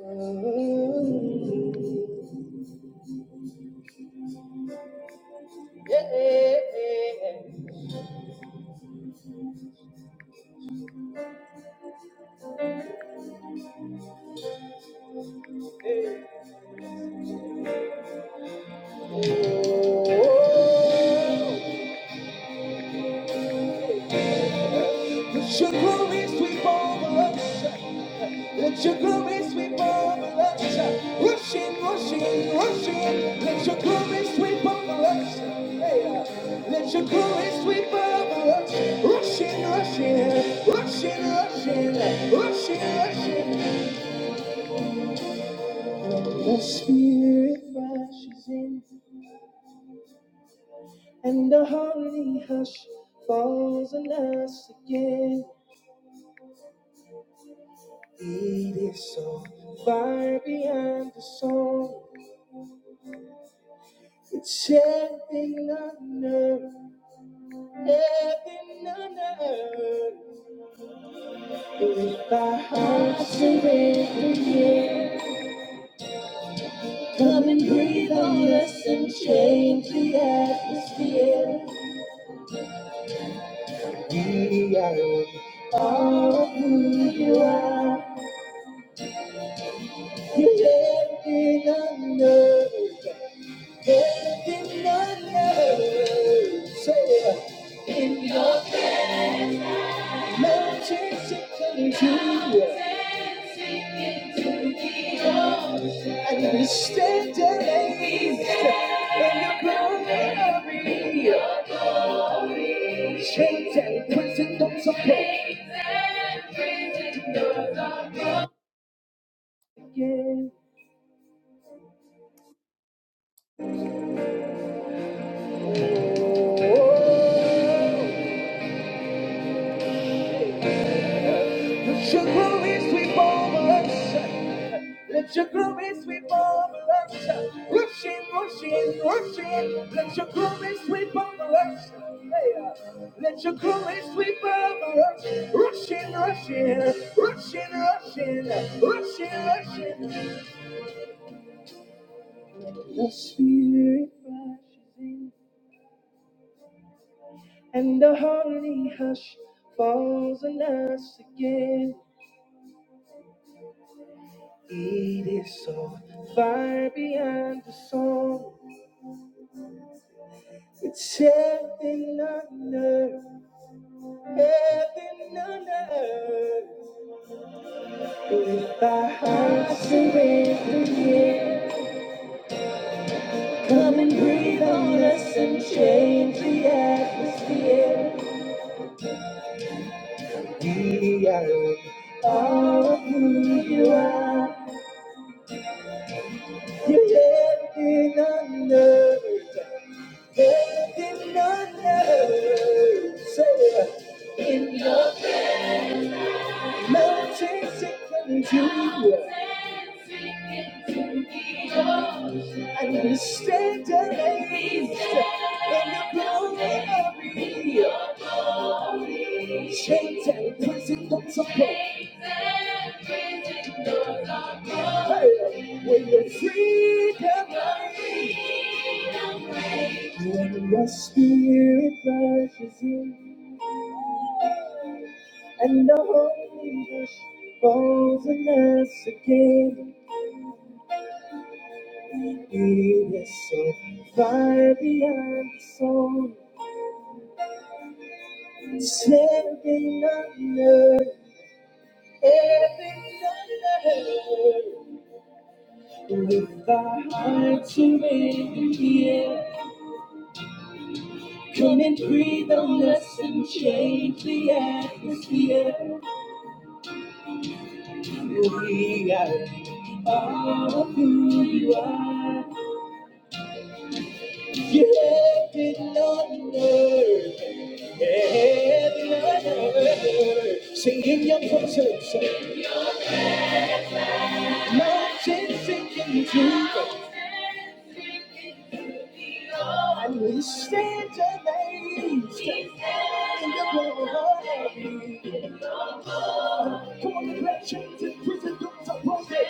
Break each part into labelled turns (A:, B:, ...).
A: Hey, uh, Let your glory sweep over us. Let your glory sweep over us. Rushing, rushing, rushing. Let your glory sweep over us. Hey, uh, Let your glory sweep over us. Rushing, rushing, rushing, rushing, rushing, rushing. The Spirit rushes in. And the holy hush falls on us again. It is so far beyond the song. It's heaven on earth, heaven on earth. With our hearts surrendered, yeah. Come and breathe on us and change the atmosphere. We are all of who you are. You're heaven on earth. And we stand amazed in your glory. Chains and prison doors are broken. Oh, the sugar is we Let your glory sweep over us. Rushing, rushing, rushing. Let your glory sweep over us. Hey, uh, Let your glory sweep over us. Rushing, rushing, rushing, rushing, rushing, rushing. The spirit rushes in, and the holy hush falls on us again. It is so far beyond the song. It's heaven on earth. Heaven on earth. With our hearts surrendered here, come and breathe on us and change the atmosphere. We are all of who you are. You're heaven on earth. Heaven on earth. So mountains it can do. And we stand amazed in the building of me. Chains and prison doors are broken. When the freedom when the spirit rushes in, and the Holy Ghost falls on us again. It is so far beyond the soul, standing on earth. Everything that I heard With thy heart surrendered here, come and breathe on us and change the atmosphere. We are all of who you are. You're heaven on earth, heaven on earth. Sing in your presence, mountains sinking to the And we stand amazed in the glory. Come on, declare change in prison doors are broken.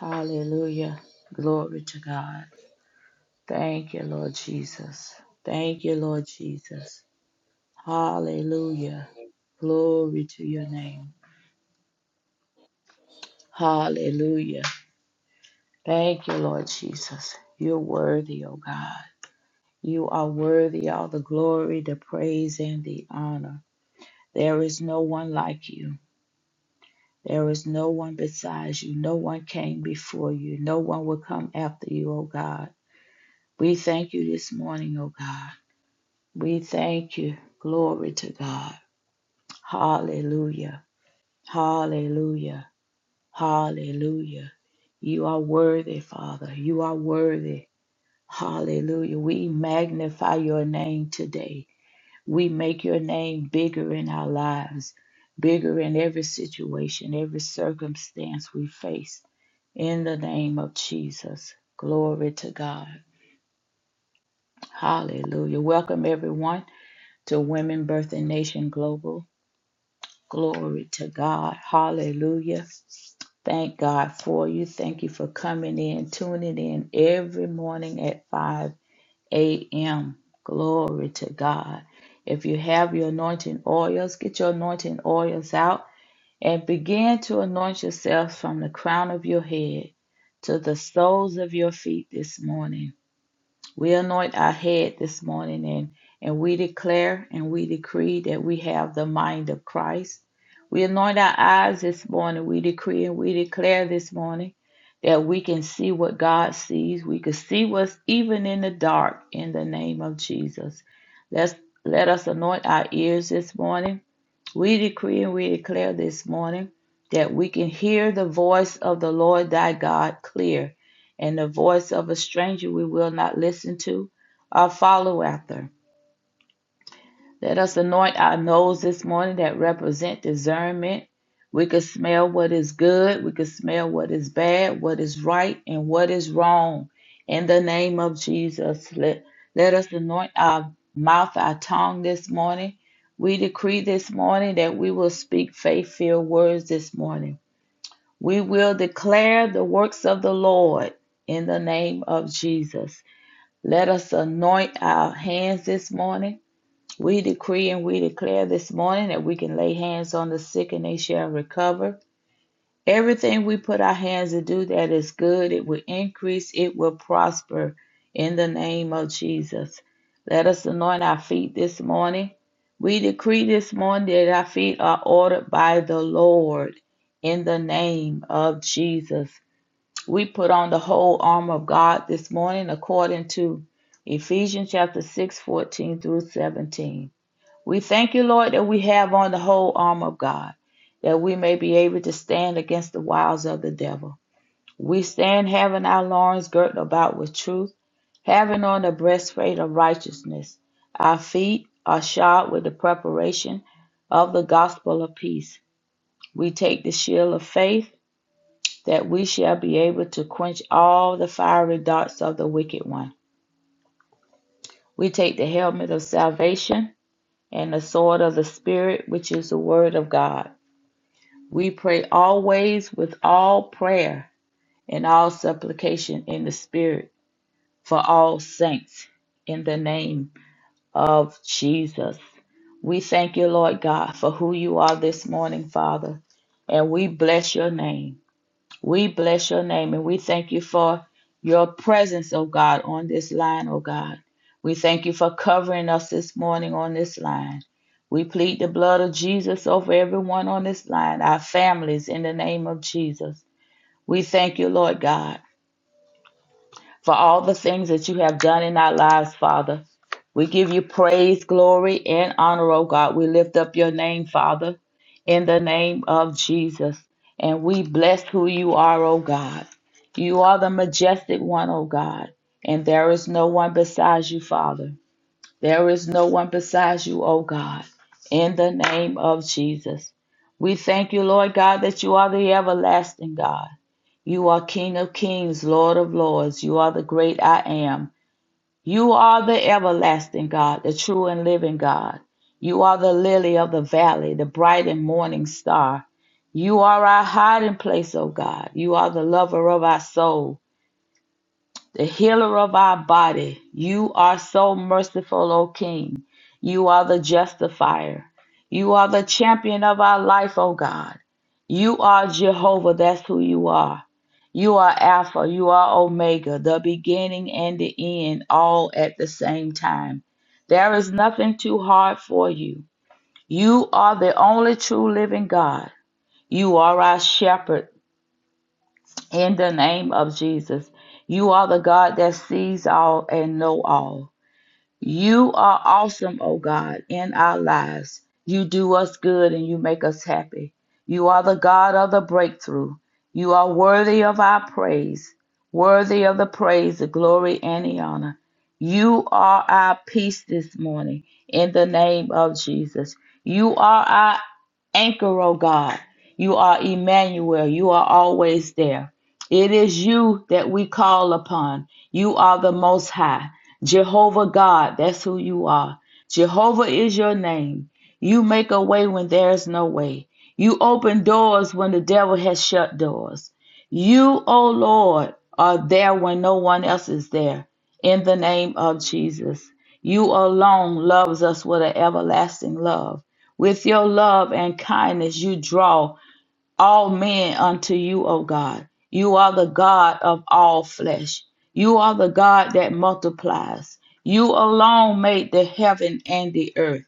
B: Hallelujah. Glory to God. Thank you, Lord Jesus. Thank you, Lord Jesus. Hallelujah. Glory to your name. Hallelujah. Thank you, Lord Jesus. You're worthy, O God. You are worthy all the glory, the praise, and the honor. There is no one like you. There is no one besides you. No one came before you. No one will come after you, O God. We thank you this morning, O God. We thank you. Glory to God. Hallelujah. Hallelujah. Hallelujah. You are worthy, Father. You are worthy. Hallelujah. We magnify your name today. We make your name bigger in our lives, bigger in every situation, every circumstance we face. In the name of Jesus. Glory to God. Hallelujah. Welcome, everyone, to Women Birthing Nation Global. Glory to God. Hallelujah. Thank God for you. Thank you for coming in, tuning in every morning at 5 a.m. Glory to God. If you have your anointing oils, get your anointing oils out and begin to anoint yourself from the crown of your head to the soles of your feet this morning. We anoint our head this morning and, and we declare and we decree that we have the mind of Christ. We anoint our eyes this morning. We decree and we declare this morning that we can see what God sees. We can see what's even in the dark in the name of Jesus. Let's, let us anoint our ears this morning. We decree and we declare this morning that we can hear the voice of the Lord thy God clear, and the voice of a stranger we will not listen to or follow after. Let us anoint our nose this morning that represent discernment. We could smell what is good, we could smell what is bad, what is right, and what is wrong. In the name of Jesus, let, let us anoint our mouth, our tongue this morning. We decree this morning that we will speak faith filled words this morning. We will declare the works of the Lord in the name of Jesus. Let us anoint our hands this morning. We decree and we declare this morning that we can lay hands on the sick and they shall recover. Everything we put our hands to do that is good, it will increase, it will prosper in the name of Jesus. Let us anoint our feet this morning. We decree this morning that our feet are ordered by the Lord in the name of Jesus. We put on the whole armor of God this morning according to Ephesians chapter 6, 14 through 17. We thank you, Lord, that we have on the whole arm of God, that we may be able to stand against the wiles of the devil. We stand having our loins girt about with truth, having on the breastplate of righteousness. Our feet are shod with the preparation of the gospel of peace. We take the shield of faith that we shall be able to quench all the fiery darts of the wicked one. We take the helmet of salvation and the sword of the Spirit, which is the word of God. We pray always with all prayer and all supplication in the Spirit for all saints in the name of Jesus. We thank you, Lord God, for who you are this morning, Father, and we bless your name. We bless your name and we thank you for your presence, oh God, on this line, oh God. We thank you for covering us this morning on this line. We plead the blood of Jesus over everyone on this line, our families, in the name of Jesus. We thank you, Lord God for all the things that you have done in our lives, Father. We give you praise, glory, and honor, O God. We lift up your name, Father, in the name of Jesus. And we bless who you are, O God. You are the majestic one, O God, and there is no one besides you, Father. There is no one besides you, O God, in the name of Jesus. We thank you, Lord God, that you are the everlasting God. You are King of kings, Lord of lords. You are the great I am. You are the everlasting God, the true and living God. You are the lily of the valley, the bright and morning star. You are our hiding place, O God. You are the lover of our souls the healer of our body. You are so merciful, O King. You are the justifier. You are the champion of our life, O God. You are Jehovah. That's who you are. You are Alpha. You are Omega, the beginning and the end, all at the same time. There is nothing too hard for you. You are the only true living God. You are our shepherd in the name of Jesus. You are the God that sees all and know all. You are awesome, O God, in our lives. You do us good and you make us happy. You are the God of the breakthrough. You are worthy of our praise, worthy of the praise, the glory, and the honor. You are our peace this morning in the name of Jesus. You are our anchor, oh God. You are Emmanuel. You are always there. It is you that we call upon. You are the Most High. Jehovah God, that's who you are. Jehovah is your name. You make a way when there is no way. You open doors when the devil has shut doors. You, O Lord, are there when no one else is there. In the name of Jesus. You alone loves us with an everlasting love. With your love and kindness, you draw all men unto you, O God. You are the God of all flesh. You are the God that multiplies. You alone made the heaven and the earth.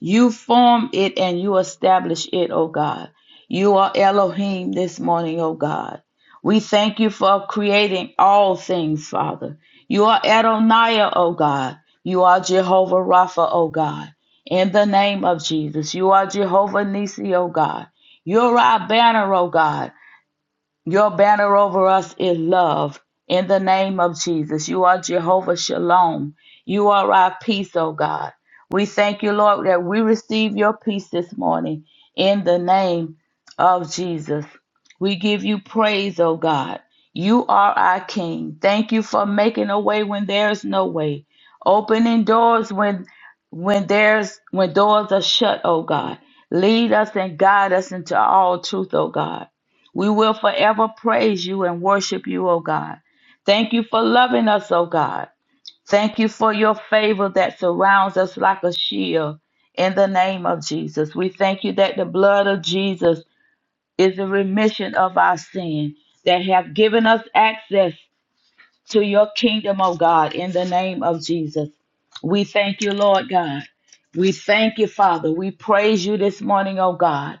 B: You form it and you establish it, O God. You are Elohim this morning, O God. We thank you for creating all things, Father. You are Adonai, O God. You are Jehovah Rapha, O God. In the name of Jesus, you are Jehovah Nisi, O God. You're our banner, O God. Your banner over us is love. In the name of Jesus, you are Jehovah Shalom. You are our peace, oh God. We thank you, Lord, that we receive your peace this morning in the name of Jesus. We give you praise, oh God. You are our King. Thank you for making a way when there is no way, opening doors when when there's when doors are shut, oh God. Lead us and guide us into all truth, oh God. We will forever praise you and worship you, O God. Thank you for loving us, O God. Thank you for your favor that surrounds us like a shield. In the name of Jesus, we thank you that the blood of Jesus is the remission of our sin that have given us access to your kingdom, O God, in the name of Jesus. We thank you, Lord God. We thank you, Father. We praise you this morning, O God.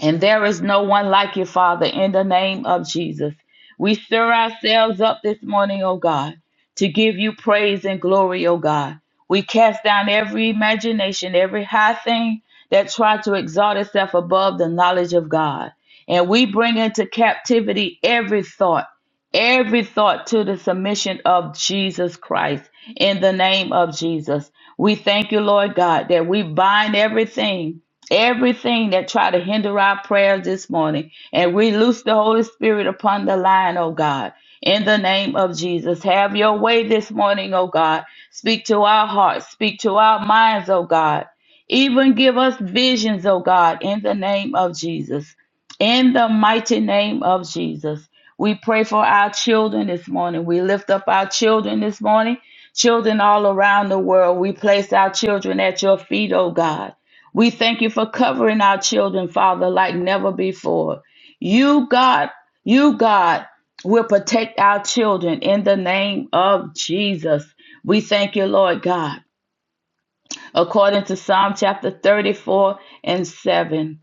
B: And there is no one like you, Father, in the name of Jesus. We stir ourselves up this morning, O God, to give you praise and glory, O God. We cast down every imagination, every high thing that tried to exalt itself above the knowledge of God. And we bring into captivity every thought, every thought to the submission of Jesus Christ in the name of Jesus. We thank you, Lord God, that we bind everything everything that try to hinder our prayers this morning. And we loose the Holy Spirit upon the line, oh God. In the name of Jesus, have your way this morning, oh God. Speak to our hearts, speak to our minds, oh God. Even give us visions, oh God, in the name of Jesus. In the mighty name of Jesus. We pray for our children this morning. We lift up our children this morning, children all around the world. We place our children at your feet, oh God. We thank you for covering our children, Father, like never before. You, God, you, God, will protect our children in the name of Jesus. We thank you, Lord God. According to Psalm chapter 34 and 7.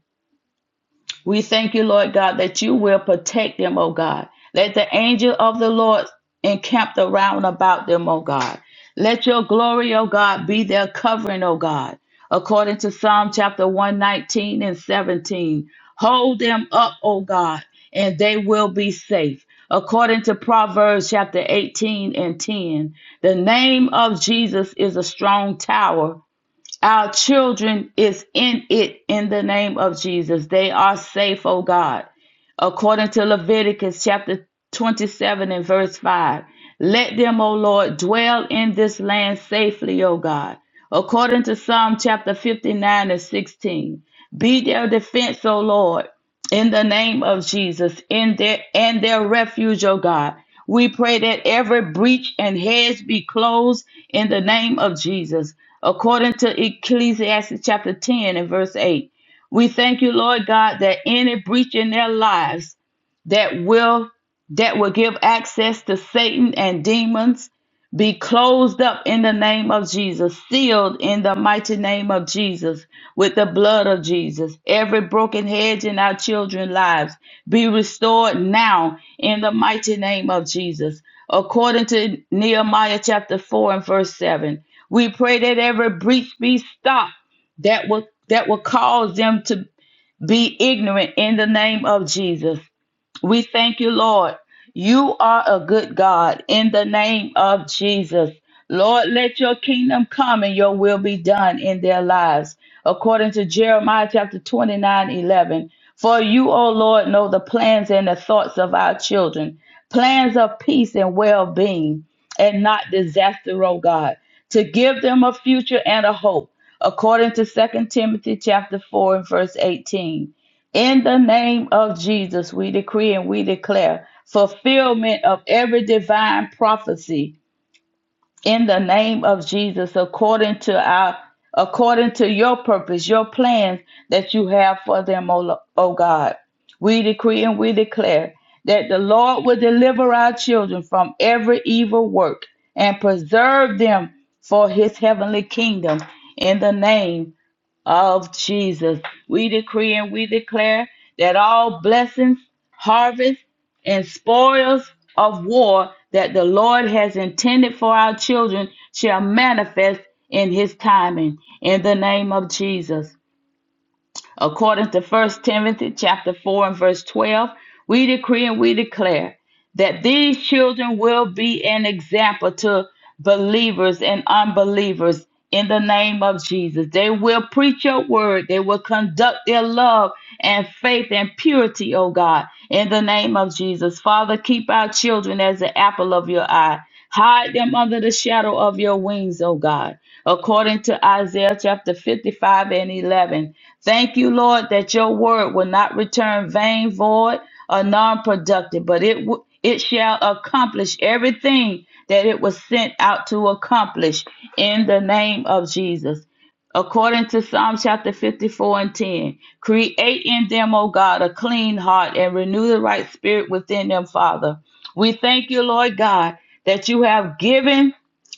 B: We thank you, Lord God, that you will protect them, O God. Let the angel of the Lord encamp around about them, O God. Let your glory, O God, be their covering, O God. According to Psalm chapter 119 and 17, hold them up, O God, and they will be safe. According to Proverbs chapter 18 and 10, the name of Jesus is a strong tower our children is in it in the name of Jesus. They are safe, oh God. According to Leviticus chapter 27 and verse 5, let them, O Lord, dwell in this land safely, O God. According to Psalm chapter 59 and 16, be their defense, O Lord, in the name of Jesus, in their and their refuge, oh God. We pray that every breach and hedge be closed in the name of Jesus, according to Ecclesiastes chapter 10 and verse 8. We thank you, Lord God, that any breach in their lives that will that will give access to Satan and demons be closed up in the name of Jesus, sealed in the mighty name of Jesus with the blood of Jesus. Every broken hedge in our children's lives be restored now in the mighty name of Jesus. According to Nehemiah chapter 4 and verse 7, we pray that every breach be stopped that will that will cause them to be ignorant in the name of Jesus. We thank you, Lord. You are a good God in the name of Jesus. Lord, let your kingdom come and your will be done in their lives. According to Jeremiah chapter 29 11. For you, O Lord, know the plans and the thoughts of our children, plans of peace and well being, and not disaster, O God, to give them a future and a hope. According to Second Timothy chapter 4 and verse 18. In the name of Jesus, we decree and we declare fulfillment of every divine prophecy in the name of Jesus according to our according to your purpose, your plans that you have for them, O, Lo- O God. We decree and we declare that the Lord will deliver our children from every evil work and preserve them for his heavenly kingdom in the name of Jesus. We decree and we declare that all blessings, harvest, and spoils of war that the Lord has intended for our children shall manifest in his timing. In the name of Jesus. According to First Timothy chapter 4 and verse 12, we decree and we declare that these children will be an example to believers and unbelievers in the name of Jesus. They will preach your word. They will conduct their love and faith and purity, oh God, in the name of Jesus. Father, keep our children as the apple of your eye. Hide them under the shadow of your wings, oh God according to Isaiah chapter 55 and 11. Thank you, Lord, that your word will not return vain, void, or non productive, but it, w- it shall accomplish everything that it was sent out to accomplish in the name of Jesus. According to Psalm chapter 54 and 10, create in them, O God, a clean heart and renew the right spirit within them, Father. We thank you, Lord God, that you have given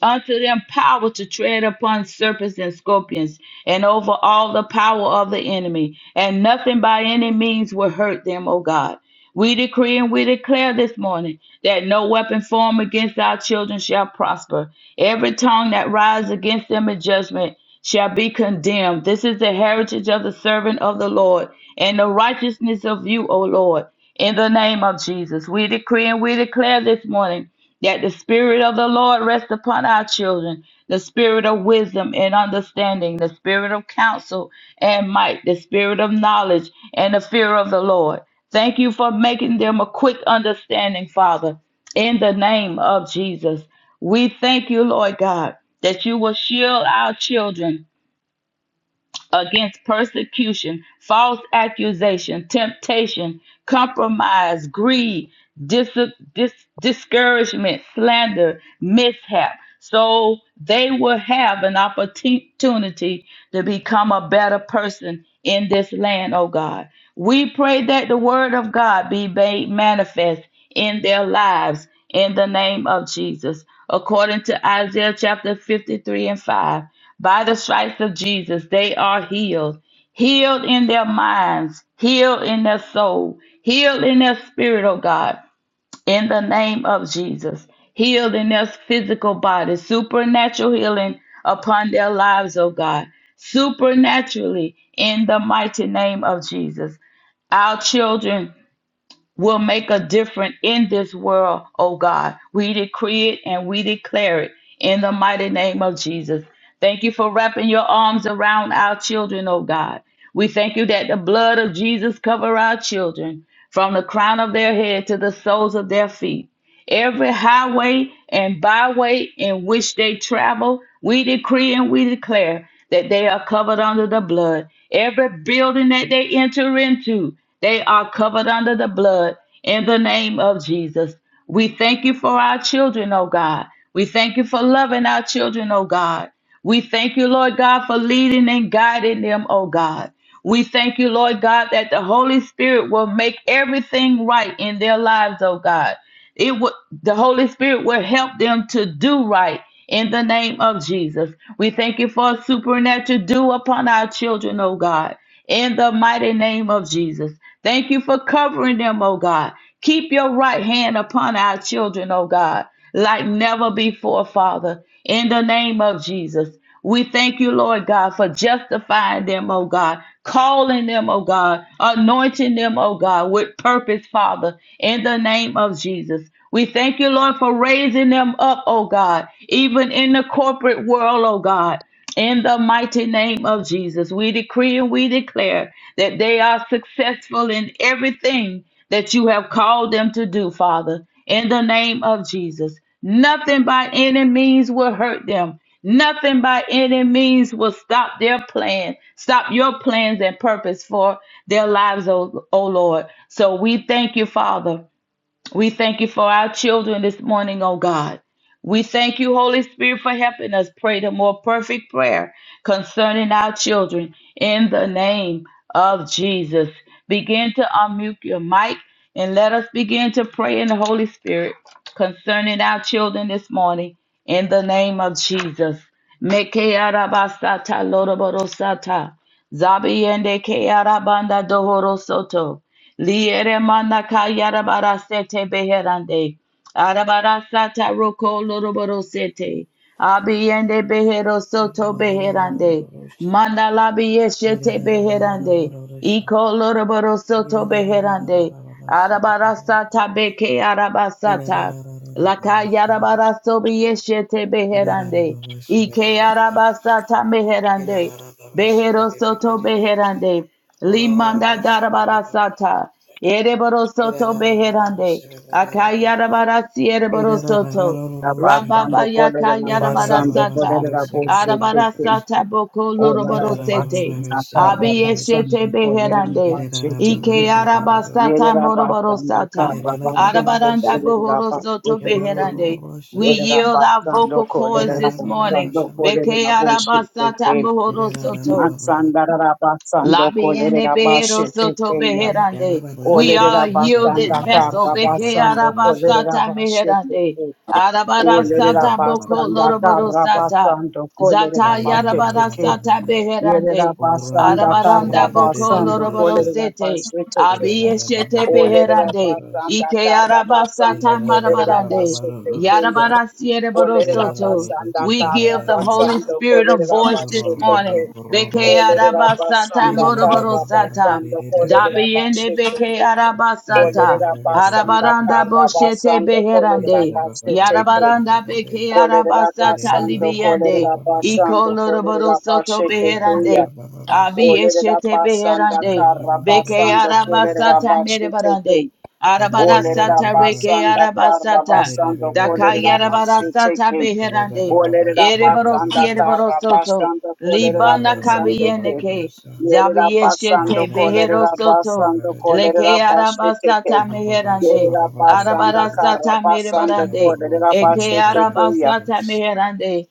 B: unto them power to tread upon serpents and scorpions, and over all the power of the enemy, and nothing by any means will hurt them, O God. We decree and we declare this morning that no weapon formed against our children shall prosper. Every tongue that rises against them in judgment shall be condemned. This is the heritage of the servant of the Lord, and the righteousness of you, O Lord. In the name of Jesus, we decree and we declare this morning that the Spirit of the Lord rest upon our children, the Spirit of wisdom and understanding, the Spirit of counsel and might, the Spirit of knowledge and the fear of the Lord. Thank you for making them a quick understanding, Father, in the name of Jesus. We thank you, Lord God, that you will shield our children against persecution, false accusation, temptation, compromise, greed, dis- dis- discouragement, slander, mishap. So they will have an opportunity to become a better person in this land, oh God. We pray that the word of God be made manifest in their lives in the name of Jesus. According to Isaiah chapter 53 and 5, by the stripes of Jesus, they are healed. Healed in their minds, healed in their soul, healed in their spirit, oh God, in the name of Jesus. Healed in their physical body, supernatural healing upon their lives, oh God, supernaturally in the mighty name of Jesus. Our children will make a difference in this world, oh God. We decree it and we declare it in the mighty name of Jesus. Thank you for wrapping your arms around our children, oh God. We thank you that the blood of Jesus cover our children from the crown of their head to the soles of their feet every highway and byway in which they travel, we decree and we declare that they are covered under the blood. Every building that they enter into, they are covered under the blood in the name of Jesus. We thank you for our children, oh God. We thank you for loving our children, oh God. We thank you, Lord God, for leading and guiding them, oh God. We thank you, Lord God, that the Holy Spirit will make everything right in their lives, oh God it would the holy spirit will help them to do right in the name of jesus we thank you for a supernatural do upon our children oh god in the mighty name of Jesus. Thank you for covering them, oh God. Keep your right hand upon our children, oh God, like never before, Father, in the name of Jesus. We thank you, Lord God, for justifying them, oh God, calling them, oh God, anointing them, oh God, with purpose, Father, in the name of Jesus. We thank you, Lord, for raising them up, oh God, even in the corporate world, oh God. In the mighty name of Jesus, we decree and we declare that they are successful in everything that you have called them to do, Father. In the name of Jesus, nothing by any means will hurt them. Nothing by any means will stop their plan, stop your plans and purpose for their lives, O, o Lord. So we thank you, Father we thank you for our children this morning, oh God. We thank you, Holy Spirit, for helping us pray the more perfect prayer concerning our children in the name of Jesus. Begin to unmute your mic and let us begin to pray in the Holy Spirit concerning our children this morning in the name of Jesus. Meke arabasata loroborosata. Zabiende ke arabanda dohoro soto. Liere manaka yarabara sete beherande. Arabara sata roko loroboro sete. Abiende behero
C: Get
B: soto beherande.
C: it
B: Mandala biyeshete beherande. Iko loroboro soto beherande. Arabara sata beke arabasata. Laka yarabara sobi yeshete beherande. Ike arabasata meherande. Behero soto beherande. Limanda darabara sata. Ereboro soto
C: out
B: beherande. Akayarabara siereboro soto. Rambaba
A: Rabasando kolere
B: yakayarabara
A: rabasando
B: sata.
A: kolere rabosu
B: Arabara
A: teke.
B: sata boko
A: Ola
B: loroboro sete.
A: rabasanda
C: of
B: Abiyeshete
A: karabasando kolere
B: beherande.
C: Russia,
A: rabasu
B: Ike
A: teke. Yere
B: arabasata moroboro
A: rabasanda
B: sata.
A: karabasando
B: Arabaranda
A: kolere
B: bohoro soto
A: rabasu teke.
B: beherande. We
A: Yere
B: yield our
A: rabasando
B: vocal
A: kolere
B: cords this morning.
A: rabasando kolere
B: Beke
A: rabosu
B: arabasata
A: teke.
B: bohoro soto.
A: Matsandara basando
B: Labiene
A: kolerera
B: behero
A: bashete
B: soto
A: keya.
B: beherande. We are a
A: Olerera
B: yielded
A: basanda
B: vessel.
A: karra
B: Beke
A: basando kolerera
B: arabasata
A: bashete
B: meherande.
A: ke. Olerera
B: Arabarasata boko
A: basanda karra
B: loroborosata.
A: basando kolerera
B: Zata
A: bashete ke.
B: yarabarasata
A: Yerera
B: beherande.
A: basanda karra
B: Arabaranda boko
A: basando kolerera
B: loroborosete.
A: bashete ke.
B: Abiyeshete
A: Olerera
B: beherande.
A: basanda
B: Ike
A: karra basando
B: arabasata
A: colere,
B: marabarande.
A: bashete ke.
B: Yarabarasiere
A: Olerera
B: borosoto.
A: basanda
B: We
A: kara
B: give the Holy
A: basando
B: Spirit a
A: kolerera
B: voice this
C: Ina
B: morning.
A: bashekete.
B: Beke
D: Yeah,
A: Olerera
B: arabasata
A: basanda kara
B: moroborosata.
A: basando kolerera
B: Dabiende beke
A: bashekete.
B: arabasata.
A: Olerera basanda
B: Arabaranda
A: kara
B: boshete
A: basando kolerera
B: beherande.
E: Thank
A: bashekete.
B: Yarabaranda beke
A: Olerera
B: arabasata
A: basando
B: libiende.
A: kolerera
B: Iko
A: basando kolerera
B: loroborosoto
A: bashekete
B: beherande.
A: ya.
B: Abi
A: Olerera
B: eshete
A: basanda
B: beherande.
A: kara
B: Beke
A: basando kolerera
B: arabasata merebarande.
A: bashekete. Olerera
B: Arabarasata reke
A: basanda kara
B: arabasata.
A: basando
B: Daka
A: kolerera
B: yarabarasata
A: bashekete.
B: beherande.
A: Olerera
B: Ereborosi
A: basanda tarra
B: ereborosoto.
A: basando kolerera
B: Libana
A: basande ke.
B: kabiyeneke.
A: Yerera
B: Zabi
A: basando
B: eshete
A: kolerera
B: beherosoto.
A: basando kolerera
B: Leke
A: basete
C: Ere
A: ke.
B: arabasata meherande.
A: Yerera basanda karra
B: Arabarasata
A: basando
B: merebarande.
A: kolerera
B: Eke
A: basete teke.
B: arabasata meherande.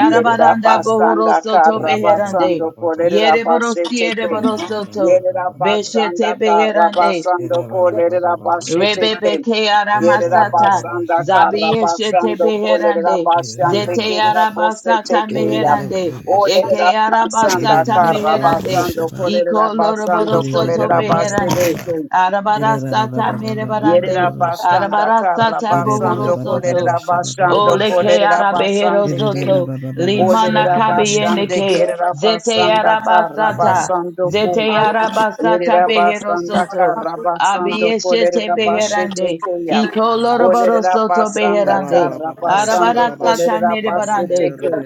A: Yerera
B: bohoro
A: basanda
B: soto
A: kara
B: beherande.
A: basando kolerera
B: Yereboro
A: basheteke.
B: siereboro soto.
A: Yerera
B: Beshete
A: basanda kara
B: beherande.
A: basando kolerera basheteke.
B: Rebebeke
A: Yerera
B: aramasata
A: basanda kara
B: zabiyeshete
A: basando kolerera
B: beherande
A: basande
B: zete
A: kerera
B: arabasata
A: boseteke ya.
B: meherande eke
A: Olerera basanda
B: arabasata
A: kara
B: meherande
A: basando
B: iko
A: kolerera basando
B: loroboro soto
A: kolerera
B: beherande
A: basheteke.
B: arabarasata
A: Yerera
B: merebarande
A: basanda karra
B: arabarasata
A: basando
B: bohoro soto
A: kolerera basando
B: Ole ke
A: kolerera
B: ara behero
A: basande kem.
B: soto limana
A: Olerera
B: kabiene
A: basande
B: ke
A: kerera
B: zete
A: basanda karra
B: arabasata
A: basando
B: zete arabasata
A: Yerera
B: behero
A: basanda
B: soto
A: kara basando
B: Abiyeshete
A: kolerera basete
B: beherande.
A: keya.
B: Ikoloroboro
A: Olerera
B: soto
A: basanda
B: beherande.
A: kara basando
B: Arabarasata
A: kolerera basete
B: merebarande.
A: ke.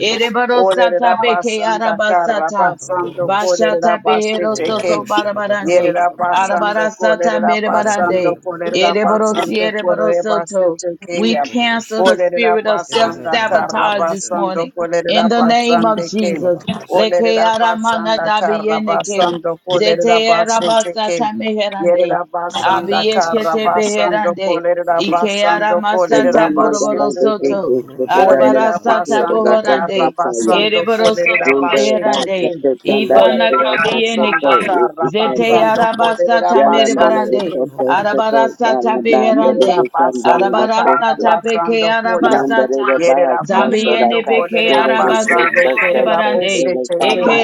A: Olerera
B: Ereborosata beke
A: basanda kara
B: arabasata.
A: basando kolerera
B: Bashata behero
A: basete
B: soto
A: ke.
B: barabarande.
A: Yerera basando
C: Russia,
B: Arabarasata
A: kolerera basando
B: merebarande.
A: kolerera
B: Ereborosi
A: basando kolerera
B: ereborosoto.
A: basete
B: We
A: keya.
B: cancel the
A: Olerera
B: spirit of
A: basanda kara
B: self-sabotage this
A: basando
B: morning. In
A: kolerera
B: the name of
A: basande ke.
B: Jesus. Leke
A: Olerera
B: aramana
A: basanda kara
B: dabiyeneke.
A: basando kolerera
B: Zete
A: basete ke.
B: arabasata meherande.
A: Yerera basanda kara
B: Abiyeshete
A: basando
B: beherande.
A: kolerera
B: Ike ara
A: basando
B: masata
A: kolerera
F: Rondo da
B: boroboro
A: basete ke.
B: soto.
F: Beteco,
C: Orosha
F: Sedora
C: da
B: Arabara
A: Olerera
B: sata
F: Masteco,
C: Babarosha,
A: basanda
B: bohorande.
A: kara
F: Rabosataya,
A: basando
B: Ereboro
C: Orosha,
A: kolerera
B: soto
F: Rondo
A: basete
F: about
B: beherande.
A: ke.
C: Ella,
F: Satanda,
B: Ibana
A: Olerera
F: Raphael,
B: kabiyenike.
A: basanda
F: Sepo,
A: kara
B: Zete
F: Isisanda,
A: basando
C: Ella,
A: kolerera
B: arabasata
F: Yalanda,
A: basande
C: it,
F: the
B: merebarande.
A: ke.
F: Soto,
B: Arabara
F: Seto,
C: Noro,
B: sata
F: Dana,
B: beherande.
A: Yerera
F: the Sanda, the
A: basanda kara
F: Sesto,
B: Arabarasata beke
A: basando koya.
F: Mandare,
B: arabasata.
F: the Bas,
A: Yerera
F: Soto, the
B: Zabiende
A: basando
B: beke
A: kolerera
F: Castreda, the
B: arabasata
A: basande
F: Sesto,
A: kerera
F: Seto,
A: bose
B: merebarande.
F: Seto,
A: tete.
B: Eke
F: Sanda,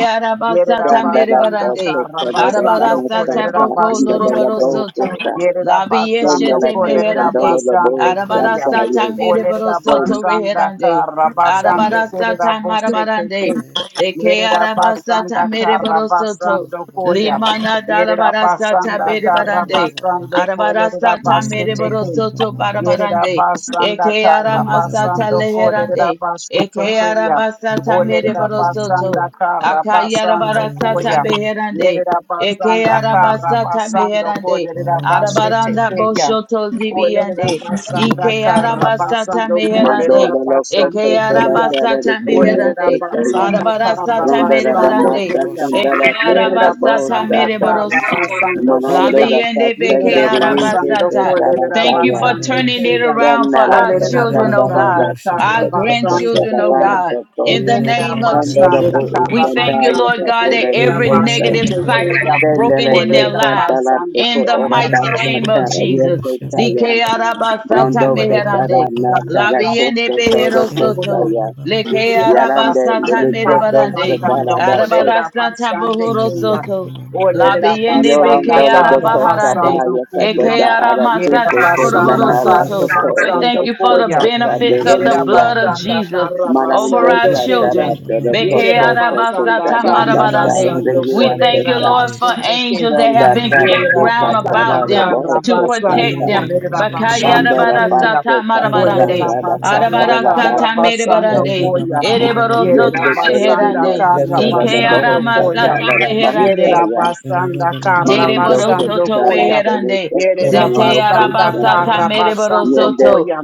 A: Yerera
B: arabasata
F: Sanda, the
A: basanda
B: merebarande.
F: Soto,
A: kara
F: the
A: basando
C: eh,
F: Bas, Santa, Santa la to se
B: Arabarasata
F: se de ba
A: kolerera
F: santa
B: boko
A: base
F: Inda, the Labo,
A: tete.
B: lorobarosoto.
F: Fusa,
A: Yerera
B: Labi
F: Senda,
A: basando
B: yeshete
F: the Seto,
A: kolerera
F: Dolo,
B: meherande.
F: the Bo,
A: basande koya.
C: Barana
B: Arabarasata
F: Santa,
A: Olerera
C: Barosha,
B: merebarosoto
F: yo.
A: basanda
B: reherande.
A: kara
C: Ella
A: basande
B: Arabarasata
A: kerera
C: Bababara,
A: bose
B: marabarande.
A: tete.
C: eh,
B: Eke
A: Yerera
B: arabasata
A: basanda kara
B: merebarosoto.
A: basando koya.
B: Limana
A: Yerida
B: dalabarasata
A: basanda kara
B: berebarande.
A: basando
B: Arabara
A: kolerida
B: sata
A: basle
B: mereboro
C: Baba
A: teke.
C: Baba
B: soto
A: Yerida
B: barabarande.
A: basanda
B: Eke ara
A: kara
C: Baba
B: masata
A: basando
C: Baba,
A: kolerida
B: leherande.
A: basle
B: Eke
A: teke
B: ara
A: ya.
B: basata
A: Olerera
B: mereboro soto.
A: basanda kara
B: Akayara
A: basando
B: barasata
A: koya.
B: beherande.
A: Yerida
B: Eke
A: basanda
B: ara
A: kara
B: basata
A: basando
B: meherande.
A: kolerida basle
B: Arabaranda
A: teke ya.
B: boshoto
A: Olerera
B: zibiande.
A: basanda
B: Ike ara
A: kara
B: basata
A: basando
F: Mando
B: meherande.
A: kolerida
F: lolo
A: basle
F: costa
B: Eke
A: teke
B: ara
F: sola
A: ya.
F: tele de
B: basata
F: kindala
A: Olerera
B: meherande.
F: testaya.
A: basanda
B: Arabara
A: kara
B: sata
F: Ronda rada
A: basando
B: merebarande.
F: masa
C: Rosha,
A: koya.
B: Eke
F: candela
B: ara
F: tele
A: Yerera
F: de
B: basata
A: basanda
F: bohosata.
B: mereboro
A: kara
B: soto.
A: basando
F: Manondo
A: koya.
F: da
B: Labiende
F: pasen
B: beke
A: Yerera
F: de riwiche
A: basando
F: se
B: arabasata.
A: kolerera
B: Thank you for
F: salataya.
A: basando
B: turning it
A: koya.
B: around for
F: Yana la
B: our
A: Olerera
B: children, oh
F: tascandala
B: God,
A: basanda
F: da
A: kara
B: our
A: basando
B: grandchildren, oh
A: koya.
B: God,
F: sabato so.
B: in the
A: Yerera
B: name of
F: Rondo da
B: Jesus.
A: basanda
F: po
B: We
A: kara
B: thank you,
F: iscandaya
A: basando
B: Lord God, that
F: capere le
A: kolerera
B: every
F: costa.
B: negative
A: basete
B: cycle
A: koya.
B: is broken
F: Tendele
B: in
F: te
B: their
A: Olerera
B: lives
F: candala te
A: basanda
B: in
F: co
B: the
A: kara
F: ora
B: mighty name
A: basando
B: of
F: basata.
A: kolerera
B: Jesus.
F: Yete
B: Dike
F: taya.
A: basete koya.
B: arabasata
F: Rondo
A: Olerera
F: costa
B: meherande.
F: rana
A: basanda
F: tele
A: kara
B: Labiende
F: costa toro
B: behero
A: basando koya.
B: soto.
F: costa
B: Leke
A: Yerera
F: Yalande
A: basanda
B: arabasata
F: Lilicoto
B: merebarande.
F: Sadarato
B: Arabarasata bohoro soto. Labiende beke
F: Yolondola
B: ara
F: Doko
B: baharande.
F: Sabaya
B: Eke
F: Sabeba
B: ara
F: Ara
B: masata
C: Russia,
F: Kise
B: koroboro
F: Nanala
B: soto.
F: Toko
B: We thank
F: Erebos
B: you for the benefits of the blood
F: Sadeluya
B: of Jesus over
F: Marande
B: our children.
F: Katarato Doko
B: Beke ara
F: Soto
B: basata
A: karra
F: Sadana
B: marabarande.
A: basando
B: We
F: Saraya
B: thank you,
A: kolerera
F: Sosa
B: Lord, for
A: basete ke.
B: angels that
F: Yanda
B: have been
F: Tara
B: camped
F: De
A: Yerera
B: round
A: basanda
B: about
F: Katara
B: them
A: kara
F: Boho
B: to
F: Sosa
A: basando
B: protect them.
A: kolerera
B: Bakaya ara
A: basande
F: Ondora
A: kuya.
B: barasata
F: Basto
B: marabarande.
A: Olerera
F: Katarata La
B: Ara
A: basanda
F: Katara
A: kara
B: barasata
F: Basto
A: basando
F: Soto
B: merebarande.
A: koya.
B: Ereboro soto
A: Yerera
F: Yoke Serena
A: basanda
B: meherande.
A: kara
F: Mosotara
B: Ike ara
F: Boho
A: basando
B: masata
A: koya.
F: Satara
B: meherande.
A: Yerera
F: Bahosaya
A: basanda kara
B: Dere
F: Manondo
A: basando
B: borosoto
F: Postala,
A: koya.
B: beherande.
A: Yerera
B: Zete
F: Telesosorano
A: basanda
F: Postanta,
B: arabasata
A: kara
B: mere
A: basando
F: Yende,
B: borosoto.
A: koya.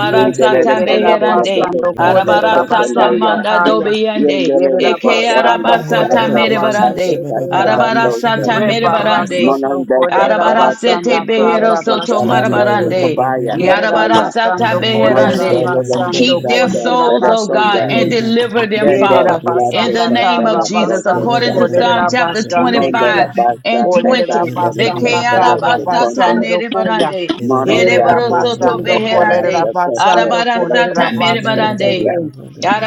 A: Meshe
F: Endele
A: derera
F: Condorella
B: beherande.
A: basando
F: Bohosata,
A: kolerera
B: Arabarasata
A: basanda
F: Sosanoya,
B: manda
A: kaya.
B: dobiyande.
F: Yendele
A: Yerera
B: Eke
F: Bora
C: It
A: basando
B: arabasata
A: kolerera
F: Basate,
B: mere
C: is
F: Lato
B: barande.
A: basando koya.
F: Casalanosa,
B: Arabarasata mere barande.
A: Rebarasoto
F: Manondo
A: Corera
F: Casalato
A: Basanda
B: Arabarasete
F: Postala,
B: behero
A: Carra
B: soto
A: Basete
F: Casalando,
B: marabarande.
F: Yokobaya,
A: Yerera
F: Hataya,
B: Yarabarasata
A: Basando Corera
B: beherande.
F: Manondo
A: Basando
B: Keep their
F: Postata,
A: Corera
B: souls, oh
A: Basete
B: God,
F: Teletonda,
B: and deliver them,
A: Yerera
F: Tende,
B: Father, in
F: Lato
B: the
A: basanda
B: name of
A: kara
F: Casala,
B: Jesus,
A: basando
B: according to
F: Brocostata,
B: Psalm
A: kolerera
B: chapter
A: basande ke.
F: Condora
B: 25
F: Basta,
B: and
A: Olerera
B: 20.
F: Casate,
A: basanda kara
F: Casate, Condor,
A: basando koya.
B: Bekearabasatanerebarande,
F: Maronda
A: Yerera
F: Costa
A: basando kolerera
B: ereborosotobeherande,
F: Tarata Costa
A: basando
F: Rapa
A: kolerera
F: Costa
A: basete
B: arabarasatamerebarande.
F: Ya
A: ke.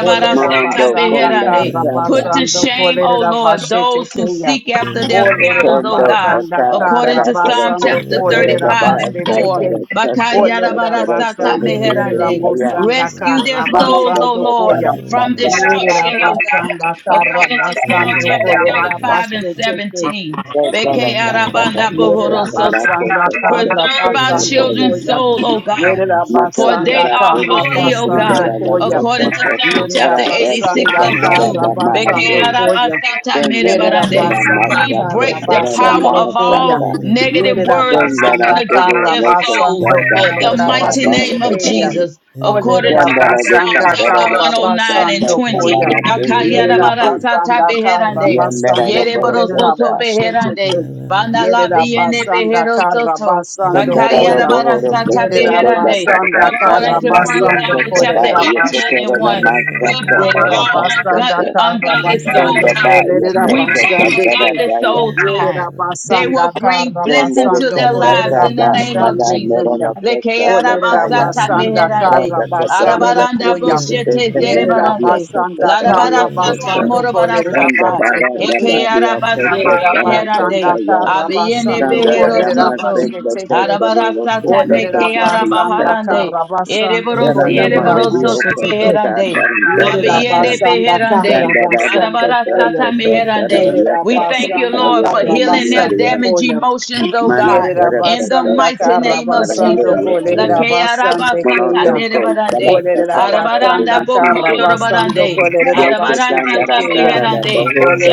A: Olerera
F: Marondo
A: basanda
F: Conda
A: kara
F: Tata
B: Put to
A: basando
B: shame, O
A: kolerera
B: Lord,
A: basete
B: those
A: ke
B: who
A: ya.
B: seek after their souls,
A: Olerera
B: O
F: Condo
B: God,
A: basanda
F: Ota
B: according
A: kara
B: to
F: Tarata
B: Psalm
A: basando
B: chapter
F: Costa Tarata
A: kolerera
B: 35 and
F: Bahasa
A: basete
B: 4.
A: ke.
C: a
F: Tarata
A: Olerera
F: Costa Rota
A: basande
F: Costa
A: kerera
B: Bakayarabarasatameherande.
F: Maya
A: bosanda
B: Rescue their
A: kara
B: souls,
F: Marondo
B: O
A: basando
F: Costa
B: Lord,
A: koya.
F: Tarata
B: from
A: Yerera
F: Costa
B: destruction, O
F: Lata
B: God,
C: Russia.
A: basanda karra
F: Costa
B: according to Psalm
A: basando
F: Tarata
B: chapter
A: kolerera
F: Costa
B: 35 and
A: basete
B: 17. Beke
F: Tarata Costa
A: yerera
B: Bekeyarabandabohorosoto.
F: Tarata
A: basanda karra
B: Preserve
F: Costa
B: our
A: basando
F: Tarata
B: children's
A: koya
B: soul, O God,
A: yerera
B: for
F: Mato
B: they
A: basanda
F: Tara
B: are
F: Tara
A: karra
B: holy, O
F: Kasan
A: basando
B: God,
F: Tara La
A: koya
B: according
F: Kasa
B: to
F: Kasa
B: Psalm
A: Yerera
B: chapter
F: Tara
B: 86
F: Esya
A: basanda
B: and
F: Tara
B: 2.
A: kara
F: La
A: basando
F: Mahasu
A: koya.
F: Tendara
A: Yerera
F: Tara
A: basanda
B: We
F: Masako
A: kara
B: break the
F: Tara La
B: power
A: basando
B: of
A: koya.
B: all
F: Bahasaka
B: negative
A: Yerera
B: words
F: Tendara
B: spoken
A: basanda
B: against
F: Tara
A: kara
B: their
F: Loko
B: soul
A: basando
F: Sata
B: in the
A: kolera
F: Kasara
B: mighty name
A: basete
B: of
A: keya.
F: Bahasaka
B: Jesus. According to
A: Olerera
F: Tendara De
B: Psalm
A: basanda
F: Santara
B: chapter
F: La
A: kara
F: Kasa
B: 109 and
F: Kasa
A: basando
B: 20.
A: koya.
F: Nara Tili Le
A: Yerera
F: Yesu
A: basanda kara
B: Akayarabarasatabeherande.
F: Yandara La
A: basando kolera
B: Yereborosoto
F: Bahasaka
A: basete
C: It is
B: beherande.
A: keya. Yerera
B: Banalabiene
A: basanda kara
B: beherosoto.
A: basando
F: Kondara La
A: koya.
F: Bohoro
A: Yerera
F: Kasando Da
B: Bakayarabarasatabeherande.
A: basanda
F: Kasa Tara
B: According
A: kara
B: to 1
F: Nadia
A: basando
B: Samuel
F: Kasa Ba
B: chapter
A: kolerera
B: 18 and
F: Yasotara La
B: 1,
A: basheteke.
B: we break
F: Masako Ora
A: Yerera
B: all
A: basanda
B: ungodly,
F: Basoko
A: kara
B: ungodly soul
F: Sonda
A: basando
F: ba
B: ties.
F: ya
A: kolerera
F: ta
B: We
F: ta
B: pray
F: ta
B: for
F: ta da
A: bashandeke.
B: godly
F: da ya.
B: soul ties.
A: Yerera
B: They will
A: basanda
B: bring
A: kara
F: Sende
B: blessing
F: re
B: to
F: ta
A: basando
B: their
F: ta
B: lives
F: ta
A: kolerera
B: in the
F: da
B: name
F: da
B: of
F: da
B: Jesus.
A: bashandeke
F: mero
A: ya.
F: la
B: Leke
F: kasa ta
A: Olerera
B: arabasata
A: basanda
F: Rata
B: meherande.
A: kara
F: kata la
A: basando
F: la
B: Arabaranda
F: priti
A: koya.
F: sute
B: boshete
F: kena
A: Yerera
F: nadia
B: zerebarande.
F: kasa
A: basanda
F: pari
A: kara
F: ya
B: Larabarasata
F: kasa.
A: basando kolerera
F: Sonda
B: morobarasata.
F: ba da da ba
A: basheteke.
B: Eke
F: ya kasa
A: Yerera
B: arabasata
F: sana
A: basanda
B: meherande.
F: kakaya.
A: kara
B: Abiene
A: basando
F: Sonda da da
B: behero
A: kolerera
F: ma
B: soto.
F: kasa
A: basheteke.
F: kasa de lo
B: Arabarasata
F: kasa
B: meke
A: Olerera
F: kakma kaya
A: basanda
F: kasa.
B: arabaharande.
A: kara basando
F: Yara
B: Ereborosi
F: na ma
A: kolerera
F: de
B: ereboroso
F: yo
B: to
C: a
F: kasa
A: basheteke.
B: beherande.
F: kata
C: Ba-ba-ba-ba-ba-ba-ba-ba-ba-ba-ba-ba-ba-ba-ba-ba-ba-ba-ba.
F: da
A: Yerera
F: da
B: Labiende
A: basanda
B: beherande.
A: kara
F: Randa Raja
A: basando koya.
B: Arabarasata
F: Satarokata
B: meherande.
F: Saraya
A: Yerera
B: We thank you,
A: basanda
B: Lord,
F: Sasaya
B: for
A: kara
B: healing their
A: basando
F: Namadia
B: damaged
A: koya.
B: emotions, oh
F: Mana
B: God, in the
F: Sarakata
A: Yerabasanda
B: mighty name of
F: Sataranda
A: Karabasando
B: Jesus. La
F: Yasaya
B: ke
A: Kolerabasande Kaya.
F: Monotoko Sala
B: merebarande.
F: Sakala
B: Arabaranda
A: Olerabasanda
B: boko
F: Salikita
A: Karabasando
B: yorobarande.
F: Yesa
A: Kolerabasete
B: Arabarasata
F: Sandara,
A: Kaya.
F: Tara
B: meherande.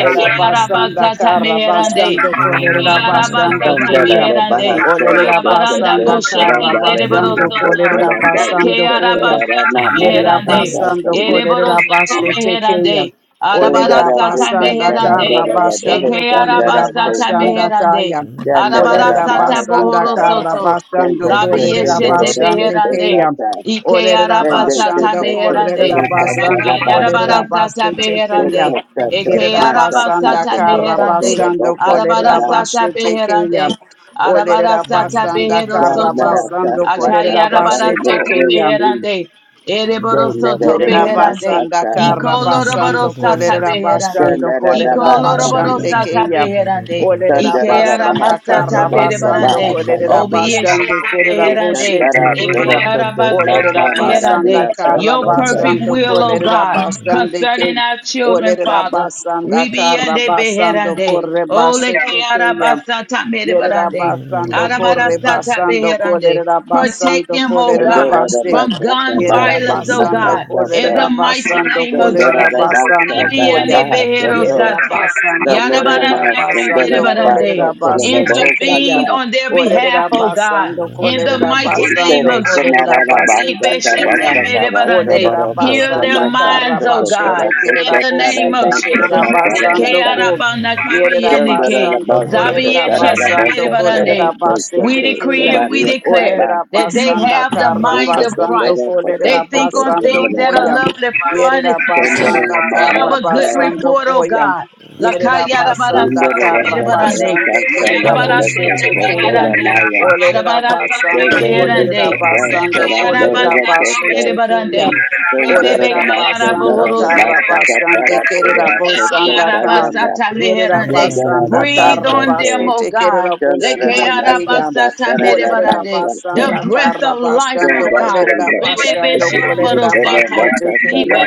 B: Eke arabasata meherande.
A: Karabasando
B: Eke
A: Kolerabasande
B: arabasata
F: sandara,
A: Kaya.
B: meherande.
F: Bahasola
B: Arabaranda
A: Olerabasanda
F: Tokoto
B: boshete
F: Saranda
A: Karabasando
F: Krista
B: zereborosoto.
F: Saranda
B: Eke
A: Kolerabasando
F: Yasa
A: Koya.
B: arabasata
F: Sarana Maya
B: meherande.
A: Yerabasando
F: Pasasaya
B: Ereborosoto
A: Kolerabasete Kaya.
B: meherande.
F: sandara,
B: Arabarasata
F: Tisa
A: Olerabasanda
B: meherande.
F: Saranda
B: Eke
A: Karabasando
F: Bahosandara
B: arabasata
F: Tisa sandara,
A: Kolerabasanda
B: meherande.
A: Kaya.
F: saraya,
A: Olerera
B: Arabarasata
F: mana,
A: basanda
F: Yes,
A: kara
B: bohorosoto.
A: basando
F: Sandara
A: kolerera
B: Labiyeshete
F: Toro
A: basande
F: Koto
B: beherande.
A: keya.
B: Ike
A: Olerera
B: araba sata
A: basando
B: meherande.
A: kolerera
B: Laka
A: basando
B: yarabara
A: kolerera
B: sata
A: basete
B: beherande.
A: keya.
B: Eke
A: Kerera
B: araba
A: basanda
B: sata
A: kara
B: meherande.
A: basando
B: Arabara
A: kolerera basete
B: beherande.
A: keya.
B: Arabara
A: Olerera basanda
B: behero
A: kara
B: soto.
A: basando kolerera
B: Akayarabara
A: basete
B: sata
A: keya.
B: beherande. Ereboro soto
A: Yerera
B: beherande.
A: basanda kara
B: Ikoloroboro
A: basando
B: sata
A: kolerera
B: beherande.
A: basando kolerera
C: Thank you.
B: Ikoloroboro
A: basande
B: sata
A: keya.
B: beherande.
A: Olerera
B: Ikeara
A: basanda kara
B: masata
A: basando
B: berebarande.
A: kolerera basande
B: Obieshete
A: kerera
B: beherande.
A: boshete keya.
B: Ikeara
F: Sata
B: basata
A: Olerera basanda
F: Naradia
B: beherande.
A: kara
B: Your
F: Sasa
B: perfect
A: basando
B: will, O
A: kolerera
B: God,
A: basande ke.
B: concerning our children,
A: Olerera
B: Father.
A: basanda kara
B: Ribiende
A: basando
B: beherande.
A: kore
B: Ole
A: basete
B: keara
A: keya.
B: basata
A: Yerera
B: merebarande.
A: basando corre
B: Arabarasata
A: basando
B: beherande.
A: colerera
B: Protect
A: basando
B: them, oh
A: colerera
F: Somebody
B: God,
A: basse.
B: from gun
A: Yerera
B: violence, oh
A: basando
B: God. In
A: colerera
B: the mighty
A: basando
B: name of
A: colerera
B: Jesus.
A: basando coya.
B: Indiana Behero Sata.
A: Yerera basando
B: Yadabara
A: colerera
B: Sata
A: basando colerera basse tekeya.
B: Intervene on their behalf,
A: Olerera
B: oh God.
A: basando
B: In the
A: colerera
B: mighty name
A: basando
B: of
A: colerera basse
B: Jesus. Ibeshete
A: tekeya.
B: Medebarande.
A: Olerera
B: Heal their
A: basanda carra
B: minds, oh
A: basse
B: God. In
A: tekerera
B: the
A: bosse
B: name of
A: tekerera
B: Jesus. Ike
A: basando
B: Arabana Kami Yenike.
A: Yerabasando
B: Zabi
A: Kolerabasando Kolerabasete
B: we decree
A: Kayan.
B: and we
F: is
B: declare
F: Saba,
B: that they
A: Olerabasanda
B: have the
F: Run
B: mind
F: to
B: of
F: the
A: Karabasando
B: Christ.
F: Soda for
B: They think on
A: Kolerabasando
B: things that are
F: that,
A: Koyam.
B: lovely, pure, and essential,
F: Sandara
A: Yerabasanda
F: Nama
B: and of a good
F: Bhakta,
A: Karabasando
B: report, O
A: Koyam.
B: God. Lakaya yarabara
A: Yerabasanda
B: sata
F: Sandara Rasa
B: meherande.
F: Parasa,
A: Karabasande
F: Sandara
C: Ababa
B: Yarabara sata
F: Rasa
A: Kerabosete
B: meherande.
F: Sola
A: Kayan.
F: Naya,
B: Yarabara sata
A: Olerabasando
F: Sandara
B: meherande.
F: Rasa
A: Kolerabasando
F: Sara Dora
B: yarabara sata
F: Raposo,
A: Kolerabasete
B: meherande.
A: Kayan.
F: Sandara
B: Rebebe
F: Rama
B: kayara
F: Sandara
A: Olerabasanda
B: bohoro
F: Rama
B: sata.
A: Karabasande
F: Sakatara Tere Aposo
A: Kerabosanda Ka.
F: Sayana,
A: Yerera
B: Lekearabasatameherande.
F: Sandara
A: basanda
F: Rama
B: Breathe
A: kara
B: on them,
F: Soko,
B: O
A: basete
B: God.
A: kerera
F: Sandara
A: bosete
F: Rama
A: keya.
F: Sakatara Rama
A: Olerera
B: Lekearabasatamerebarande.
F: Saka,
B: The
A: basanda
B: breath
A: kara
B: of life, O
A: basando
F: Sandara Rama
B: God.
F: Sandara
A: kolerera
F: Rama Sakara, Sandara Rama Sakara
A: basando kolerera
B: Rebebeshabarosata.
F: Rama
A: basete keya.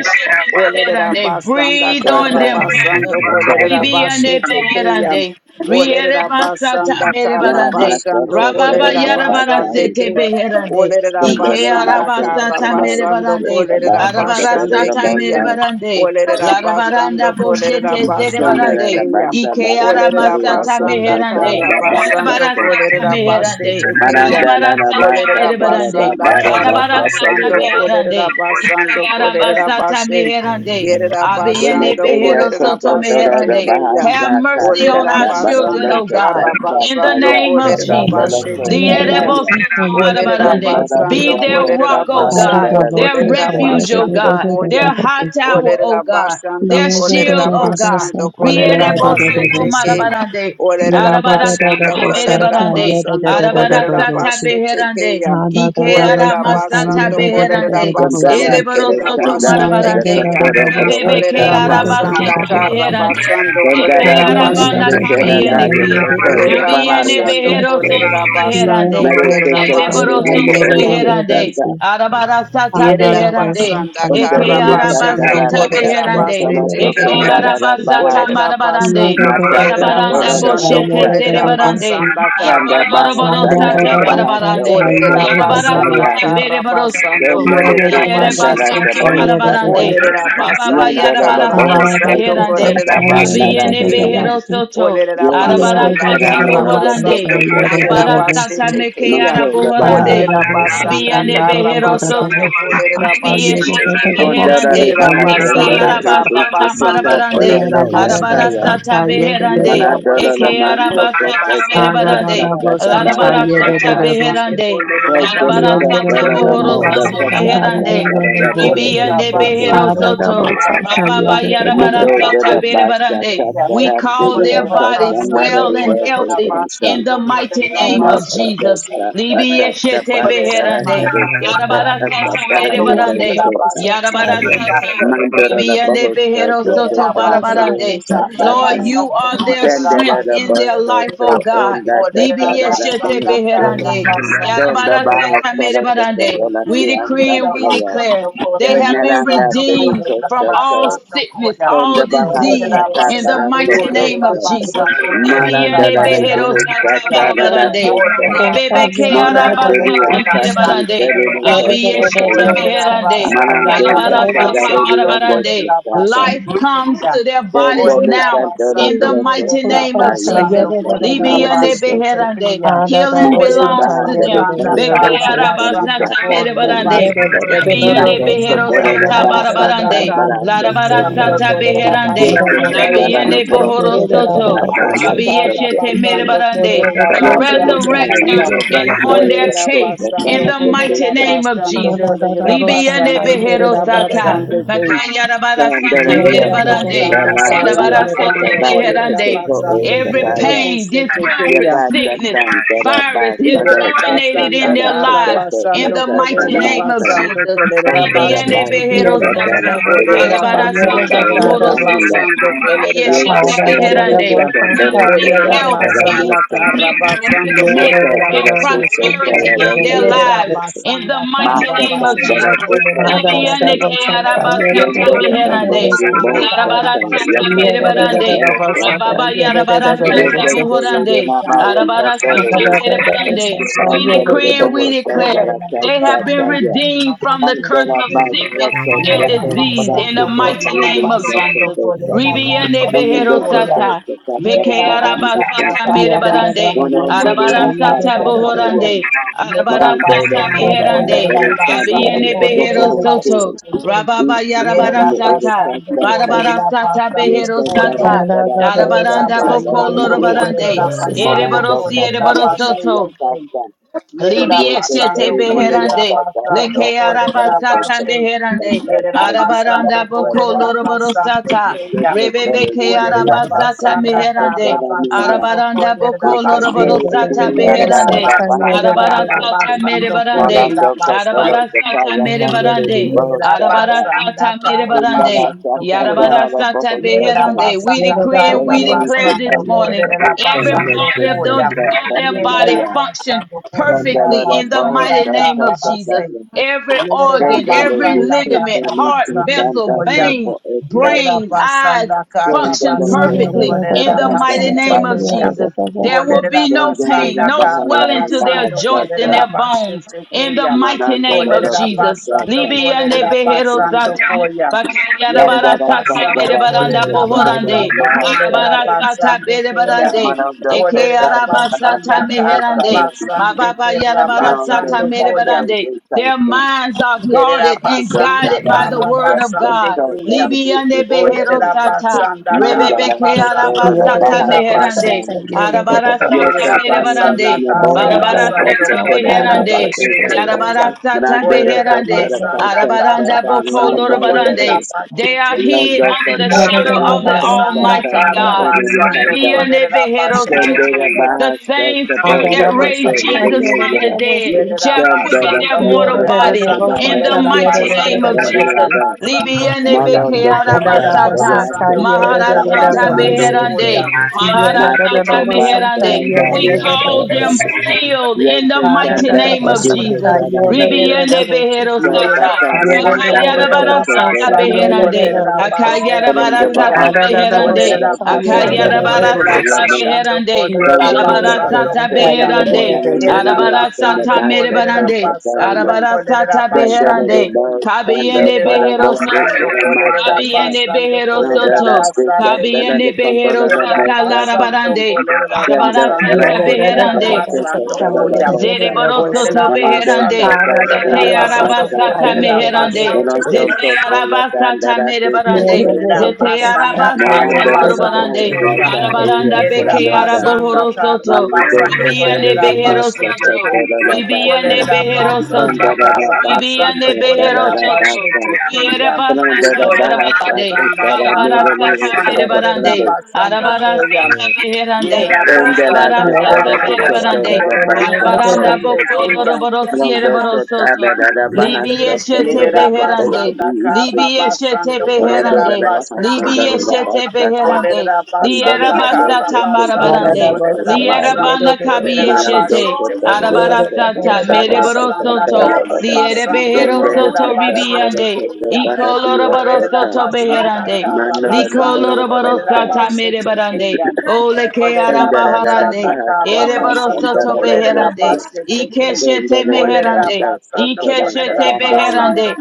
A: Olerera basanda
B: Breathe on
A: kara
B: them, Father.
A: basando kolerera basete keya.
B: Ribianebeherande.
A: Olerera basanda kara
B: Rierebasatamerebarande.
A: basando
F: Sakara
B: Rababa
A: kolerera
F: Rama Sakara
A: basande
B: yarabarasete
A: keya.
B: beherande.
A: Olerera
B: Ike
F: Sundara
A: basanda
F: Masa
A: kara
B: arabasata mere
F: Samo
A: basando
B: barande.
A: kolerera
F: Masa Kabere
A: basande
B: Arabarasata mere
A: keya.
F: Ramosa
B: barande.
A: Olerera basando
B: Larabaranda
A: kolerera
B: boshete zere
A: basande
F: Sundara
B: barande.
A: keya.
F: Masa
B: Ike
F: Masa
A: Olerera
F: Sari
B: aramasata
F: Okasa
A: basanda
B: meherande.
A: kara
F: Sarada
A: basando
F: Masa
B: Arabarasata
A: kolerera
B: meherande.
A: basete keya.
F: Marandala
B: Arabarasata
F: Masa
A: Olerera
B: mere barande.
F: Sarada
A: basanda
F: Bara
A: kara
F: Masa
B: Arabarasata
A: basando
F: Sari
B: meherande.
A: kolerera
B: Ike
A: basando kolerera
B: arabasata
A: bashe.
B: meherande.
A: Yerera
F: Dene
B: Abiyene
A: basando
B: behero
A: kolerera
B: soto
F: Okosa Toro
A: basete
B: meherande.
A: keya.
B: Have
F: Bahasa
B: mercy
F: Kasa
B: on
A: Olerera
B: our children,
F: Tabarondo
A: basanda
B: O God.
F: Kasa
A: kara
B: In the
A: basando
F: Sataya
B: name of
A: kolerera
F: Nanda Lola
B: Jesus.
G: Yeah,
A: basete
F: Kosa
A: keya.
B: Lierebo
F: Paya
B: soto
A: Olerera
B: marabarande.
F: Sundara
B: Be
A: basando
F: Pura
B: their rock,
F: Kosa
A: kolerera
B: O
F: Sara
B: God.
A: basando
F: Tara
B: Their
A: kolerera
B: refuge, O
A: basando
B: God.
A: koya.
B: Their high tower,
A: Olerera
B: O God.
A: bashanda
B: Their
A: kolerera
B: shield, O God.
A: basando, kolerera
B: Rierebo soto
A: basete ke.
B: marabarande.
A: Olerera bashando
B: Arabarasata
A: kolerera
B: merebarande.
A: basando, kolerera
B: Arabarasata
A: basete ke
B: beherande.
A: ya.
B: Ike
A: Olerera
B: aramasata
A: bashando kolerera
B: beherande.
A: basande
F: Sundara Tere
A: kerera
B: Ereborosoto
F: Kanda
A: basande
B: marabarande.
A: ke ya.
F: Nadakotoro
B: Rebebe ke
A: Olerera
F: Broko
A: basanda
B: arabasata
A: karra
B: meherande.
A: basando
B: Ike
A: kolerera
F: Sandarari
B: arabana
A: basete ke ya.
F: Isataranda
B: kabiende ke.
F: Yokoto
A: Olerera
B: Kabiende
F: Yabahari
A: bashando
F: Akase
B: beherosoto
A: kolerera basando
B: beherande.
F: Mare
A: kolerera
F: kese tele
A: basete
F: Nemo
B: Ereborosoto
A: ke
F: Ori
A: ya.
B: beherande.
F: Kesanda
C: Baba,
G: Ah,
B: Arabarasata
G: da
A: Yerera
G: da bosta,
B: beherande.
G: ta
A: basanda
G: ta,
B: Eke
A: kara
G: ye
F: Undarari
G: da da da da
A: basando
G: da
B: arabasata
F: Katarana
A: kolerera
G: bosta,
F: Kasa
G: ta
B: meherande.
F: Solo
G: ye
A: basete
G: da
F: to
G: da
B: Eke
G: da
A: keya.
F: Dokondarara
G: bosta,
B: arabasata
F: Baha
A: Olerera
G: ye
B: marabarande.
G: da
A: basando
G: da
F: Mata
G: da da
A: kolerera
G: bosta,
B: Arabaranda
F: Katolo
G: ta
A: basando
F: Loko
G: ye
B: boshete
G: da da
F: Sata
A: kolerera
G: da
B: zerebarande.
G: bosta,
A: basanda kara
F: Sanda Baha
G: ah
A: basande
G: da da
B: Akoroborosata
F: Sandara
G: da
A: keya.
F: Baha
G: bosta,
B: marabarande.
G: ta ye da
A: Olerera
F: Sokotoro
G: da da
A: basanda
F: Kasaya
B: Arabarasata
G: bosta,
A: kara
B: bereborosoto.
A: basando
G: ye
F: Sendele
G: da
A: kolerera
G: da da
F: Kesandara
G: bosta,
A: basete
B: Erebasata
G: ta
A: keya.
F: Taboho
G: ye da da da
F: Sata
B: marabarande.
A: Olerera
G: bosta,
B: Rababa
A: basanda
F: Yandala la
A: kara
G: ah
F: Boho
G: da
B: yarabarasata
G: da
A: basando
F: Sata
G: bosta,
B: meherande.
F: Sota
A: kolerera
G: ta
F: da
G: ye da da
F: Nara
A: basete
B: Abiyene
G: da da
A: keya.
F: Deyasa
G: bosta,
B: beherosoto.
A: Olerera
F: Yen
G: ye da
A: basanda
G: da da
B: Arabarasata
F: Kesatara
G: da
A: kara
F: Noro
G: bosta,
F: Loko
B: bohorande.
G: ta
A: basando
G: ye da da
A: kolerera
F: Sataya
G: da
B: Arabarasata
G: bosta,
A: basete
B: ke
A: keya.
F: Manto la
G: ah da
B: araboharande.
F: baja.
A: Olerera
G: da bosta, ta
A: basanda
B: Libiande
G: ye da
A: kara
G: da da
B: behero
G: da
B: soto.
A: basando
G: bosta,
A: kolerera
G: ta ye da da
B: Libieshete
A: basheteke.
G: da bosta,
F: Pondora de
B: beherande.
G: ta
A: Yerera
F: baja,
G: ye da da
B: Eke
G: da
F: sondora
A: basanda
F: que
G: bosta.
A: kara
F: se se
B: arabasata
F: que
A: basando
F: toro
G: Yeah,
B: marabarande.
A: kolerera
G: da
F: no
G: da
A: bas.
G: da bust
F: saya.
G: on
B: Arabarasata
G: tie. Yeah, da da da
B: beherande.
A: Yerera
G: da bust.
F: Manadoro la
B: Eke
A: basando
F: masa
A: kolerera
B: arabasata
F: coteca
G: Ah,
A: basando
G: da
F: para
G: da
B: merebarande.
G: da
A: kaya.
G: bust
F: cacata
G: on
F: baja
G: tie. Yeah,
A: Olerera
G: da da
B: Larabarasata
G: da
F: casa.
G: bust.
A: basando
B: beherande.
A: kolerera
F: Tere
G: Yeah, da
A: basando
G: da
B: Larabarasata
G: da
F: catoro
G: da
F: la
G: da
A: kolerera
B: bohoro
G: bust
F: mora
B: soto
G: on tie.
F: cata
G: Ah,
A: basheteke
G: da da
B: beherande.
A: ya.
G: da
F: catara
G: da
F: la
G: bust.
F: boro que
A: Olerera
B: Libiande
F: soto.
B: behero
G: Ah,
A: basando
G: da da
B: soto.
G: bust
A: kolerera
G: on tie. Yeah,
B: Rababa
G: da
A: basando
G: da da
F: Mando
G: da
A: kolerera
F: de
B: yarabarasata
F: la
G: bust.
F: basa
A: basheteke
B: berebarande.
A: ya.
B: We
G: Yeah,
F: catara
G: da
F: te
B: call
G: da da
F: de
B: their
G: da bust
A: Olerera
F: oca
G: on
B: bodies
G: tie. Yeah,
F: sanara
A: basando
B: well
F: de
B: and
F: oca
A: kolerera
B: healthy
F: santa.
B: in
A: basando
B: the mighty
A: kolerera
G: da da da bust. Ah,
B: name
G: da
B: of
G: da
F: Moto
G: da
A: basheteke
B: Jesus.
G: bust
F: coca
A: ya.
B: Libi
F: patata
B: yeshete
G: on tie.
A: Olerera
F: pasara
B: beherande.
F: tere
A: basanda ka-
B: Yarabara sata
F: asatara
A: basando
F: no
G: Yeah, da da
A: kolerera
B: merebarande.
G: bust on
A: bashete
G: tie.
B: Yarabara
G: Yeah, da
A: kenya.
G: da da da bust. Ah, da da da bust on tie. Yeah,
B: sata.
F: Mandara
B: Libi
F: da
B: yende
F: Bahosa
B: behero
F: to
A: Yerera
B: soto
F: Kosa
A: basanda
F: Toro
B: barabarande.
A: ka-
B: Lord,
F: Sasatan.
B: you
A: basando
B: are their
A: kolerera
F: Sandara
B: strength
F: da
B: in their
A: bashete
F: Bahosa
B: life,
A: kenya.
B: oh
F: to
B: God.
F: Onda
A: Olerera
B: Libi
F: Tatara da
B: yeshete
A: basanda
F: Bahosa.
A: ka-
B: beherande.
A: basando
F: Donda
B: Yarabara
A: kolerera
B: sata
F: Bahasa to
A: bashete
B: merebarande.
A: kenya.
F: Kotola
B: We
F: Tia
B: decree and
A: Yerera
B: we
F: Santaya.
B: declare
A: basando
B: they
A: kore
B: have been
F: Senelanda
A: basando
G: da da
F: Tiri
B: redeemed
G: da da
A: kolerera
B: from
F: Kosa
G: bust.
B: all
F: to.
A: basando
B: sickness,
A: koya.
F: Donda
B: all
G: Santa,
B: disease,
F: Bahasa
A: Yerera
F: ta
B: in the
F: Para
A: basando
F: Kosa
B: mighty name
A: kolerera
B: of
F: to.
B: Jesus.
A: basando kolerera
F: Manandara da
A: bashete
F: Bahosa
A: kenya.
F: Tara da Kosa.
A: Olerera basando
F: Mona Tiri
A: kolerera
F: Akasan
A: bashete
F: Tiri
A: kenya.
F: Kosa to Ya.
A: Orera basanda
F: Manandara
A: tarda
F: Tatara
A: basando
F: da Bahosa
A: polera
F: Tata.
B: Life
A: basete
B: comes
A: kenya.
B: to their
F: Yes,
B: bodies
A: Orera
B: now in the
A: basando
B: mighty
A: polera
B: name of Jesus.
A: basando polera
B: Libiande
A: basete
B: beherande.
A: kenya.
B: Healing
A: Orera
B: belongs to them.
A: basanda tarda basando
B: Bekayarabasata
A: polera
B: merebarande.
A: basete kenya.
B: Libiande behero
A: Orera
B: sata
A: basanda
B: barabarande.
A: tarda
B: Larabara
A: basando polera
B: beherande.
A: basando polera.
B: Labiende bohoro
A: Yerera
B: soto.
A: basanda tarda
B: Rabiyeshete
A: basando
B: merebarande.
A: polera
B: The
A: basando
B: resurrector
A: kenya.
B: is on their
A: Olerera
B: case
A: basando,
B: in the mighty
A: kolerera
B: name of
G: Yeah,
A: basando,
B: Jesus.
A: kolerera
B: Libiande
A: basande,
B: behero
A: kerera
B: sata.
A: basande, ke.
B: Bakayarabara sata
A: Yerera
B: merebarande.
A: basanda, karra
B: Yarabara
A: basando,
B: sata
A: kolerera
B: beherande.
A: basande,
B: Every
A: kerera
B: pain,
A: busete,
B: discomfort, sickness,
F: Yabasatan,
B: virus is
A: Yerera
F: Darabasado, Sete,
B: terminated in
A: basanda
B: their
A: kara
B: lives
F: Darasete,
B: in
A: basando
B: the
F: Etasa,
B: mighty
A: kolerera
B: name of
F: Masa,
B: Jesus.
A: basando kolerera
B: Libiande
A: basete
F: Ponderabasu,
B: behero
A: keya.
F: Katara,
B: sata,
F: Tiri,
A: Olerera
B: elebara sota
F: Okasete,
A: basanda
B: bohoro
A: kara
B: soto,
F: Yabanga,
A: basando
B: libiye
A: kolerera
B: shete
F: Yetekan,
A: basete
B: beherande. We
A: keya.
F: Derejesan,
B: speak
F: Darasete,
A: Olerera
B: health, peace,
C: Mm-hmm.
A: basanda
F: Daramasa,
A: kara
B: victory,
A: basando
B: success,
F: Mato,
A: kolerera
B: and
A: basete
F: Darasete,
A: keya.
B: prosperity in their
F: Tarawangawa,
A: Yerera
B: lives in the
A: basanda
B: mighty
A: kara
B: name
F: Mataka,
B: of Jesus.
A: basando
F: Darasete,
A: kolerera
B: Libyande
F: Sete,
A: basete
B: ke
A: keya.
B: arabasata
A: Olerera
F: Yenderisan,
B: meherande.
F: Darari,
A: basanda kara
F: Bohosata,
B: Larabarasata
A: basando
F: Yakatara,
A: kolerera
B: merebarande.
A: basando
F: Bohosata,
B: Rababa
A: keya.
B: yarabarasata
A: Yerabasando
F: Yetekan,
B: mohorande.
F: Mama,
B: Arabarasata
F: Yakatara,
B: merebarande. We
F: Hallelujah.
B: decree and we
A: for the
B: declare they have been redeemed from the
F: I'm
B: curse
F: gonna
B: of
F: buy
B: sickness
F: stuff so
B: and
F: so so, but
B: disease
F: I
B: in the
F: think that I
B: mighty
F: don't
B: name
F: need
B: of
F: no from
B: Jesus.
F: those stuff.
B: Ribiande
F: No need
B: behero
F: no go so
B: sata.
F: so so so no
B: Beke
F: no no.
B: araba sata
G: Yeah,
B: mere barande. Arabara sata bohorande.
F: yeah.
B: Arabara sata beherande.
F: no
B: Abiene behero soto. Rababa yarabara
F: no
B: sata. Barabara
A: Rabasando
B: sata behero
A: for them.
B: sata.
F: so so
A: Yerera
B: Arabaranda
F: so so
B: boko
F: no
A: basando
F: no yeah.
B: lorobarande.
A: kolerera basando
B: Ereboro si
A: kolerera
B: ereboro
A: bashete
B: soto.
A: ken.
B: Libi
A: Yerera
F: Yes, yes,
B: eshete
A: basando
F: hallelujah. Yes,
A: kolerera
B: beherande.
F: yes,
A: basando
B: Leke
F: hallelujah.
A: kolerera
B: arabasata
A: bashe.
F: Yes,
B: beherande.
F: yes,
A: Yerera
F: hallelujah.
A: basando
B: Arabaranda
F: Yes,
B: boko
F: yes,
A: kolerera basande
B: loroborosata.
F: yes, yes,
A: keya.
F: yes,
B: Rebebe ke
F: hallelujah.
A: Olerera
B: arabasata
A: basanda
B: beherande,
A: karra basando
B: Arabaranda
A: kolerera
F: Yes, yes. Yes,
B: boko
F: yes, hallelujah. Yes, yes, yes,
A: bashe.
F: yes, yes, hallelujah. Yes, yes,
B: loroborosata
F: hallelujah. And da,
A: Yerera
F: da,
B: beherande.
F: da, ba, ha,
A: basanda
F: sa, sa.
A: karra
B: Arabarasata
A: basando
F: No, no,
B: merebarande.
A: kolerera
F: do, so, so,
A: basam.
F: do, so, sa,
B: Arabarasata
F: yes,
B: merebarande.
A: Yerera basanda
B: Arabarasata
A: tara
B: merebarande.
A: basando koya. Yerera
B: Yarabarasatabeherande. We
A: basanda
B: decree and
A: tara
B: we declare this
A: basando
B: morning
A: kolera
B: every
F: Yes,
A: basando
F: yes,
B: part of,
F: yes,
B: those,
A: koya.
F: yes,
B: of their
A: Yerera
B: body
F: hallelujah.
B: function
A: basando
F: Then, da,
A: kolera
B: perfectly
F: da, da,
B: in the
A: basanda
B: mighty name
A: tara
B: of Jesus.
A: base.
B: Every
A: Yerera
B: organ,
F: Vendele
B: every
F: Luke
A: basanda
B: ligament,
A: kara
B: heart,
F: Felice
A: basando
B: vessel,
F: Santa
A: koya.
F: Tempo
B: vein,
F: Estate,
A: Yerera
B: brain, eyes
A: basanda kara
B: function
F: Shendele
A: basando
F: Sete
B: perfectly in
A: kolerera
B: the
F: Santa
B: mighty
A: basete
B: name of
A: koya.
F: Rabastate,
B: Jesus. There will
A: Olerera
B: be no
F: Vendele
B: pain,
F: de
A: basanda
B: no
A: kara
F: Bahara
B: swelling to their
A: basando
B: joints and
A: kolerera
F: Rabastate,
B: their bones
A: basete
B: in the
A: koya.
B: mighty name
F: Manandele
B: of
A: Olerera
F: Luke
B: Jesus.
A: basando
F: Satan,
B: Libiande
A: kolerera
B: behero sata,
A: basando koya.
B: bakayara
A: Yerera
B: bara
F: Vandara
B: sata,
A: basando
B: mere
F: Kandara
B: baranda
F: Tuke
A: kolerera
B: bohorande,
F: Sodele
A: basando kolerera
B: arabara
F: Mahastate,
B: sata,
A: basande
B: bere
A: koya.
B: barande,
F: Manondo
B: eke
A: Olerera
F: Sotele
B: araba sata
A: basanda
F: Bahastate,
A: kara
B: meherande,
F: Sayan,
B: my
A: basande
B: Baba
A: kolerera
B: Yadabara
F: Manondo
B: Sata
A: basando
F: Sandele
B: Mere
F: Satan, Manondo Sotele
A: koya.
B: Barande.
F: Satan,
B: Their minds are
A: Yerera
B: guarded and
A: basanda
B: guided by the
A: kara
B: word of
A: basande
B: God.
A: kuya.
F: Sotele
B: Libiande Behero
F: Sotele
A: Oderera
B: Sata.
A: basanda
F: Manda
B: Rebebe
A: kara
F: la soto
B: Kearaba
A: basando
F: la la
B: Sata
F: baja
A: koderera
B: Meherande.
F: satan.
A: bashete kuya.
B: Arabara Sata
F: Yete
A: Yerera
B: Mere
F: tala la
A: basanda
B: Barande.
F: luna boho
A: kara
B: Barabara
F: soto
A: basando
B: Sata
F: soto banda
A: koderera
F: la
B: Beherande.
A: bashete
F: soto.
A: kuya.
B: Yarabara Sata
F: Brando la
A: Oderera
F: soto
G: Yeah,
B: Beherande.
F: la
A: basanda
F: sasa sasa
A: kara
B: Arabaranda Boko
F: garanda
A: basando koderera
F: yete.
B: Lorobarande. They are
A: bashete kuya.
B: hid
F: Bilondo
B: under the
F: sota
B: shadow
A: Oderera
B: of
F: terea
B: the
F: sasa
A: basanda
B: Almighty
F: sasa
A: kara
B: God.
F: tere
A: basando
F: sanda.
A: koderera bashete
F: Konde la
A: kuya.
B: The
F: baja
B: same
F: soto bo
B: spirit that
F: yete
B: raised
F: tere de
B: Jesus from
F: neya.
B: the dead
A: Yerera
B: shall
F: Sanda
B: quicken
F: la
B: their
A: basando
B: mortal
F: soto
A: corre
B: bodies
F: soto
A: basando
F: banda
B: in the
F: la
A: correrera
B: mighty
F: soto
B: name
A: basando
B: of
F: sasa
A: correrera
B: Jesus.
F: garanda.
A: basando coya.
F: Malo la soto
A: Yerera
F: terea
A: basando
F: sasa
A: correrera
B: Maharasata
A: basando
F: garanda.
B: beherande,
A: coya.
B: Maharasata
F: Matoko ba
B: meherande.
F: salanda
B: We
F: via
B: call
F: costa.
B: them healed in the
F: Yente
B: mighty
F: kanda
B: name of
F: adike
B: Jesus.
F: prana noyo.
B: Ribiande behero
F: So
B: sata.
A: Yerera
F: pasara
A: basando
F: ribara
B: Akayara bara
A: kolerera
F: sasa
B: sata
F: sorana
A: basando
B: beherande.
F: mesa.
A: kolerera
B: Akayara
A: basete
B: bara
F: Pranda ba
B: sata
A: keya.
G: Ada da
F: asa
G: da bo
B: beherande.
F: sandara
A: Kolerera
G: santa ye de de
A: basando
B: Akayara
G: de
F: sandara
G: de
B: bara
G: bo bo
F: sasa
A: kolerera
B: sata
G: si
F: yamu.
A: basando
B: beherande.
G: ye
A: kolerera
G: de
F: Pranda
G: de
F: ba
G: de
F: ba
B: Arabara
G: de
A: basando
B: sata
G: santa
F: sasa
A: koya.
G: ye
F: sasa
G: de de
B: beherande.
F: bola
G: de
F: na
G: bo
F: nuri
A: Yerera
G: si
F: via
B: Arabara
F: sama
B: sata
A: basando
F: basa
A: kolerera
F: sasa
B: merebarande.
A: basando
F: parana.
B: Arabara
A: kolerera
B: sata
F: Sandara
A: basande
F: de
B: beherande.
A: ke.
F: ba basa sanda
B: Kabiyende
A: Yerera
F: para
B: behero soto.
F: boku
A: basando
F: ura
A: kolerera
F: masasa.
B: Kabiyende
A: basando
B: behero
F: Pranda
A: kolerera
F: da
B: soto.
F: disa
A: basande ke.
F: sandara
B: Kabiyende behero
F: kontrola
A: Yerera
B: sata
F: bosa sasa.
A: basando
B: larabarande.
A: kolerera
B: Arabara
F: Yendo
A: basando
G: ye
F: ora
B: sata
G: de
F: te
G: de de
F: canta
A: kolerera
G: de
F: la
B: beherande.
G: bo
F: te
A: basando
G: santa
F: canta la
G: ye
F: la
A: koya.
G: de de de
B: Zere
F: bosa.
G: de bo si
B: boroso
A: Olerera
F: Manondo
B: beherande, herande.
A: basando,
G: ada
F: tata
G: da da
A: olerera
G: da
B: Zete
F: tira
G: da bo
A: basando,
F: tata
B: arabasa
G: santa
F: ta.
G: ye
B: tame
A: olerera
G: de de de
B: herande.
G: bo
A: basete
G: si
A: ke.
F: Manondo
B: Zete
F: costa la
B: arabasa
F: tanda la
B: tame
F: te
G: ye
B: rebarande.
F: costa
G: de de
A: Yerera
G: de
F: te.
G: de
B: Zete
G: bo
A: basanda
B: arabasa
G: santa ye
A: tarra
F: Manondo
G: de
F: la
G: de
B: tamoro
F: la
G: de bo
A: basando
G: si
B: barande.
F: bosa
A: koya.
F: ta uya
B: Arabaranda
A: Yerera
B: beke
F: costa ta.
A: basanda
B: arabohoro
A: tarra
B: soto.
F: Manondo
A: basando,
F: te tere
B: Ribiane
A: olerera
F: le
B: behero
C: Get
F: masa
A: basete
B: soto.
F: costa
A: ke.
F: la la basa.
B: Ribiane
A: Olerera
B: behero soto.
F: Onda
A: basanda
F: la la
A: tarra
F: basa
A: basando,
B: Ribiane
F: costa la
B: behero
A: olerera
F: la
B: soto.
F: basa.
A: basete ke ya.
B: Yerebasa
F: Manondo la
B: tamara
A: Olerera
F: basa
B: barande.
F: costa
A: basanda
F: la nula
A: tarra
B: Arabarasa
F: nula
B: tame
A: basando,
F: costa la
A: olerera
F: tanda.
B: rebarande.
A: basando
B: Arabarasa
A: koya.
B: tame
A: Yerera
F: Tenda la
A: basanda
G: ye de
F: costa
G: de
F: la
G: de
A: tarra
F: te
G: de bo
F: costa
A: basando,
F: la la
G: santa ye
A: olerera
G: de de
F: basa
G: de
B: Baranda
A: basande
B: boko
A: ke ya.
B: loroborosi
F: Manondo kota
B: borosoto.
F: da da da
B: Libi
F: bahasa koto
B: eshete
F: da
A: Yerera
F: kopo da
B: beherande.
A: basanda kara
B: Libi
F: biisi.
B: eshete
A: basando
F: Manondo
A: kolerera
F: da da
B: beherande.
F: bahasa
A: basete
F: da
B: Libi
F: da da
A: keya.
B: eshete
F: bahasa ka.
B: herande
A: Olerera
F: Manondo da
B: Liera
A: basanda
F: da
B: basta
A: kara
F: bahasa
B: basata
F: koto da
A: basando
B: marabarande.
F: bahasa
A: kolerera
B: Liera
F: koto.
A: basando
B: bana kabi
G: bo
A: kolerera
G: si ada da
F: Manondo
B: eshete.
A: basete
F: kota
G: Adadadabasanta, yedadadadababusi. Yedadadadabasanta, yedadadadabusi. Yedadadadabasanta, yedadadadabusi. Adadadadabasanta, yedadadadabusi. Yedadadadabasanta, yedadadadabusi.
A: keya.
G: Yedadadadabasanta,
F: da da koto
B: Arabarasata
F: da da
G: yedadadadabusi.
F: koto
G: Adadadabasanta, yedadadadabusi. Yedadadadabasanta,
A: Yerabasanda
F: da
B: mereborosoto.
F: ya.
G: yedadadadabusi.
B: Liere
A: Karabasando
F: Tende de
B: beherosoto
F: kata da da
B: ribiande.
F: koto
A: Kolerabashetekeya.
F: da da
B: Iko
E: you.
F: biasa ka.
B: loroborosoto
A: Olerabasanda
B: beherande.
F: Manondo da
E: Yes,
F: da
B: Liko
A: Karabasando
F: bahasa ka.
B: loroborosata merebarande.
A: Kolerabashetekeya.
B: Ole ke
F: Manondo da da da
A: Olerabasanda
B: arabaharande.
F: bahasa ka da
A: Karabasando
B: Ereborosoto
F: da da
B: beherande.
F: brosa.
A: Kolerabashetekeya.
B: Ikeshete
F: Tende de
B: meherande.
F: kata da da
A: Olerabasando
F: da
B: Ikeshete
F: da da
B: beherande.
A: Kolerabasando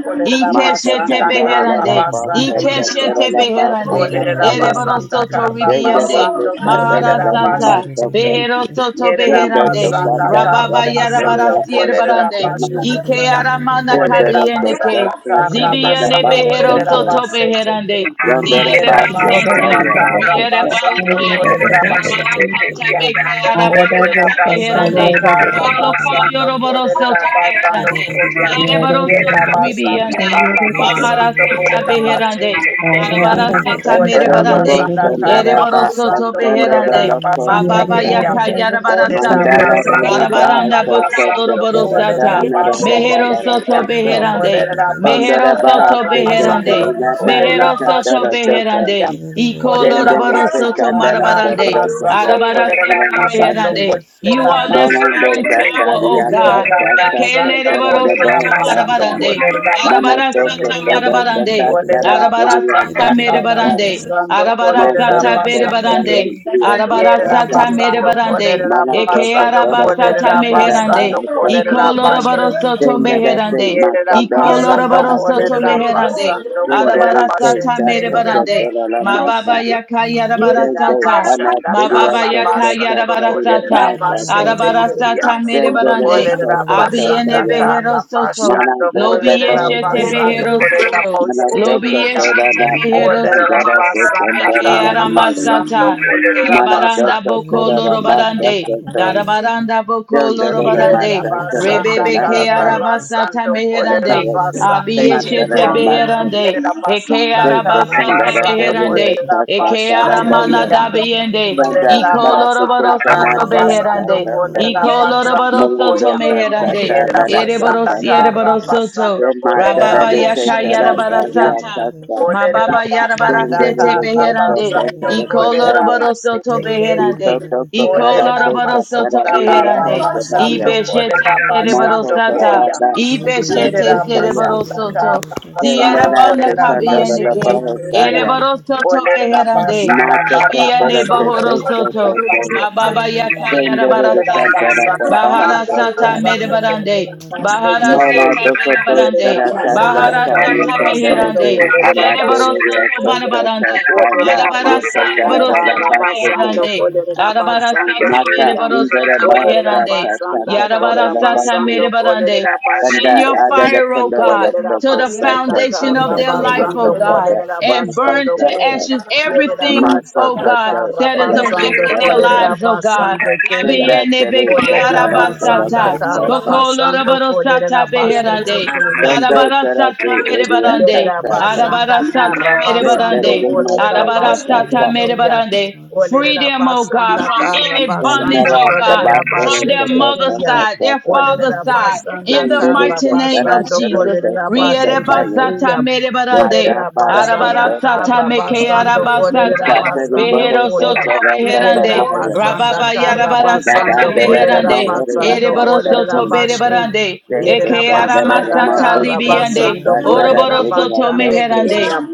F: Mata
B: Ikeshete
A: Kolerabasanda
F: sandara Mandala de
B: beherande.
F: Bahasa
A: Karabasando
F: Tokyo
A: Keya.
F: Kora
B: Ikeshete
F: Tanara
B: beherande.
A: Olerera basanda
B: Ereborosoto
A: karra
B: ridiande.
A: basando kolerera
B: Maharasata.
A: basse çekin.
B: Beherosoto
A: Yerera
B: beherande.
A: basanda karra
B: Rababa
A: basando
F: Rara
B: yarabarasiere
F: Costa
A: kolerera
B: barande.
A: basse
F: Saman,
B: Ike
A: çekin.
B: aramana
A: Olerera
F: Sendera
B: kabiene
F: Costa
A: basanda
B: ke.
A: karra
F: Sandara
B: Zibiene
A: basando
F: Basta
B: behero
A: kolerera
B: soto
A: basse
B: beherande.
A: çekin.
G: Thank
F: Sondora
B: Diere
A: Yerera
G: you,
F: Basta
B: basata.
A: basanda
G: Jesus.
F: Tayo,
A: karra
B: Diere
A: basando
B: balike.
A: kolerera basse
B: Zarabara sata
A: çekin.
B: beke
A: Olerera
B: arabasata
A: basanda
B: beherande.
A: karra
B: Olo ko
A: basando
B: yoroboro
A: kolerera
B: soto
A: basando
B: beherande.
A: koya.
B: Diere baro
A: Yerera
B: soto
C: it
A: basanda
B: ribiende.
A: karra
C: Get it
B: Mahara
A: basando
B: sata
A: kolerera
B: beherande.
A: basse çekin.
B: Arabara sata mere
A: Olerera
F: Reparo
B: barande.
A: basanda
B: Ere
F: Bostandara
A: karra
B: baro
F: Ba,
B: soto
A: basando
F: Asandora
A: kolerera
B: beherande.
F: Loco
B: Ma
A: basande
B: baba
F: Satan,
A: keya.
B: yaka yarabara
A: Olerera
B: sata.
F: Mandala
A: basanda
F: Rere
A: karra
B: Arabaranda
F: Bahasa
B: boko
A: basando
B: yoroboro
F: Sotora
A: kolerera
B: sata.
F: Sanara
A: basete
B: Mejero
F: Rara
A: keya.
B: soto
F: Basso
B: beherande.
A: Olerera
B: Mejero
F: Kondora
A: basanda
F: baha
B: soto
A: karra
F: seke
B: beherande.
A: basando
F: tere nana
A: kolerera
B: Mejero
F: yeka
B: soto
F: tara
A: basete
F: doka.
B: beherande.
A: keya.
B: Y
A: Olerera
F: Sendele
B: colorabaro
F: se
B: soto
A: basanda
F: kandara
A: karra
F: to
B: marabarande.
F: brosa
A: basando
F: sasa
B: Arabara
A: kolerera
B: soto
F: marani
A: basando
F: sasa.
B: beherande. You
A: kolerera
B: are the
F: Monondo
A: basete
B: strong
A: keya.
B: tower,
F: katari
B: O
F: yata
B: God.
A: Yerera
F: sasa
A: basanda
F: satara
B: Tekelebaro
F: de
A: kolerera
B: soto
F: boho
A: basando
F: sasa.
B: marabarande.
A: kolerera
F: Mana
B: Arabara
A: basete
F: toko
B: soto
A: keya.
F: toda sasa
B: marabarande.
F: tara
A: Olerera
B: Arabara
F: tere
B: soto
A: basanda karra
F: sasa.
B: marabarande.
A: basando
B: Arabara
A: kolerera
B: sata
F: Montoro
B: Arabarasata
A: basando
F: kosa
A: ke
B: berebarande.
F: yanti yata
A: yerera
F: sasa.
B: Arabarasata
A: basando
B: merebarande.
A: kolerera
F: Mana
C: Russia.
B: Eke
F: toko
A: basando
F: toda sasa
B: arabasata
A: kolerera
F: tara
A: basando
B: meherande.
F: baha sasa.
A: kolerera
B: Iko
A: bashe
E: Hallelujah.
B: lorobarosoto
F: Sendele se
B: meherande.
A: yerera
E: Yes,
B: Iko
F: makondoro
A: basando
F: baha
B: lorobarosoto
F: seke.
A: kolerera
B: meherande.
A: basando
F: Mana
A: kolerera bashe ke ya
B: Arabarasata Ma baba yaka yarabara
A: yerera
B: sata.
A: basanda
B: Ma baba
A: karra
B: yaka
A: basando
B: yarabara
A: kolerera
B: sata.
A: bashe ke
B: Arabara
A: ya
B: sata mere barande.
A: olerera
B: Abiene
A: basanda
B: behero
A: karra
B: soto.
A: basando
B: Lobi
A: kolerera
B: yeshete
A: basando
B: behero
A: kolerera
B: soto.
A: bashe ke
B: Lobi
A: ya
B: yeshete behero
A: Olerera
B: soto.
A: basanda
B: Eke
A: kara basando
B: aramasata.
A: kolerera
B: Darabaranda
A: basando ko.
B: boko lorobarande. Darabaranda boko
A: Yerera
B: lorobarande.
A: basanda
B: Rebebe
A: kara
B: ke arabasata
A: basando kolerera
B: meherande.
A: basande
B: Abiyeshete
A: keya.
B: beherande,
A: Yerera
B: eke
A: basanda kara
B: arabasata
A: basando
B: beherande,
A: kolerera
B: eke
C: Get
A: basande
C: it
B: aramana
A: keya.
B: dabiende,
F: Sanda
A: Olerera
B: iko
F: Barate
A: basanda
B: lorobaro
F: Kesana
A: kara
B: soto
F: Dara
A: basando
B: beherande,
F: Sasa
A: kolerera
B: iko lorobaro
A: basando
B: soto
F: Malondo
A: koyam.
F: Sasa
B: meherande,
F: sa
A: Yerera
F: Dara
B: erebaro
A: basanda
F: Sasa sa
A: kara
B: sierebaro
E: yes.
B: soto,
F: te
A: basando
F: Mata
A: kolerera
E: Oh,
B: rababa
F: Rade
E: yes,
B: yaka
E: I
A: boshete
F: Kesana
E: know. I
A: kiyam.
F: Daria
B: yarabarasata,
F: Sasa
A: Olerera
B: Mababa yarabara
A: basanda
B: sete
F: Sendele
A: kara
F: Sasa
B: beherande.
F: sa
A: basando
F: dara
B: Iko
F: Sasa
A: kolerera
F: ya
B: lorobaro soto
A: basete kiyam.
F: ulto
B: beherande.
F: Sasa Soto
B: Iko
F: Sotara
A: Olerera
B: lorobaro
F: Sasa
B: soto
A: basanda
F: Daria
A: kara
B: beherande.
A: basando
F: Hosodaya
B: Ibe shete
A: kolerera
B: zerebaro
A: basando
F: Moto
B: sata.
A: koyam.
F: Sotada
B: Ibe
F: Sasa dara
B: shete
A: Yerera
F: Sasa
B: zerebaro
A: basanda
B: soto.
A: kara basando
F: Sendela
B: Zierabana
A: kolerera
F: Kesandora
A: bashe
B: kabiyendeke.
A: tekeya.
F: Bahosaya
B: Erebaro soto
A: Kolerera
B: beherande.
A: basanda
F: Mata
A: kara
F: Sotara
B: Abiyane
A: basando
B: bohoro
F: Sasa sa
C: is a
A: kolerera
B: soto.
F: tendele le
A: bashe
B: Mababa
C: Russia,
A: tekeya.
B: yaka
F: Sasa
B: yarabara
F: Sendele
A: Kolerera
B: sata.
F: Sandara
A: basanda
B: Bahara
A: kara
F: Bahasota
B: sata
A: basando
B: medebarande.
A: kolerera bashe
B: Bahara
A: tekeya.
F: Mono
B: sata
F: dokoto
A: Yerera
B: medebarande.
F: sara sasa
A: basanda
B: Bahara
F: ta
A: kara
B: sata
F: yesandere
A: basando
F: de
B: meherande.
A: kolerera
B: Ereboro
F: anadere
A: bashe
F: de
B: soto
A: tekeya.
F: kosto to
B: manabarande.
F: na
A: Kolerera
B: Arabara sata
A: basanda
F: yesatara
B: boro
F: da
A: kara
B: soto
F: basete
A: basando
B: meherande.
A: kolerera
B: Arabara
A: bashe
B: sata
F: mata
A: tekeya.
B: mereboro
F: indara
B: soto
A: Olerera
F: bahasa
B: meherande.
F: ta ta
A: basanda
F: ta tara
B: Yarabara
A: kara
B: sata
A: basando
F: basu
B: medebarande.
A: kolerera
B: Send
F: banda
B: your
A: basheteke.
F: ada da
B: fire, oh
F: kondoro la
B: God
A: Olerera
B: to the
F: prokosta
A: basanda
F: ta ta
B: foundation
A: kara
B: of
F: ta
B: their
F: ta da
B: life,
A: basando
F: ta
B: oh
F: ta
B: God,
F: da
A: kolerera
B: and
F: ona
B: burn
A: basando
F: bahasa
B: to
A: ko.
F: ta
B: ashes
A: Yerera
B: everything,
F: mato
B: oh
A: basanda
B: God,
F: koto
A: kara
B: that is
F: ora ta
A: basando
B: affecting
F: ta
B: their
F: la ta
A: kolerera
B: lives, oh God.
A: basando keya.
F: tenda tele ta
A: Olerera
F: ta la
A: basanda
B: Labiennebekearabasata,
E: know.
A: kara basando
E: Yeah,
A: kolerera
B: bokolorobarosata
E: Yeah.
B: beherande,
A: basheteke
F: kondo tara
B: arabarasata
F: de uria
B: merebarande,
A: Yerera basanda
B: arabarasata
A: kara
F: Mata
A: basando,
B: merebarande,
A: Kolera Basu
B: arabarasata
A: Tekeya.
B: merebarande. Free
A: Olera
B: them, oh God,
A: Basanda
B: from
A: kara
B: any bondage,
A: basando,
B: oh God,
A: Kolera
B: from
A: Basu
B: their mother's
A: Tekeya.
B: side, their father's
A: Olera
B: side,
A: Basanda
B: in the
A: kara
B: mighty name of
A: basando,
B: Jesus.
A: Kolera Basu
C: Russia.
B: Rierebasata
A: Tekeya.
B: merebarande.
A: Olera
F: para
A: Basanda
F: potosa,
B: Arabarasata
A: kara
B: meke
A: basando, Kolera
B: arabasata.
F: mata teri
A: Basando
F: boho
B: Behero soto
A: Koya.
F: sotara tana
A: Yerera
B: beherande.
F: maya,
A: Basanda
B: Rababa
A: kara
F: kanda da
A: basando,
B: yarabarasata
F: da da da
A: Kolera
B: beherande.
F: bahoriya
A: Basando
B: Ereboro
F: sasata,
B: soto
A: Kolera
B: berebarande.
E: Thank
F: kete
A: Yerera
B: Eke
F: kanda da da
A: basanda
B: aramasata
A: kara
F: mahosa
B: libiande.
A: basando
F: sata nara
A: kolerera
B: Oroboro
F: teriya
B: soto
A: basande
F: sotu,
B: meherande.
A: keyam.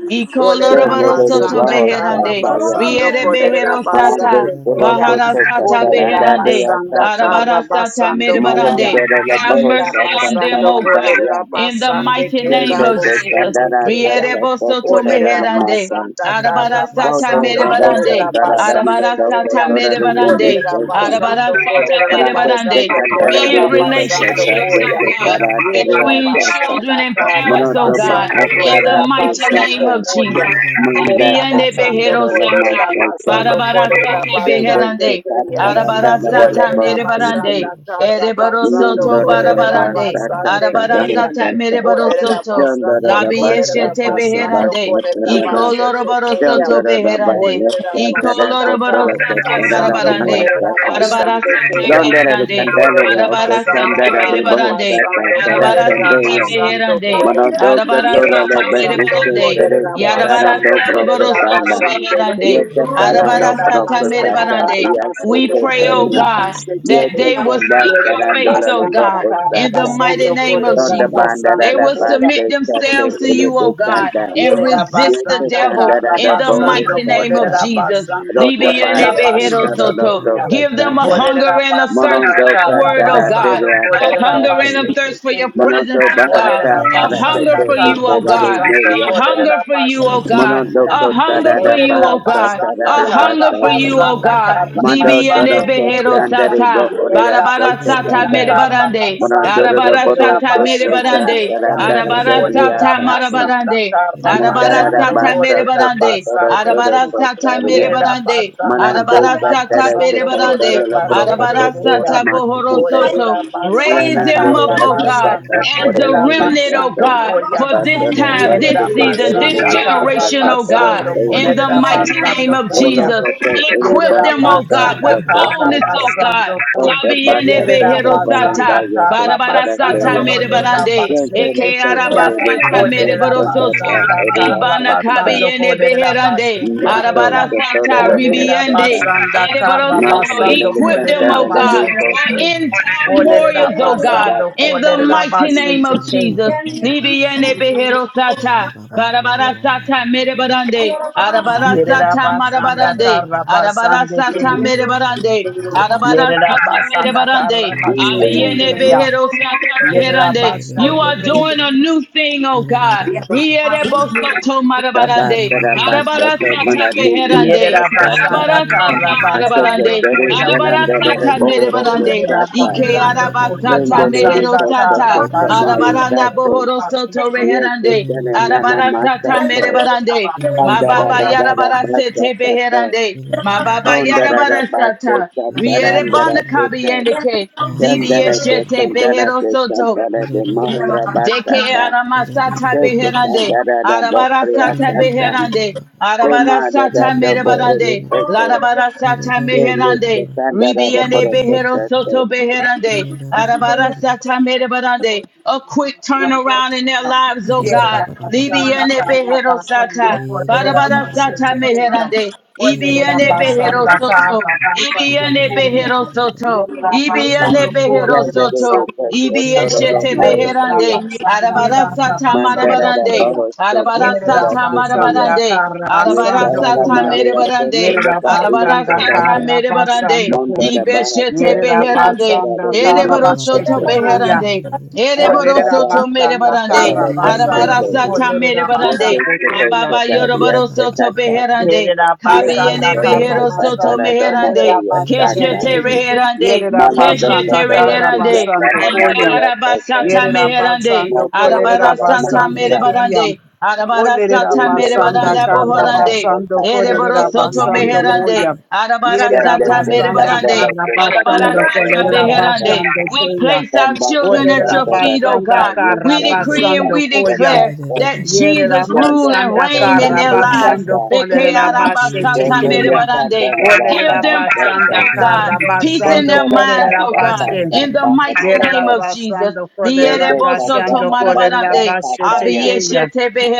F: ke
A: Olerera
B: Ikoloroboro
F: melele
B: soto
A: basanda
F: boho
A: kara
B: beherande.
F: sataya,
A: basando
B: Riere
A: kolerera
B: behero sata.
F: marande
A: basande
F: sebo
A: keyam.
B: Bahara
F: sotu
B: sata
A: Olerera
F: sataranda
B: beherande.
A: basanda
F: deya
A: kara
B: Arabarasata
A: basando
B: merebarande.
A: koyam.
F: Malandara la
B: Have
F: boho
A: Yerera
B: mercy
F: sata
B: on them,
A: basando
B: O
F: saranda
B: God.
F: ya.
A: kolerera
B: In the
A: basande
B: mighty name
A: kerera
F: Jende
B: of
F: te
B: Jesus.
A: bosete
F: sandara ta
A: keyam.
B: Rierebo
F: sato
B: soto
F: terara
A: Olerera
F: la
B: meherande.
F: masa.
A: basanda kara
B: Arabara sata
F: Toto
A: basando
F: rabo
B: merebarande.
A: kolerera
F: sandara la
A: basande
B: Arabara
F: masa
B: sata
A: keyam.
F: kotora
C: Get
F: la mi
B: merebarande.
A: Olerera
F: iseta.
B: Arabara
A: basando
B: sata
A: kolerera
F: Manante te
B: merebarande.
A: basando
F: satare
A: kolerera
B: In
F: lulu sa
A: basando
F: sata
B: relationships,
F: te
B: oh
A: koyam.
B: God,
F: satara teru
A: Yerera
B: between
F: asata.
B: children
A: basanda
B: and
A: kara
B: parents, oh
F: Monoto ba
B: God.
A: basando
B: In the
F: asara
A: kolerera
F: te
B: mighty name
A: basando
F: sata.
B: of
C: it,
B: Jesus.
A: kolya.
F: Manda
A: Yerera
F: te
B: Labiende
A: basando
B: behero
F: satora la
B: sata.
A: kolerera
F: masa te.
A: basando
B: Barabara
A: kolerera
B: sata
F: Jende
A: basande
F: te
B: beherande.
A: kriya.
F: satara la
B: Arabara
F: la la
B: sata
A: Olerera
F: boho
B: mere Arabarasata
F: sata.
B: merebarande.
A: basanda kara basando
B: Ereborosoto
F: Nyondoro la
A: kolerera
B: barabarande.
F: basa
A: basande
F: Sabana
A: kriya.
B: Arabarasata
F: sata bahasa
A: Olerera
B: mereborosoto.
F: Down da da
A: basando
F: da ba cha
A: kolerera
F: cha
B: Labiyeshete
F: cha ba
A: basando
F: cha
B: beherande.
F: cha
A: kolerera
F: da da.
A: basete
F: Down
A: kriya.
F: da
B: Ikoloroborosoto
F: da da ba
B: beherande.
F: ya
A: Olerera
F: cha da da cha
A: basanda
F: cha da
A: kara
F: cha
B: Ikoloroborosoto
F: cha da da
A: basando
F: ma
B: barabarande.
F: cha
A: kolerera
F: cha.
B: Arabara
A: basande
B: sata
F: Down
A: koya.
F: da da da
B: beherande.
F: can da da da
A: Olerera
B: Arabara
F: also cha
A: basanda
F: da
B: sata
F: da da
B: mere
F: ba
A: karra
F: ho
B: barande. merebarande.
F: cha cha
A: basando
F: cha da cha
A: kolerera
F: da
B: Arabarasata
A: basando
B: beherande.
A: koya. Yerera
B: Arabarasata
C: Get it
A: basando
B: merebarande.
A: kolerera basando
B: Yarabarasata
A: kolerera
B: borosoto
A: basande te.
B: beherande. Arabara
A: Olerera
B: sata mere
A: basanda karra
B: barande. We
A: basando
B: pray, oh
A: kolerera
B: God,
A: basete
B: that
A: te.
B: they will seek
A: Yerera
B: your face, oh
A: basanda
B: God,
F: ya
A: karra
B: in
F: Yes,
B: the mighty
A: basando
B: name of
F: Don't
A: kolerera
F: the
B: Jesus. They
A: basando
F: bandara
B: will
A: koya.
B: submit
F: basta chate
B: themselves to
F: ele
B: you,
F: de
B: oh God,
F: sanda
B: and
A: Lerera
B: resist the
A: basanda
B: devil
A: tarra
B: in the
A: basando
B: mighty name of
F: Yekatandarabosata,
A: kolerera
B: Jesus.
A: basando kolerera
B: Libiande
F: Rotapaya
A: basu
B: Bejedo Soto.
A: tekeya.
B: Give them a
F: Santarabdosata,
A: Olerera
B: hunger and a thirst
A: basanda
F: Morondo
B: for your
A: tarra
B: word, oh
E: you.
B: God.
A: basando
B: A
A: kolerera
B: hunger
F: Kataratiryasasata,
B: and
A: basu
B: a thirst for your
A: tekeya.
B: presence,
F: Monondo
B: oh God.
A: Olerera
F: Bahata
B: A hunger
A: basanda
F: Arasate
B: for you,
A: tarra
B: oh
F: Iserari
B: God.
A: basando
B: A
F: Neriata,
B: hunger
A: kolerera
B: for you,
A: basu
B: oh God.
F: Monondo
A: tekeya.
B: A hunger for you,
A: Olerera
B: oh
F: Kotarabasata,
B: God.
A: basanda
B: A
A: karra
B: hunger for you, oh
A: basanda
B: God.
A: karra
F: Mando
B: Libi and
A: basando
F: Toroko
B: Behero
A: koya.
B: Sata.
F: Sandaribo
A: Lerera
F: Oriasa
C: Get
B: Barabara
C: it out
B: Sata
A: basanda
F: Sotanda,
A: tarra
B: Medebarande.
F: Monondo
A: basando
B: Arabara
F: Bodo
A: kolerera
B: Sata
A: basu
F: Sotanta
B: Medebarande.
A: tekeya.
F: Tarandara
B: Arabara
A: Olerera
B: Sata
F: Diasata,
A: basanda
B: Marabarande.
A: karra
B: Arabara
A: basando
B: sata mere
A: kolerera
B: barande.
A: basande
B: Arabara
A: kri.
B: sata mere
F: Mandarabasotokotorotorokosariya.
A: Yerera
B: barande.
A: basanda
B: Arabara
A: karra
B: sata mere
A: basando korre
B: barande.
A: basete
F: Manandekatarakatantorobrokotso
B: Arabara
A: kriya.
F: ora
B: sata bohoro
F: masukante.
A: Olerera
B: soto. Raise
A: basanda
B: them up,
A: karra
B: oh God,
A: basando
B: as a
A: korera
B: remnant, oh
F: Manananirasakatatarayarasata.
A: basando
B: God,
A: koya.
B: for this time, this
A: Yerera
B: season, this
A: basanda
C: of
A: karra
B: generation, oh
F: Patarabasukotorelemaasakatoro
B: God,
A: basando
B: in the
A: korera
F: emasata.
B: mighty name
A: basando
B: of
A: koya.
B: Jesus.
F: Onokote
B: Equip
A: Yerera
B: them, oh
F: elibasanta
B: God,
A: basanda
B: with
A: karra
B: boldness,
F: parakosato.
B: oh God.
A: basando ko.
B: Labiene
A: Yerera
F: Kotobatakato
B: behero
A: basanda
B: sata.
F: balandaya
A: karra basando
B: Barabarasata
F: kosarakoya.
A: ko.
B: mere
A: Lerera
B: barande,
F: Yentere
A: basete
B: eke
A: teya.
F: santere
B: arabasata
C: Get
F: lekonte
B: mere
A: Olerera
B: borosoto,
F: santata
A: basanda karra
B: ibana
F: eriyasakata.
A: basando
B: kabiene
A: ko. Lerera
B: beherande,
A: basete
F: Mato,
A: teya.
B: arabarasata
F: Sotorola
A: Olerera
B: ribiende,
F: Mosata,
A: basanda
B: ere
A: karra
F: Maya
B: borosoto.
A: basando ko.
B: Equip them,
F: Lelekanta,
A: Lerera
B: O God,
A: basete
B: for
F: Lelekosa,
A: teya.
B: end time
F: Moto
A: Olerera
B: warriors,
E: Hallelujah.
B: O God,
F: Sotata,
A: basando ko.
B: in the
F: Pataya,
A: Lerera
B: mighty name
A: basete
B: of
A: teya.
B: Jesus. Libiene
E: Hallelujah.
B: beherosata, Barabarasata merebarande.
A: Yerera
B: Arabarasata
A: basanda
B: marabarande.
A: karra basande
B: Arabarasata
A: ke.
B: merebarande.
A: Yerera
B: Arabarasata
A: basanda
B: merebarande.
A: karra basete
B: Abiene
A: teya.
B: behero sata beherande. You
A: Yerabasando
B: are
A: ke.
B: doing a new thing, oh God. Riere bosoto marabarande.
F: Sabatara Basoto,
B: Arabarasata
C: it
F: Manali,
B: beherande.
C: Get
F: Iacasata,
C: it
A: Yerabasanda
C: out
B: Arabarasata
C: of
F: Ateke,
A: karabasando
B: marabarande.
F: Keri,
A: koyam.
B: Arabarasata
F: Verandele, Boro,
B: merebarande.
F: Sata,
B: Ike
A: Yerabasando
B: arabasata
F: Tendele,
B: mehero
A: korebasanda
F: Sosa,
B: sata.
F: Sosa,
A: karabasando
F: Maya,
B: Arabaranda
F: Sase,
B: bohoro
A: korebasando
B: soto
A: ke.
F: Yeke,
B: reherande.
F: Tene, Nana,
B: Arabara sata mere Arabarasata
F: Masato,
B: merebarande.
F: Andara,
B: Mababa
A: Yerabasanda
F: Dara,
B: yarabarasete
F: Basata,
B: beherande.
F: Ondara,
B: Mababa sata.
F: Basata,
B: Riere banda
F: Andara, Teke,
B: kabiende ke.
F: Sandarate,
B: Zibieshete behero soto.
F: Sandarate, de, Mahura
B: Deke
F: Bastata,
B: arama sata
F: Jete
B: beherande,
F: Sandarada
B: arabara
F: Boria
B: sata
F: Sata,
B: beherande, arabara
F: Jemada
B: sata
F: Data Boria
B: merebarande,
F: Sete,
B: larabara sata
F: Jemista
B: meherande,
F: Sandarada
B: ribiende behero
F: Borosota,
B: soto beherande, arabara sata merebarande, a quick turnaround in their lives, oh
C: Idada
B: God,
C: baba baba baba
A: Yerabasanda
B: libiende
C: sha,
B: behero
A: Karabasanda
B: sata,
C: Idada
B: Barabara
C: baba
B: sata
A: Karabashete
C: baba.
A: Kenya.
B: meherande.
C: Idada
B: Ibiane
C: baba
B: behero
C: baba baba.
B: soto. Ibiane
C: Idada baba
B: behero
C: baba baba.
B: soto.
E: Let
B: Ibiane
C: Idada baba
B: behero
C: baba.
F: Yandere de
B: soto.
F: Posto
C: Idada
F: Toro
C: baba
B: Ibieshete
E: Thank
C: baba.
F: Moria,
B: beherande. Arabara
C: Idada baba
B: sata
C: baba.
F: Mandarada
B: marabarande.
F: Bohosto
B: Arabara
F: Postora
C: Idada
B: sata
C: baba baba.
F: Sitaya,
B: marabarande. Arabara
C: Idada
F: Yesara
C: baba
B: sata mere
C: baba.
F: Maria Costa
B: barande.
F: Sopa
B: Arabara merebarande. Arabarasata
F: Isata,
B: merebarande.
F: Mondo da
B: Ibeshete
F: Bahasto
B: beherande.
F: Postora de Linia
C: Baba baba
F: Sata,
B: Ereborosoto
C: baba idada
B: beherande.
C: baba sha,
F: Um, that
A: Olerera
F: that
B: Ereborosoto
F: that that
A: basanda
F: that that that
B: merebarande.
A: kara
F: that that
A: basando
F: that
B: Arabarasata
A: kolerera
F: most
B: merebarande.
F: of
A: basando
F: the things
A: kuya.
F: that
B: Ababa
F: that yes that
B: yoroborosoto
F: that that
B: beherande.
A: Yerera
F: yes that
B: Kabiyene
A: basanda
F: that
A: kara
F: that that that
B: beherosoto
F: that that
A: basando
F: that mo- oh
B: meherande.
A: kolerera
F: yes that
A: basando
F: that
B: Keshete
A: kuya.
B: reherande,
A: Yerera
F: mana that
A: basanda
B: keshete
F: that that
A: kara
B: reherande,
F: that that that
A: basando
F: that that
A: koya.
F: yes that that
B: arabasata
A: Yerera
B: meherande,
A: basando
F: most of that
A: kolerera
F: that most
B: arabarasata
A: basando
F: that
A: kuya.
B: merebarande,
C: Ida
A: Olerera
B: arabarasata
F: then you know that
C: Get
A: basanda
B: merebaranda
F: that
A: kara
F: that that that
B: bohorande,
F: that
A: basando
F: that
A: kolerera
F: that
B: ereborosoto
F: that
A: basando
F: that
B: meherande,
A: koya.
F: then
A: Yerera
F: they
B: arabarasata
F: they can
A: basanda
F: they
B: merebarande,
F: like
A: kara
F: they that that
A: basando
F: that that most
A: kolerera
F: that that
B: Alabarasatabeherande.
A: basando
B: We
A: koya.
B: place our
F: some that that
B: children at
F: that
A: Olerera
B: your
F: that that
B: feet, oh
F: that
A: basanda
B: God.
F: yes
A: kara
B: We decree and
F: that
A: basando
B: we
F: that that
A: koya.
F: that
B: declare
F: that
B: that
A: Yerera
B: Jesus rule
F: Sando
B: and
A: basanda
F: Soto
B: reign in
A: kara
B: their
F: Bana
B: lives.
A: basando
F: Santa,
A: kolerera basete
F: Remele
A: keya.
F: Santa
B: Bekearabasatamerebarande.
F: La
B: Give
A: Olerera
F: Baja
B: them peace,
A: basanda
F: Soto,
B: oh God.
A: kara
B: Peace in
A: basando
F: Fondo
B: their
F: de
B: minds,
A: kolerera
B: oh
F: Basa
B: God.
F: Santa
B: In the
F: Baja
B: mighty name of Jesus.
A: Yerabasando Kolera basando, Kolera
B: Lierebosotomarabarande.
F: Ya,
A: Bashetekeya.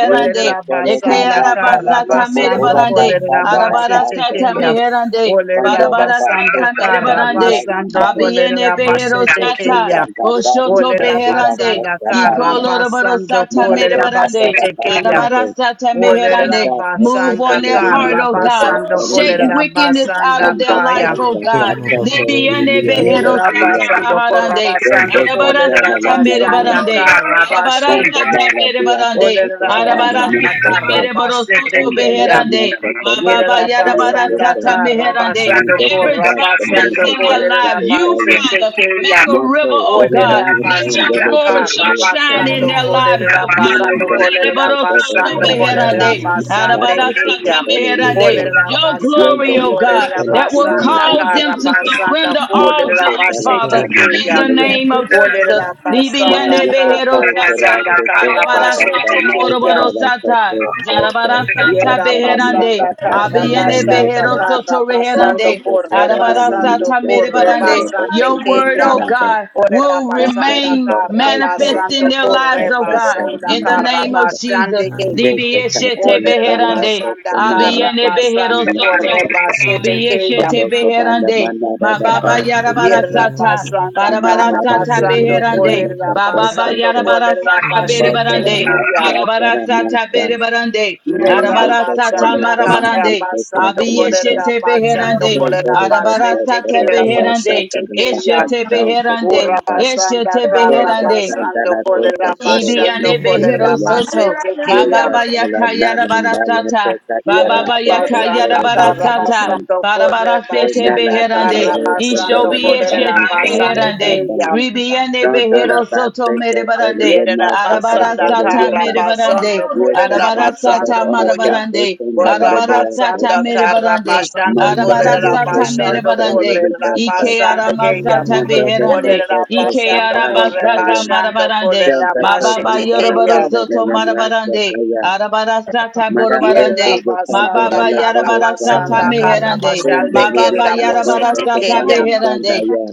F: Yeso
A: Olera
F: Sele
A: Basanda
F: Mayanda La
A: Kara
F: La
A: Basando
F: Bohura
B: Ekearabasatamerebarande.
A: Kolera
F: Pasanda La Basa Te,
A: Bashetekeya.
B: Arabarasatameherande.
A: Olera
F: Fondo de
B: Barabara
A: Basanda
B: sata mere
A: Kara
F: Ya
B: barande.
A: Basando
F: Yandaya,
B: Abiene
A: Kolera
B: behero
F: Yeso
B: sata.
A: Bashetekeya.
F: Santa Bani
B: Boshoto
F: La
A: Olera
F: Villa
B: beherande.
A: Basanda
F: Santa
A: Kara
F: Baya,
B: Ikolo rabaro
A: Basando
B: sata mere
A: Kolera
F: Morando Santa
B: barande.
F: La Basa
A: Bashetekeya.
B: Barabara
F: Te,
B: sata
A: Olera
B: meherande.
F: Fondo Este
B: Move
A: Basanda
B: on
F: Sele
B: their heart,
A: Kara
B: oh God.
A: Basando
B: Shake
A: Kolera
B: wickedness out
A: Basanda
B: of
F: Manda
B: their life,
A: Kaya.
B: oh
F: pasta,
B: God.
F: pasta,
B: Libiene
F: terenia,
B: behero
F: sasia,
B: sata
A: Yerabasando
B: maharande.
A: Korabasando
F: dende
B: Barabara
F: catana la
B: sata mere
F: mossa,
A: Kolerabasanda
B: barande. Barabara
A: Karabashe
F: Santa
B: sata
F: Mara
B: mere
F: de Acasa,
B: barande.
F: Sarada la
A: Olerabasanda
B: Arabarasata
F: mossa,
A: Karabashe
B: mereborosoto
F: Santa da da
A: Tekeyam
B: beherande.
F: mossa, Sasa,
B: Mababa
F: Sasa,
A: Yerabasanda
B: yarabarasata
F: Yesese,
B: meherande.
A: Karabasando
F: Pronto
B: Every dry
F: Satata,
B: place
A: Korabasando
F: Brosa,
B: in their
F: Sasa,
B: lives, you,
F: Sasaya,
B: Father, make
A: Kolerabasetekeya.
B: a river,
F: Mato,
B: oh
F: Ore
B: God.
F: Baha,
B: Let your
F: Sanda,
A: Olerabasanda
B: glory
F: Rebo,
B: so
F: Ore
B: shine in
F: Acasa,
A: Karabasando
B: their lives, oh
C: it,
A: Korabasando
B: God.
F: Mananda, Sasa, Ore,
B: Mereborosoto
A: Kolerabasando
F: Brasa,
C: Thank
B: beherande.
F: Sasa, Sasa,
A: Kolerabasandekeya.
F: Sasa, Lele,
B: Arabarasatamehirande. Your
A: Olerabasando
B: glory,
F: Yendo,
B: O
F: Lele,
B: God,
F: Sasa,
B: that will
F: Lele,
A: Korabasanda
B: cause them to
F: Sasa,
A: Karabasanda
B: surrender all to you,
F: Motosserra
B: Father,
F: Carmen de
B: in
A: Kolerabasetekeya.
B: the
F: Maya,
B: name of Jesus.
A: Olerabasanda
B: Libiande
F: Maya
B: behero
F: Coto
B: sata
F: Será
A: Karabasanda
F: Coto
B: Arabadasata
F: Satata
A: Karabasetekeya.
B: boroboro
F: Matara
B: sata,
F: Coto
B: Libiyandebeherosata.
F: Coto
B: Arabarasataboroborosatai.
A: Yerera
F: Satara
B: Zarabarasatabeherande.
F: Mata
A: basanda karra
F: Satara
A: basanda
F: Mata
A: karra
B: Abiyandebeherosotoreherande.
F: Mata
A: basando corre,
F: Satara
E: you.
A: basando
F: Mata
A: corre,
B: Arabarasatamerebarande.
F: Satara
A: basande
B: Your
F: Bosi
B: word,
A: keya.
B: O
F: Satamada
B: God,
A: Orera
B: will
F: Sandana
A: basanda
B: remain
A: karra
F: Bosai
B: manifest in
A: basando
B: their
F: Mata
B: lives, O God
F: Satara
B: in the name of
F: Mata
B: Jesus.
F: Jeta
B: Libiyeshete
F: Satara Será
B: beherande.
F: Coto Maya
B: Abiyene
F: Coto
B: behero
F: Mata
B: soto.
F: Satara
A: corre,
B: Abiyeshete
F: Coto Banda
B: beherande.
F: Banda
B: Ma baba yarabara
F: Banda
B: sata.
F: Thank
A: Yerabasanda Karabasanda
F: you.
B: Barabara sata
A: Karabasando Korebasando Korebasande Kenya. Orabasanda Karabasando
B: beherande. Baba
A: Korebasanda Karabasande Kenya. Orabasanda Karabasando Korebasete Kenya. corre, Karabasando Korebasando
B: yarabara sata
A: Korebasete
B: berebarande.
A: Kenya.
B: Arabara sata berebarande. Arabara sata
A: Yerabasanda
B: marabarande.
A: Karabasando Kolera
B: Abiyeshete
A: Basando
B: beherande.
A: Kolera
B: Arabara
A: Basete
B: sata
A: Kera Bose
B: beherande.
A: Tekeya
B: Eshete beherande.
A: Urabasanda
B: Eshete beherande.
A: Karabasando Kolera Basando Kolera
B: Ibianebehero soto.
A: Basete
B: Ma
A: Keya
B: baba yaka yada bada sata. Ba baba yaka yada
A: Yerabasanda
B: bada sata.
A: Karabasando
B: Bada
A: Kolera
B: bada sete
A: Basanda
B: beherande.
A: Karabasando
B: Ishobi yeshete
A: Kolera Basande
B: beherande. Ribiane
F: Don't do the
B: behero
F: best
B: soto
F: they can say
B: medebarande.
F: the master
B: Arabara
F: for
A: Yerabasanda
F: the
B: sata
F: year.
B: medebarande.
A: Karabasando
F: You can
B: Arabara
F: talk about
B: sata
A: Kolerabasando
F: other
A: Koya.
F: sisters
B: madabarande.
F: and the baby
B: Arabara
F: of
B: sata
A: Borabasanda
F: person.
B: medebarande.
A: Karabasando
F: Manda the district
B: Arabarasata
F: that
A: Kolerabasando
B: merebarande.
F: the best
B: Ike
F: person.
A: Kolerabasanda Kaya.
B: aramasata
F: Mondo the
B: beherande.
F: soto to
B: Ike
A: Olerabasando
F: satana
B: arabasata
F: dayan.
A: Korebasando
B: marabarande.
F: Santa
B: Mababa
F: token
A: Kolerabashete
F: para
A: Kaya.
F: todo de
B: yoroborosoto
F: la master
B: marabarande.
F: dayan.
B: Arabarasata
F: Madame
B: borobarande.
F: Bebe de Santa
A: Yerabasanda
F: de
B: Mababa
F: la Bohesata.
B: yarabarasata
A: Karabasanda
B: meherande.
F: Sende
A: Karabasande
F: de la
B: Mababa
F: Santa que
A: Kerabosete
F: se va
B: yarabarasata
F: a
A: Kaya.
F: estar
B: beherande.
F: dayan.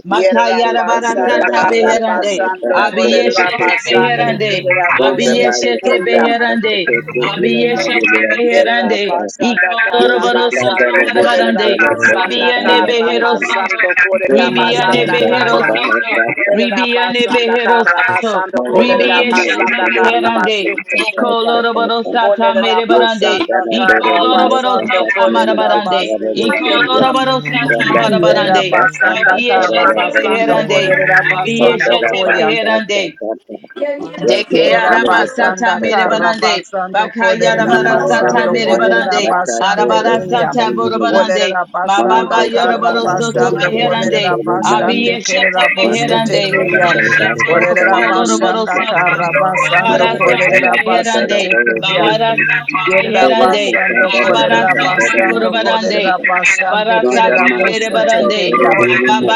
F: Santa de
A: Yerabasanda
F: la
B: Makayarabarasata
F: maestra
B: beherande.
F: que
A: Karabasando
F: será
B: Abiyeshata
F: bohesata.
A: Kolerabasande
B: beherande.
A: Kerabosete
F: Untabaya
B: Abiyeshete
F: kanta
A: Kaya.
B: beherande.
F: asatete ila
E: Hallelujah.
B: Abiyeshete
F: nalele
B: beherande.
F: asatata.
A: Yerabasanda
F: Yesu
B: Ikoloroboro soto
F: kandele
A: Karabasando
E: Hallelujah.
F: de
B: marabarande.
F: kantele
A: Kolerabasanda
B: Obiyane
F: sotabaya
B: behero
F: kanta.
B: soto.
A: Karabasando Kolera
F: Rema
B: Ribiyane
A: basanda
F: kanda
B: behero
A: Kaya.
C: you.
F: sabaha
B: soto.
F: sata.
B: Ribiyane
A: Yerabasanda
B: behero soto.
A: Karabasando
F: Mo ora
E: Hallelujah.
F: mo
B: Ribiyeshete
A: Kolerabasanda
F: isale rima
B: beherande.
A: Karabasanda
F: sata
A: Kaya.
B: Ikoloroboro
F: sata.
B: sata
F: Yesu
B: merebarande.
A: Kolerabasanda
F: kantele de de rima
B: Ikoloroboro
A: Karabasando
F: sata
B: sata
F: rima
A: Kolera
B: marabarande.
F: asale de
A: basanda
F: kante.
A: Kaya.
C: Thank
E: Hallelujah.
B: Ikoloroboro sata
F: Kanda kanda
B: marabarande.
F: basa
A: Yerabasanda
F: kantele la
B: Abiyeshete
F: basa.
A: Karabasando
B: beherande.
A: Kolerabasanda
F: Otara
B: Abiyeshete
A: Koya.
F: basa
B: beherande.
F: sata.
E: Can you
F: Yesu
B: Deke
E: restore
A: Yerera
E: the
F: ila
B: araba
F: le
B: sata
A: basanda
E: world?
B: mere
F: basa
A: kara
B: barande.
A: basando
B: Baka
A: kolerera
F: Thank
B: yarabara sata
A: basando
E: Oh,
B: mere
E: yes, I
A: kolerera
B: barande.
E: am.
A: basande
B: Arabara
A: keya.
B: sata boro barande.
A: Olerera
B: Ma
E: Oh,
B: baba
A: basanda
E: yes, I am. Oh, yes,
A: kara
B: yoroboro soto
E: I am.
A: basando
B: beherande.
A: kolerera
B: Abi
A: basande
B: yeshete
A: kerera
E: Can you restore
A: boshete
B: beherande.
E: the
A: keya.
E: world?
B: Yeshete
A: Olerera
B: rokwa loroboro
A: basanda
B: sata.
A: kara
E: Oh, yes,
A: basando
B: Bahara
E: I
B: sata
A: kolerera
E: am.
B: beherande.
A: basete keya.
B: Bahara sata
A: Yerera
E: Can you
B: beherande.
A: basando
B: Arabara
A: kolerera
B: sata boro
A: basando
B: barande.
A: kolerera basande
B: Arabara sata
A: kerera
B: mere
A: bose
E: restore
B: barande.
A: teteya.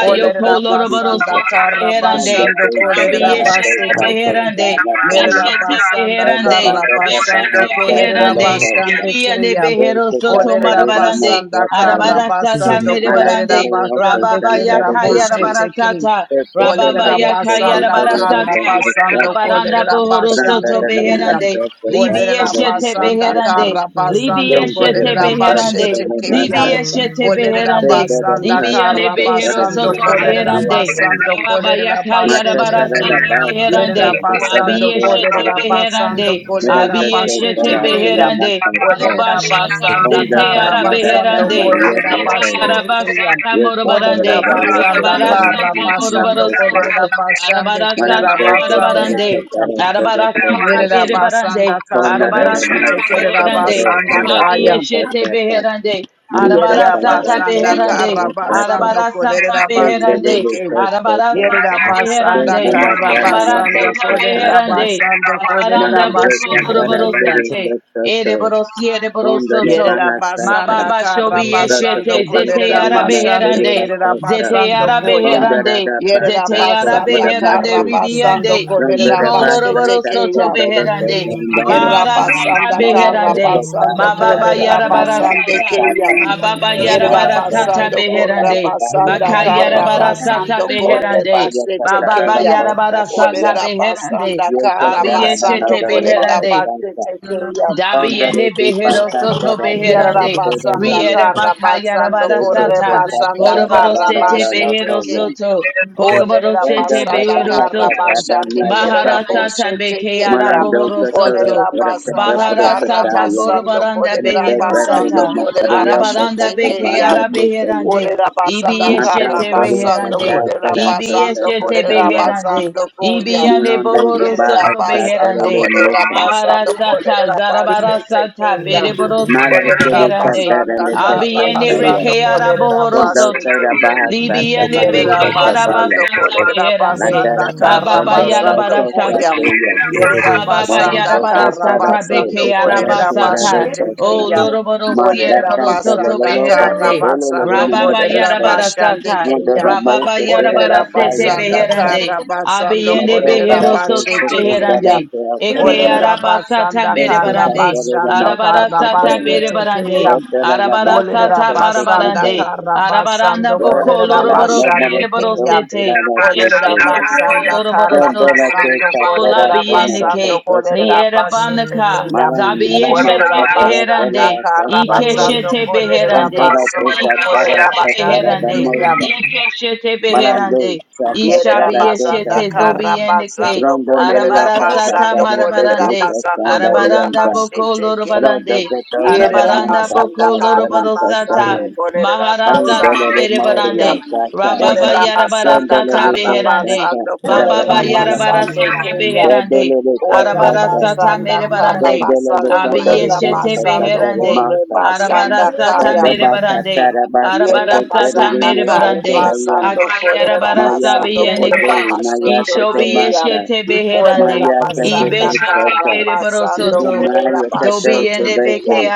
A: Olerera
B: Loroboro
A: basanda
B: Soto
A: karra
B: Beherande,
A: basando kolerera
E: the
B: Rabiyeshete
A: base
E: world?
A: teke.
B: Beherande,
A: Yerera
B: Beshete
A: basanda
B: Beherande,
A: karra basando
B: Beshete
A: kolerera
B: Beherande,
F: you.
A: basande
B: Ibiyane
A: keya.
F: Mata
B: Behero Soto
A: Olerera
B: Marabarande,
A: basanda karra
B: Arabarasata
A: basando kolerera
B: Medebarande,
A: basande
B: Rababa
A: kerera
B: Yakaya
A: bose teke.
B: Rabarasata, Rababa
A: Olerera
B: Yakaya
A: basanda
B: Rabarasata,
A: karra basando
B: Arabaranda
A: kolerera
B: Bohoro Soto
A: basande keya.
B: Beherande,
A: Olerera
B: Libiyeshete
A: basanda
B: Beherande,
A: kara basando
B: Libiyeshete
A: kolerera
B: Beherande,
A: basete keya.
B: Libiyeshete
A: Olerera
B: Beherande,
A: basanda
B: Ibiyande
A: kara
B: behero
A: basando
B: soto
A: kolerera
B: beherande.
A: basando
B: Rababa
A: kolerera
B: yaka
A: basete
B: yarabara
A: keya.
B: soto beherande.
A: Yerera basando
B: Abiye shete
A: kolerera basando
B: beherande.
A: kolerera
B: Abiye shete
A: basete keya.
B: beherande. Luba
A: Olerera
B: shata
A: basanda
F: on the
B: zete
A: kara
B: yara
F: banana, that
A: basando
F: my
B: beherande.
A: kolerera
F: yes,
B: Zete
F: okay.
A: basete
B: yaraba
A: keya.
B: sata
F: Yes, Father,
B: morobarande.
A: Olerera
F: I
E: Yes,
F: yes,
A: basanda
B: Arabara
F: Father,
A: kara
B: sata
F: yes,
A: basando
B: morobaro
F: Father.
A: kolerera
B: soto.
A: basande
B: Arabara
F: Mara
A: kerera
B: sata
F: praise
A: basande
F: Father,
B: marabarande.
A: keya.
F: Father,
B: Arabara
F: Father,
B: sata
F: Father.
A: Yerabasanda
B: berebarande.
F: Oh, Nara,
B: Arabara
F: Mara,
A: Karobosete
B: sata
F: Father,
B: beherande.
A: Kerabasanda
F: Nara,
A: Kaya.
F: Father,
B: Abiyeshete
F: Father.
B: beherande.
F: Mara,
B: Arabara
F: Father,
B: sata
F: Father, Father, Father.
A: Yerabasanda
F: Yes,
B: beherande.
F: Father, Father, Father.
A: Karabasando
B: Arabara sata
F: Yes, sir,
A: Kolerabasete
B: beherande.
F: yes,
A: Kem.
F: sir, sir,
B: Arabara
F: sir.
B: sata
F: Yes,
A: Yerabasanda
B: beherande.
F: Mara, sir,
E: I
B: Arabara
F: Nara,
E: am.
A: Karabasando
B: sata
F: Father, Father.
B: beherande.
A: Kolerabasando
F: Mara,
B: Arabaranda boko
F: Father,
A: Kolerabasete
B: loroboro
F: Father,
A: Kaya.
B: sete.
F: Father, Father.
B: Ereboro siere
F: Oh,
B: boro
F: Nara, Mara, Father.
B: Ma
A: Yerabasanda
B: baba shobi
F: Father,
A: Karabasando
B: yeshete.
F: Father,
B: Zete yara
F: Father,
A: Kolerabasande
B: beherande.
F: Father, Father.
B: Zete
A: Kerabasando
B: yara
F: From
C: you.
A: Koya.
F: da da
B: beherande.
F: da ba
B: Zete
F: sa
B: yara
F: ko
C: Get
F: what
A: Yerabasanda
F: a
B: beherande
F: messy.
C: it,
A: Karabasando
B: ribiande.
F: From da da
B: Iko
F: ba sa
A: Kolerabasete
B: lorobaros
F: sa
B: koto
F: from
A: Kaya.
F: da da sa
B: beherande.
F: from
E: Oh,
F: da ya.
B: Mahara sata
A: Irabasanda
F: Mola do so
B: beherande.
F: sa
A: Karabasando
F: da
B: Mababa
E: yes,
B: yara barasata,
A: Kolerabasande Kayam.
B: Mababa yara
F: Mola do
B: barasata
F: so
B: sata
A: Irabasando
F: sa sa la
B: beherande.
F: da ya
A: Korabasanda
B: Baka
F: sa sa
B: yara
F: sa.
B: barasata sata
A: Karabasando
F: O sa pa
B: beherande.
F: ya sa
A: Korebasete
F: sa ra
B: Mababa
F: la
A: Kayam.
F: bo
B: yara
F: sa sa
B: barasata
F: ya.
B: sata beherande.
A: Olerabasanda
F: Ye sa sa ra la na
A: Karabasando
B: Abiyeshete
F: la la ma o
B: beherande.
F: sa sa.
A: Kolerabasete Kayam.
F: From da da
B: Dabiende
F: di ba
B: behero
F: sa da
B: soto
F: da sa sa
B: beherande.
F: sa
A: Yarabasanda
B: Riera bakayara
A: Karabasando
B: bara sata.
A: Korebasanda
B: Boroboro sete
A: Karabasete
B: behero
F: so
A: Kayam.
B: soto. Boroboro
A: Olerera
B: sete
A: basanda
B: behero
A: kara
B: soto.
A: basande kerera
B: Mahara sata
A: boshete
B: bekeyara
A: keyam.
F: Manando
B: bohoro
F: Sotoro
A: Olerera
B: soto.
F: ora kata
A: basanda
B: Bahara
A: kara
B: sata
F: brokataya
A: basando
B: borobaranda
A: kolerera
F: mate
B: behero
A: basando
F: bateri
B: sata.
A: kolerera
F: makario kata
B: Arabaranda
A: bashete keyam.
F: sabanda
B: bekeyara
F: tesaya
B: beherande.
A: Olerera basanda
F: mata
A: kara
B: Ibiyeshete
F: tere
A: basando
F: kata
B: reherande.
A: kolerera
F: tera kata
A: basando
B: Ibiyeshete
A: kolerera
F: sotaya
B: beherande.
A: basando koyam.
B: Ibiyane
F: Munondo
B: bohoro
A: Yerera
F: leba
B: soto
F: asa
A: basanda
F: tere
B: beherande.
F: le
A: bolerera
F: mosan
A: basanda
B: Maharasata
A: bolerera basete
B: zarabarasata
A: keya.
B: bereboro
F: mala
B: soto
A: Bolerera
F: tere
B: beherande.
F: kata
A: basanda kara
B: Abiyene
F: sotaya
A: basanda
B: rekeara
A: bolerera
B: bohoro
F: Kondo
B: soto.
A: basete
F: tera
A: keya.
F: bahasa
B: Libiyane
F: tabayo
A: Yerera
B: bekeara
A: basanda
F: sotobaya
B: basata
A: bolerera
B: beherande.
F: Lantara
A: basanda kara
F: baso
B: Mababa
F: ndoro
A: basanda
F: loko
B: yarabarasata.
A: koya.
F: sataya
A: Yerera
B: Ababa
A: basanda
F: Monondo
B: yarabara
A: kara
F: kota
B: sata
F: rate
A: basanda
B: beke
F: ikala
B: yaraba
A: bolerera
F: tera
B: sata.
A: basete
B: Oh,
A: keya.
B: loroboro
F: Manda
A: Bolerera
B: sierboro
F: canta la
B: soto
F: la
A: basanda
F: la pasta
A: kara
B: beherande.
F: dolo la la
A: basanda
F: ma
B: Rababa
A: bolerera
F: asta
B: yarabara
A: basande
B: sata.
F: manda
A: keya.
F: da
B: Rababa
F: mosta toda la
A: Olerera
B: yarabara
F: ta
B: sete
F: ya ta
A: basanda
F: sta
B: beherande.
A: kara basando
B: Abiyende
F: mato
A: kolerera
F: para
B: behero
F: te
B: soto
F: se
A: bashete
F: canta la
A: keya.
B: beherande.
F: te
E: yes,
F: asta
B: Eke
A: Olerera
B: araba sata
A: basanda
F: te
B: mere
F: se
A: kara
F: canta
B: barande.
F: la la
A: basando
F: ma asta
B: Arabara
A: kara
F: te
B: sata bere
A: bashete
B: barande.
A: keya.
F: otra la la ma
B: Arabara
F: asta
A: Olerera
B: sata
F: te se
A: basanda
F: canta
B: barabarande.
A: kara
B: Arabaranda
A: basando
F: ora
B: boko
A: kolerera
F: te la
B: loroboro
F: no moro
B: sere
A: bashande
F: se te
A: keya.
F: se
B: borosete.
F: la la te
A: Olerera
F: se
B: Eshete boko
A: basanda
B: loroboro
A: kara
F: canta
B: soto.
F: la te
A: basando
F: sa
B: Ola
F: para
A: kolerera
F: te moro se
A: basando
B: biyendike.
F: te se
A: kolerera
B: Liera
C: Thank
A: bashete
C: you.
B: bandaka.
A: keya.
F: mara
B: Zabi
F: mara ma
B: yeshete
A: Olerera
F: asta te la
A: basanda
B: beherande.
F: te
A: kara
F: asta
B: Ike
F: te
A: basando
B: shete
A: kolerera
B: beherande.
F: Contoda tu
A: basoto
B: Ike
F: satara
A: kolerera
B: shete
A: bashande
B: beherande.
A: keya.
F: satara
B: Ike shete
F: Parando,
B: beherande.
A: Yerera
B: Ishabi
F: Sasatara
A: basanda
B: yeshete
F: Kesasa,
B: zobi
A: kara
B: yende ke.
A: basando
F: Rondo Maria
A: kolerera
B: Arabara sata
A: basando
F: Sasatara
A: kolerera
B: marabarande.
F: Kesasa
A: basando kolerera
B: Arabaranda
F: Sandarianta,
B: boko
A: basete ke.
F: Rondo
B: lorobarande.
F: Goto
A: Yerera
F: Narama
B: Arabaranda
A: basanda
B: boko
F: Sasa
A: kara
F: Sarin
B: lorobaro sata.
A: basando
F: Sasarin,
A: kolerera
B: Maharasata
F: Andelele
A: basande ke
F: Moria
A: ya.
B: merebarande.
F: Sasa,
B: Rababa
A: Kolerera
B: yarabara
A: basanda
B: sata
F: Yandelele
A: kara
B: beherande.
F: Sasa
A: basando kolerera
B: Bababa
F: Naramaya,
B: yarabara
A: basande
B: sata
A: ke ya.
B: beherande.
F: Yandelele
A: Ora
B: Arabara
F: Sasa,
B: sata
A: basanda kara
B: merebarande.
F: Yandelele
A: basando
F: Santori
A: kolerera
B: Abiyeshete
F: Sasa
A: basando
B: beherande.
A: kore
F: Remasa,
B: Arabara
A: basanda
B: sata
A: kaya.
F: Rondo Basa
B: merebarande.
F: Tarabasa
B: Arabara
A: Yenda
F: Senteri
B: sata
A: basanda
F: Rimo
A: kara
B: merebarande.
F: Sasoraya,
A: basando korera
B: Akayarabara
F: Maya
A: basando
B: sabiyene
A: korera
B: kash.
F: Sese, Maya
A: basete
B: Ishobi
A: keya.
F: Tetomasa,
B: yeshete beherande.
A: Orera
F: Maya
B: Ibe
A: basanda
F: Tatatata, the
B: shete
A: kara
B: bere
A: basando
B: borosoto.
A: korera
F: Maya
B: Dobi
F: Tato
A: basete
B: yende beke
A: keya.
F: Tabate,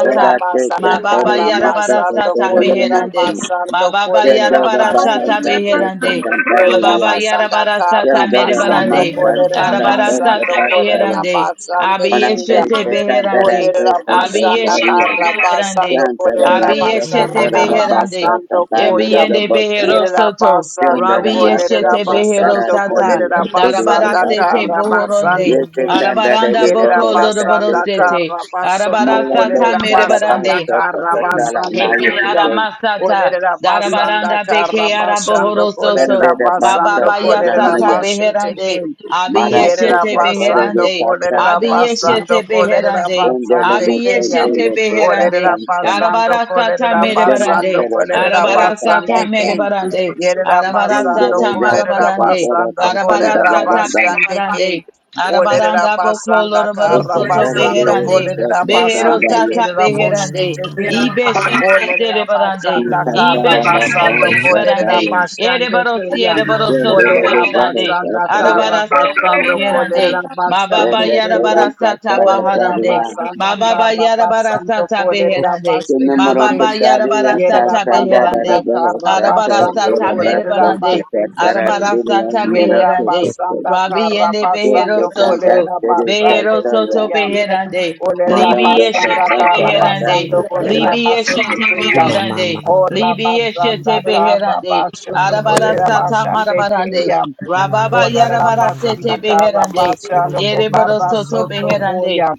F: what I take
A: basanda
F: that
B: Mababa
F: very
A: kara
F: master
A: basando
B: yarabarasata
A: korera
B: meherande.
F: Tataramaso,
A: basando
B: Mababa
A: korera
F: Yendo the
B: yarabarasata
A: basete
F: Bahasa
A: keya.
B: beherande.
A: Yerera
B: Mababa
F: Tatataria,
A: basanda
B: yarabarasata
A: kara
F: Yendo the
B: merebarande.
A: basando
F: Lamasa
A: korera
F: Tatata
A: basando
B: Arabarasata
A: korera
F: Basayam,
B: beherande.
A: basande
B: Abi
A: keya.
F: Manande
B: yeshete beherande.
A: Olerera
F: Tatantarato
B: Abi
A: basanda
B: yeshete
F: Tatarian,
A: karra basando
B: beherande.
F: Yanta the
A: kolerera
B: Abi
F: Master
A: basanda
B: yeshete
F: Tatara
A: karra
B: beherande.
F: Basa
A: basando
F: Tabano
A: koya.
F: the
B: Yebiende
F: Bosa,
B: behero
A: Yerera
B: soto.
F: Yendo
A: basando
F: the
B: Rabi
A: kolerera
B: yeshete
F: Master
B: behero
F: Tatara
A: basando
B: sata.
F: Tamil
A: kolerera
F: Sidia
B: Darabara
A: basanda
B: sete
F: Pasam,
A: karra basando
B: bohoronde.
F: Yes,
A: king.
F: Tandara
B: Arabaranda
F: the
A: Yerera
B: boko
F: Bohara
B: loroboro
A: basanda
F: Tatation.
B: sete.
A: karra basando
B: Arabara
F: Molondo
B: sata
A: kolerera
F: Sada
A: basanda
B: merebarande.
F: Basta
A: karra
F: Satara
A: basando
B: Eke
F: Naya
A: koya.
B: ara
F: Sukoi
B: masata,
A: Olerera basanda
B: darabaranda
A: karra
B: beke ara
A: basando
B: bohoro soto,
A: kolerera
F: Sandera
B: baba
A: basando
F: Basta
B: baya
A: kolerera
B: sata
F: Sodamaya
A: basete
B: beherande,
A: king.
F: Marato
A: Yerera
B: abiyeshete
F: Sakare de
A: basando
B: beherande,
A: kolerera
F: Satasa
A: basando
B: abiyeshete
A: kolerera
B: beherande,
F: Vendele
A: basande
F: no
A: keya.
B: abiyeshete
F: Santele de
B: beherande,
A: Olerera
F: Satansa
A: basando
B: arabara sata
A: kolerera basando
B: merebarande,
F: Demasara
A: kolerera
F: Satara
B: arabara sata
A: basande
F: Satasa
A: ke.
B: merebarande,
A: Yerera
B: arabara
A: basando
F: Vendele
B: sata
F: de
A: kolerera
B: marabarande,
F: Satantara
A: basando
B: arabara
A: kolerera
B: sata
F: Satandarada
A: basande ke.
B: merebarande,
A: Olerera
B: arabaranda boko
A: basanda
B: loroboro
A: karra
B: soto
F: Osatara
A: basando
F: de
B: beherande,
A: kolerera
B: Behero
A: basande
F: Satakandaya
B: sata
A: kerera
B: beherande.
A: boshete ke.
B: Ibe shete
A: Olerera
B: zere barande.
A: basanda karra
B: Ibe
F: Musatara da
B: shete
A: basando
F: Paho
B: zere
A: kolerera
B: barande.
F: Sataya
B: Ere
A: basande
B: barosi
A: keya.
B: ere baroso to
F: Vendele
A: Olerera
F: de Boho
B: beherande.
A: basanda
F: Sataya
A: karra
B: Arabara sata
A: basando
B: beherande.
A: kolerera basando
B: Mababa
F: Vendele
B: yarabara
A: kriyam.
F: de
B: sata
F: Satara
A: Olerera
B: baharande.
F: Sataya
A: basanda
B: Mababa
A: karra
B: yarabara
D: Baba
A: basando
B: sata
A: kolerera
B: beherande.
A: basete
F: Kinamaro
A: kem.
B: Mababa
F: Kataria
B: yarabara
A: Yerera
B: sata
E: yes.
F: Kasanda
A: basanda
B: beherande.
F: Dadabaho
A: karra
F: Sato
A: basando
B: Arabarasata
E: Yes,
A: kolerera
F: Varabasto
B: merebarande.
A: basete
F: Sakatara
A: kem.
F: Pirion
B: Arabarasata
A: Yerera
F: Minato
B: beherande.
F: Kosto
A: basanda karra
B: Rabiende behero
F: Sete
A: basando
B: soto.
F: Santa
A: kolerera
F: Siri
B: Behero
A: basande
B: soto
F: Kastoya
A: kriyam.
B: beherande.
A: Olera
B: Libi
F: Marondo
A: basanda
B: eshete
A: kara
F: Sakatara
B: beherande.
A: basando kolera
F: Kastoya
B: Libi
A: basete
B: eshete
A: keyam.
C: Get
B: beherande.
A: Ora
B: Libi eshete
A: basanda kara
B: beherande.
A: bashoto kolera
B: Arabarasata
A: basande
B: marabarande.
A: keyam.
B: Rababa
A: Olera
B: yarabarasete
A: basanda kara
B: beherande.
A: basando
B: Yereboro
A: kobarda
B: soto
A: soto
B: beherande.
A: koyam.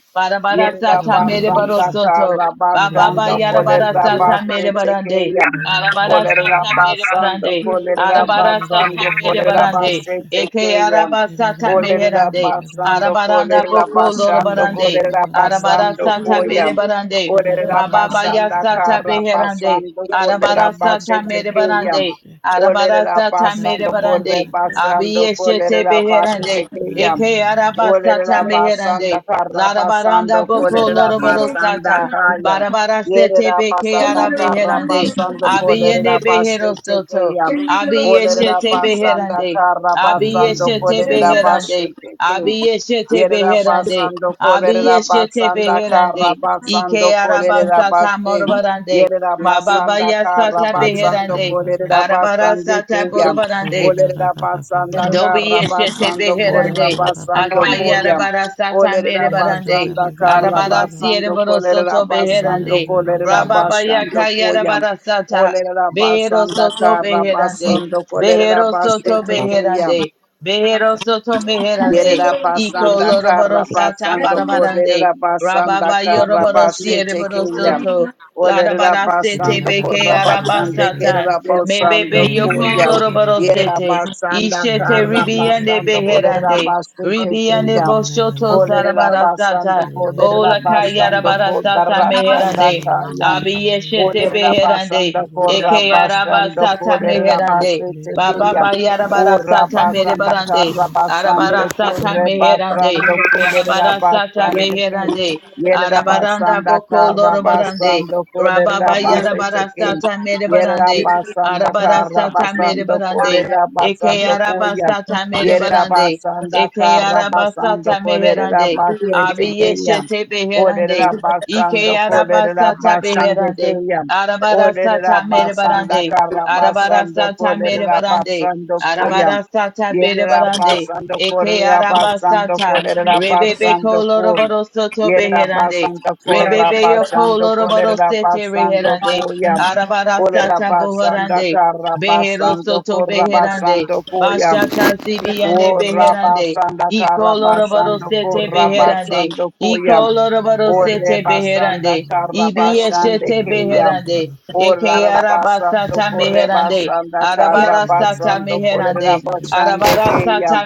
A: Yera
B: Barabarasata mereboro
A: basanda
B: soto.
A: kara
B: Ababa
A: basando
B: yarabara
A: kolera
B: sata mere
A: basete
B: barande.
A: keyam.
B: Arabara
A: Olera
B: sata mere
A: basando
B: barande.
A: kolera
B: Arabara sata
A: basando
B: mere
A: kolera
B: barande.
A: basete
B: Eke
A: keyam.
B: araba sata
A: Olerera
B: meherande.
A: basando
B: Arabaranda
A: kolerera
B: boko loro
A: basando
B: barande.
A: kolerera
B: Arabara
A: basando
B: sata mere
A: koyam.
B: barande.
A: Olerera
B: Mababa ya
A: basanda
B: sata
A: kara
B: beherande.
A: basando
B: Arabara
A: kolerera
B: sata
A: basete
B: mere barande.
A: keyam.
B: Arabara
A: Olerera
B: sata mere
A: basando
B: barande.
A: korre basando
B: Abiyeshete
A: kolerera
B: beherande.
A: basete keyam.
B: Eke araba sata
A: Olerera basanda
B: meherande.
A: kara
B: Larabaranda
A: basando
B: boko
A: kolerera
B: loro
C: Shit.
A: basanda
B: barosata.
A: kayam.
B: Barabara sete
A: Yerera
B: beke
A: basanda
B: ara
A: kara
B: beherande.
A: basando kolerera
B: Abiyene behero
A: basete
B: soto.
A: keyam. Olerera
B: Abiyeshete
A: basanda
B: beherande.
A: karra basando
B: Abiyeshete
A: kolerera
B: beherande.
A: başeteke.
B: Abiyeshete
A: Yerera
B: beherande.
A: basando kolerera
B: Abiyeshete
A: basanda karra
B: beherande.
A: basando
B: Ike
A: kolerera
B: arabasata
A: başe.
B: morbarande.
A: Yerera
B: Mababa
A: basanda karra
B: yasata
A: basando
B: beherande.
A: kolerera
B: Arabara
A: basande
B: sata
A: keyam.
B: borobarande.
A: Olerera basanda
B: Dobi
A: karra
B: yeshe tepe
A: basando korra
B: herande.
A: basando
B: Akayara
A: koyam.
B: bara satan bere
A: Olerera
B: barande.
A: basanda karra
B: Arabara siere
A: basando
B: boro
A: kolerera
B: soto
A: basando
B: beherande.
A: kolerera
B: Rababa
A: başando
B: yakayara
A: koyam.
B: bara sata.
A: Olerera
B: Behero
A: basanda
B: soto
A: kara
B: beherande.
A: basando kolerera
B: Behero soto
A: basete keya.
B: beherande. Behero soto beherande.
A: Yerera
B: Iko
A: basanda kara
B: loroboro sata
A: basando
B: barabarande.
A: korera basanda
B: Rababa
A: kara
B: yoroboro siere
A: basete
B: boro
A: kiyam.
B: soto.
A: Olerera
B: Larabara sete
A: basando
B: beke
A: korra basande
B: arabasata.
A: kerera
B: Mebebe
A: basando
B: yoko
A: koyam.
B: loroboro
A: Yerera
B: sete.
A: basanda
B: Ishete
A: kara
B: ribiande
A: basando korera
B: beherande.
A: basete
B: Ribiande
A: kiyam.
B: boshoto
A: Olerera basando
B: zarabarasata.
A: korera
B: Ola kayara
A: basando korra
B: barasata
A: basanda
B: meherande.
A: kayam.
B: Abiyeshete
A: Olerera
B: beherande.
A: basanda korra
B: Eke
A: basando
B: arabasata
A: korera
B: meherande.
A: basete
B: Baba
A: kiyam.
B: bayara
A: O
B: barasata
A: Rabasanda
B: merebarande.
A: Karabasando
B: Arabarasata meherande.
A: Korebasando
B: Arabarasata
E: yes,
A: Korabasande King.
B: beherande. Arabaranda
A: Yerabasanda
B: boko lorobarande.
A: Karabasando
B: Rababa yara
A: Korabasete King.
B: barasata merebarande.
E: yes,
A: Yerabasanda
B: Arabarasata
A: Karabasando
B: merebarande.
E: yes.
B: Eke
A: Korabasando Koya.
B: arabasata merebarande.
A: Yerabasanda
B: Eke
A: Karabasando
B: arabasata meherande.
A: Korabasete
E: everything.
A: Kaya.
B: Abiyeshete
A: O
B: beherande. Ike
A: Rabasando
B: arabasata
A: Korabasande
B: beherande.
A: Kaya.
B: Arabarasata
A: Olerera basanda
B: merebarande.
A: kara basando
B: Arabarasata
A: kolerera
B: merebarande.
A: basando
E: I just,
A: koyam.
B: Arabarasata
A: Yerera
B: berebarande.
A: basando
B: Eke
A: korera basando
B: arabasata.
A: kolerera
B: Rebebe
A: basando koyam.
B: koloroboro soto
A: Yerera
B: beherande.
A: basando korera
B: Rebebe yo
A: basando
B: loroboro
A: kolerera
B: sete
A: basando
B: reherande.
A: koyam.
B: Arabara
A: Olerera
B: sata
A: basanda
B: boherande,
A: kara
B: Behero
A: basando
B: soto
A: korera
B: beherande.
A: basando koyam.
B: Bashata
E: Yeah,
B: zibiande
A: O
B: beherande.
A: rabasanda
B: Iko loroboro
A: karabasando ko
B: sete beherande.
A: rabasando
B: Iko
A: koya.
B: loroboro
A: O
B: sete
A: rebasanda
B: beherande. Ibi
A: karabasande
B: eshete
A: keya.
B: beherande.
A: O
C: Russia.
B: Eke
A: rabasando
B: arabasata
A: ko
B: meherande.
A: rebasanda
E: yeah.
B: Arabara sata
A: karabasando ko
B: meherande.
A: rabasande
B: Arabara
A: keya.
B: sata